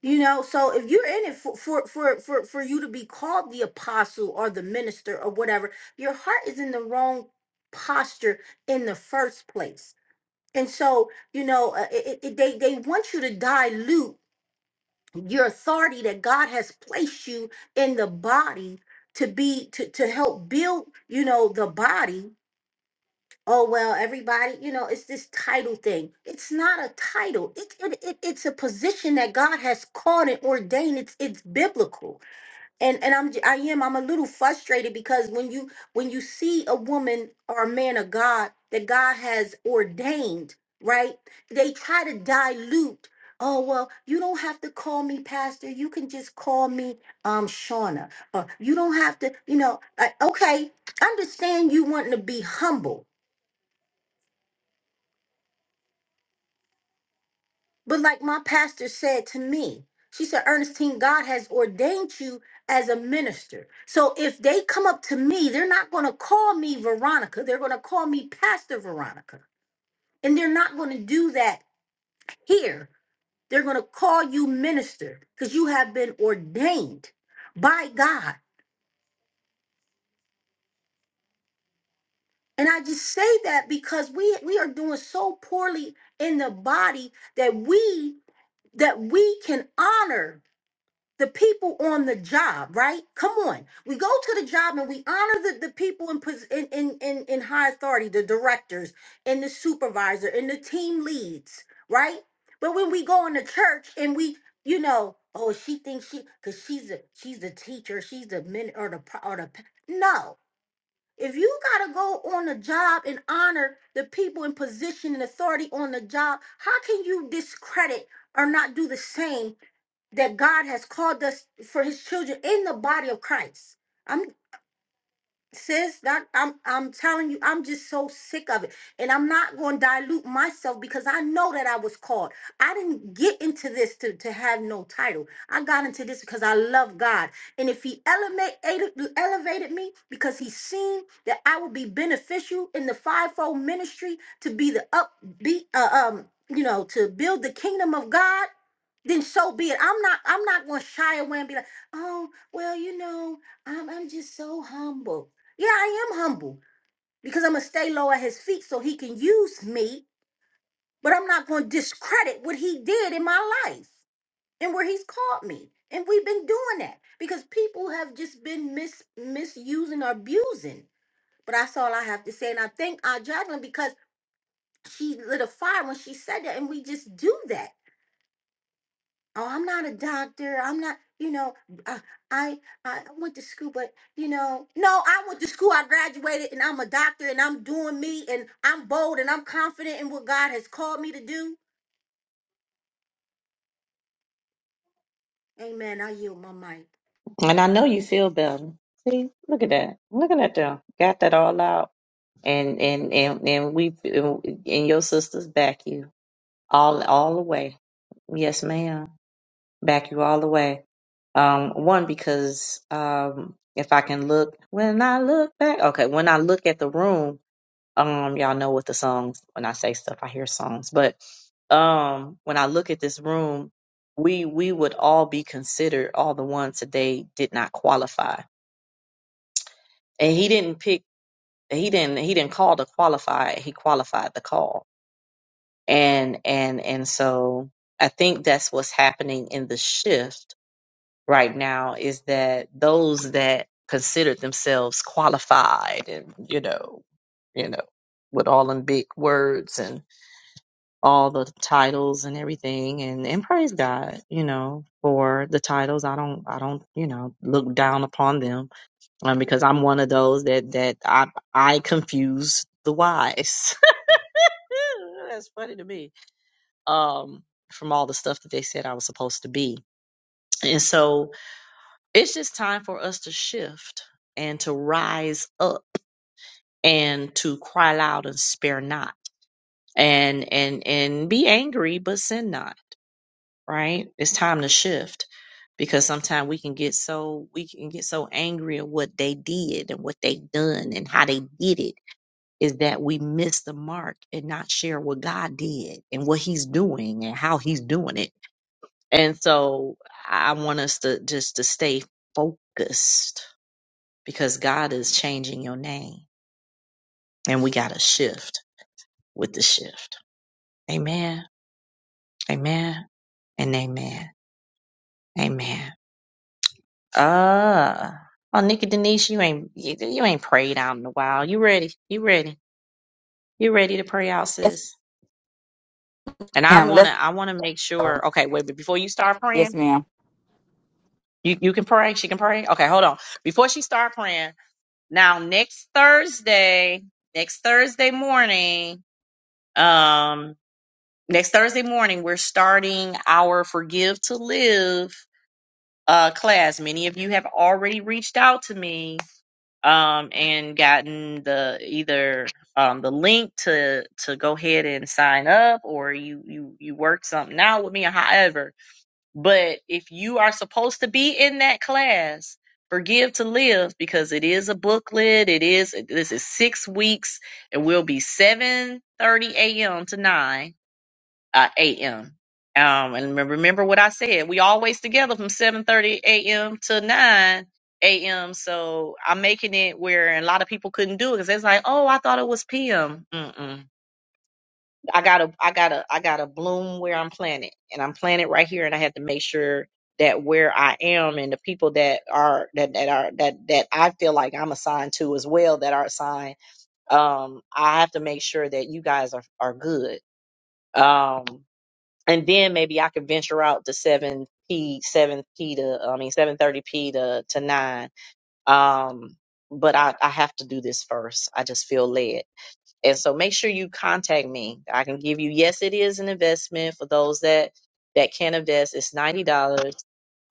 S3: You know, so if you're in it for, for for for for you to be called the apostle or the minister or whatever, your heart is in the wrong posture in the first place. And so, you know, uh, it, it, they they want you to dilute your authority that God has placed you in the body to be to to help build, you know, the body oh well everybody you know it's this title thing it's not a title it, it, it it's a position that god has called and ordained it's it's biblical and and i'm j- i am i'm a little frustrated because when you when you see a woman or a man of god that god has ordained right they try to dilute Oh well, you don't have to call me pastor. You can just call me um Shauna. Or you don't have to, you know. Like, okay, understand you wanting to be humble, But like my pastor said to me, she said, Ernestine, God has ordained you as a minister. So if they come up to me, they're not going to call me Veronica. They're going to call me Pastor Veronica. And they're not going to do that here. They're going to call you minister because you have been ordained by God. And I just say that because we we are doing so poorly in the body that we that we can honor the people on the job, right? Come on. We go to the job and we honor the, the people in, pos- in, in, in, in high authority, the directors and the supervisor and the team leads, right? But when we go into church and we, you know, oh, she thinks she, cause she's a, she's a teacher, she's the min or the, pro- or the, pa-" no. If you gotta go on the job and honor the people in position and authority on the job, how can you discredit or not do the same that God has called us for his children in the body of Christ. I'm sis that i'm i'm telling you i'm just so sick of it and i'm not going to dilute myself because i know that i was called i didn't get into this to, to have no title i got into this because i love god and if he elevate, ele- elevated me because he seen that i would be beneficial in the fivefold ministry to be the upbeat uh, um you know to build the kingdom of god then so be it. I'm not. I'm not going to shy away and be like, "Oh, well, you know, I'm. I'm just so humble." Yeah, I am humble because I'm going to stay low at his feet so he can use me, but I'm not going to discredit what he did in my life and where he's called me. And we've been doing that because people have just been mis- misusing or abusing. But that's all I have to say. And I thank Aunt Jacqueline because she lit a fire when she said that. And we just do that. oh i'm not a doctor i'm not you know uh, i i went to school but you know no i went to school i graduated and i'm a doctor and i'm doing me and i'm bold and i'm confident in what god has called me to do amen i yield my mic
S1: And I know you feel better. See, look at that. Look at them. Got that all out. And and and and we and your sisters back you all all the way. Yes, ma'am. Back you all the way. Um, one because um, if I can look when I look back, okay, when I look at the room, um, y'all know what the songs. When I say stuff, I hear songs, but um, when I look at this room, we we would all be considered all the ones today did not qualify, and he didn't pick. He didn't. He didn't call to qualify. He qualified the call, and and and so I think that's what's happening in the shift right now is that those that considered themselves qualified and you know you know with all them big words and all the titles and everything and and praise God you know for the titles I don't I don't you know look down upon them um, because I'm one of those that that I I confuse the wise [LAUGHS] that's funny to me um from all the stuff that they said I was supposed to be and so it's just time for us to shift and to rise up and to cry loud and spare not and and and be angry but sin not right it's time to shift because sometimes we can get so we can get so angry at what they did and what they done and how they did it is that we miss the mark and not share what god did and what he's doing and how he's doing it and so i want us to just to stay focused because God is changing your name and we got to shift with the shift. Amen. Amen. And amen. Amen. Uh, oh, Nikki Denise, you ain't, you, you ain't prayed out in a while. You ready? You ready? You ready to pray out,
S8: Yes,
S1: sis? And I
S8: ma'am.
S1: want
S8: Let's.
S1: to, I want to make sure. Okay. Wait, but before you start
S8: Yes,
S1: praying,
S8: ma'am.
S1: you, you can pray. She can pray. Okay. Hold on. Before she start praying now, next Thursday, next Thursday morning, um, next Thursday morning, we're starting our Forgive to Live uh, class. Many of you have already reached out to me um, and gotten the either um, the link to to go ahead and sign up, or you you you work something out with me, or however. But if you are supposed to be in that class. Forgive to live because it is a booklet. It is this is six weeks. It will be seven thirty a.m. to nine uh, a.m. Um, and remember remember what I said. We always together from 7:30 a.m. to 9 a.m. So I'm making it where a lot of people couldn't do it because it's like, oh, I thought it was p.m. Mm-mm. I gotta, I gotta, I gotta bloom where I'm planted, and I'm planted right here, and I had to make sure that where I am and the people that are that that are that that I feel like I'm assigned to as well that are assigned, um, I have to make sure that you guys are are good. Um, and then maybe I could venture out to seven p seven p to I mean seven thirty p to to nine. Um, but I I have to do this first. I just feel led, and so make sure you contact me. I can give you yes, it is an investment for those that that can invest. It's ninety dollars.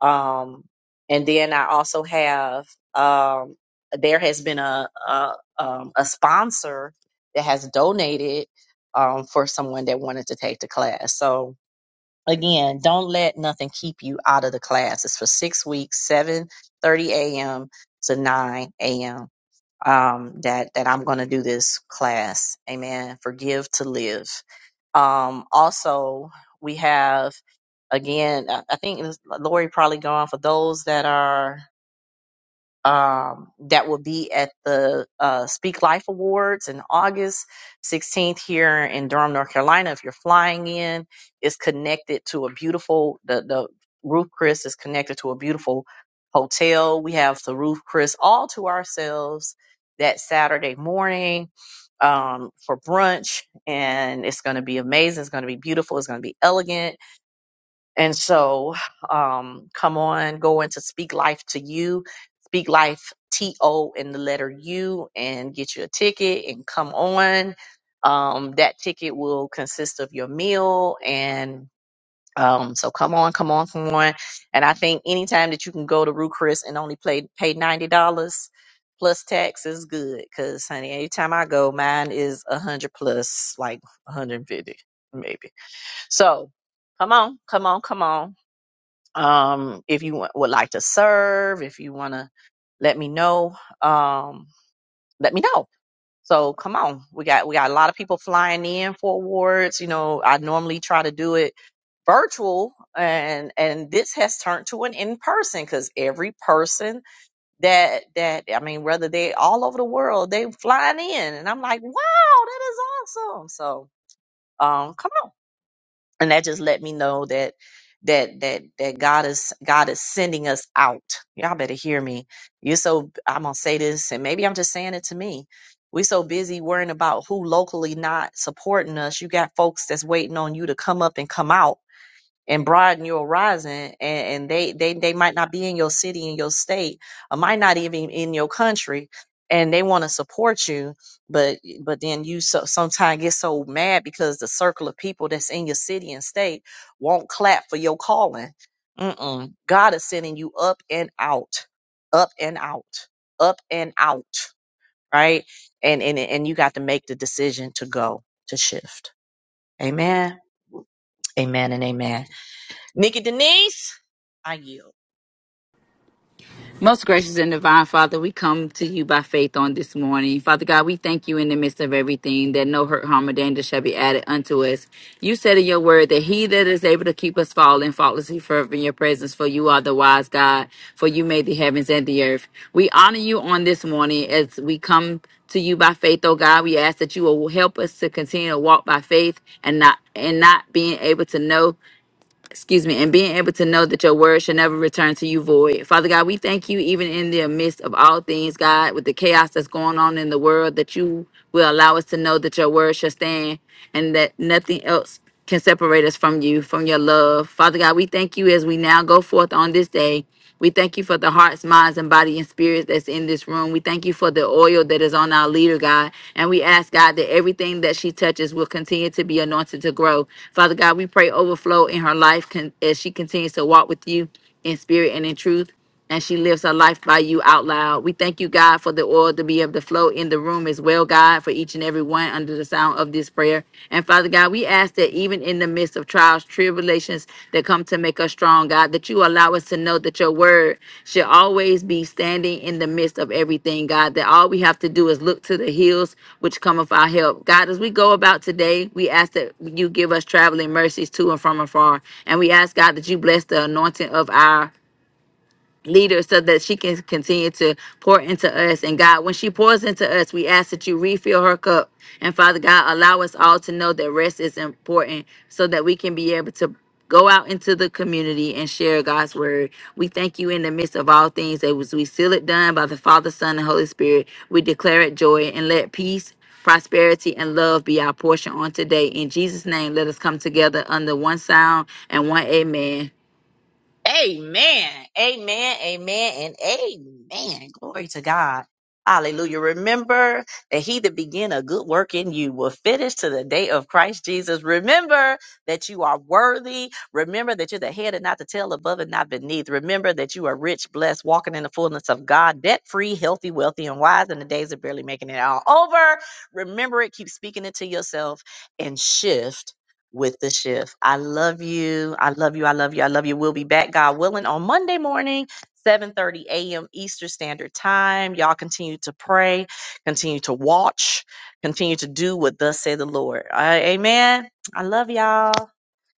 S1: Um, and then I also have um there has been a a um, a sponsor that has donated um for someone that wanted to take the class. So again, don't let nothing keep you out of the class. It's for six weeks, seven thirty a.m. to 9 a.m. Um, that, that I'm going to do this class. Amen. Forgive to live. Um, also, we have, again, I I think it was- Lori probably gone for those that are um, that will be at the uh, Speak Life Awards in August 16th here in Durham, North Carolina. If you're flying in, it's connected to a beautiful the the Roof Chris is connected to a beautiful hotel. We have the Roof Chris all to ourselves that Saturday morning um, for brunch, and it's going to be amazing. It's going to be beautiful. It's going to be elegant and so, um, come on, go into Speak Life to You, Speak Life T O and the letter U, and get you a ticket and come on. Um, that ticket will consist of your meal and um, so come on, come on, come on. And I think anytime that you can go to Ruth Chris and only play, pay $90 plus tax is good. Cause honey, anytime I go, mine is a hundred plus like 150 maybe. So come on, come on, come on um, if you wa- would like to serve, if you want to let me know, um, let me know. So come on, we got we got a lot of people flying in for awards. You know, I normally try to do it virtual, and and this has turned to an in person because every person that that I mean, whether they all over the world, they flying in, and I'm like, wow, that is awesome. So um, come on and that just let me know that that that that God is God is sending us out. Y'all better hear me. You so I'm gonna say this, and maybe I'm just saying it to me. We so busy worrying about who locally not supporting us. You got folks that's waiting on you to come up and come out and broaden your horizon and, and they, they they might not be in your city in your state or might not even in your country and they want to support you but but then you so, sometimes get so mad because the circle of people that's in your city and state won't clap for your calling Mm-mm. god is sending you up and out up and out up and out right and and and you got to make the decision to go to shift amen amen and amen Nikki Denise, I yield.
S8: Most gracious and divine Father, we come to you by faith on this morning. Father God, we thank you in the midst of everything that no hurt, harm, or danger shall be added unto us. You said in your word that he that is able to keep us falling faultlessly forever in your presence, for you are the wise God, for you made the heavens and the earth. We honor you on this morning as we come to you by faith, oh God. We ask that you will help us to continue to walk by faith and not and not being able to know excuse me, and being able to know that your word should never return to you void. Father God, we thank you even in the midst of all things, God, with the chaos that's going on in the world, that you will allow us to know that your word shall stand and that nothing else can separate us from you, from your love. Father God, we thank you as we now go forth on this day. We thank you for the hearts, minds, and body and spirits that's in this room. We thank you for the oil that is on our leader, God. And we ask, God, that everything that she touches will continue to be anointed to grow. Father God, we pray overflow in her life con- as she continues to walk with you in spirit and in truth and she lives her life by you out loud. We thank you, God, for the oil to be able to flow in the room as well, God, for each and every one under the sound of this prayer. And Father God, we ask that even in the midst of trials, tribulations that come to make us strong, God, that you allow us to know that your word should always be standing in the midst of everything, God, that all we have to do is look to the hills which come of our help. God, as we go about today, we ask that you give us traveling mercies to and from afar. And we ask, God, that you bless the anointing of our leader so that she can continue to pour into us. And God, when she pours into us, we ask that you refill her cup. And Father God, allow us all to know that rest is important so that we can be able to go out into the community and share God's word. We thank you in the midst of all things that was we seal it done by the Father, Son, and Holy Spirit. We declare it joy and let peace prosperity and love be our portion on today. In Jesus' name, let us come together under one sound and one amen.
S1: Amen. Amen. Amen. And amen. Glory to God. Hallelujah. Remember that he that began a good work in you will finish to the day of Christ Jesus. Remember that you are worthy. Remember that you're the head and not the tail, above and not beneath. Remember that you are rich, blessed, walking in the fullness of God, debt free, healthy, wealthy, and wise. And the days of barely making it all over. Remember it. Keep speaking it to yourself and shift with the shift. I love you. I love you. I love you. I love you. We'll be back, God willing, on Monday morning, 7:30 a.m. Eastern Standard Time. Y'all continue to pray, continue to watch, continue to do what thus say the Lord. All right, amen. I love y'all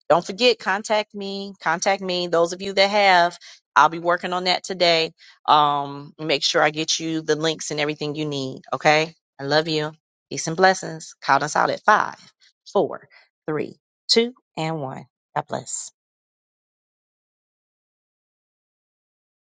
S1: don't forget contact me contact me those of you that have i'll be working on that today um make sure i get you the links and everything you need okay i love you peace and blessings count us out at five four three two and one god bless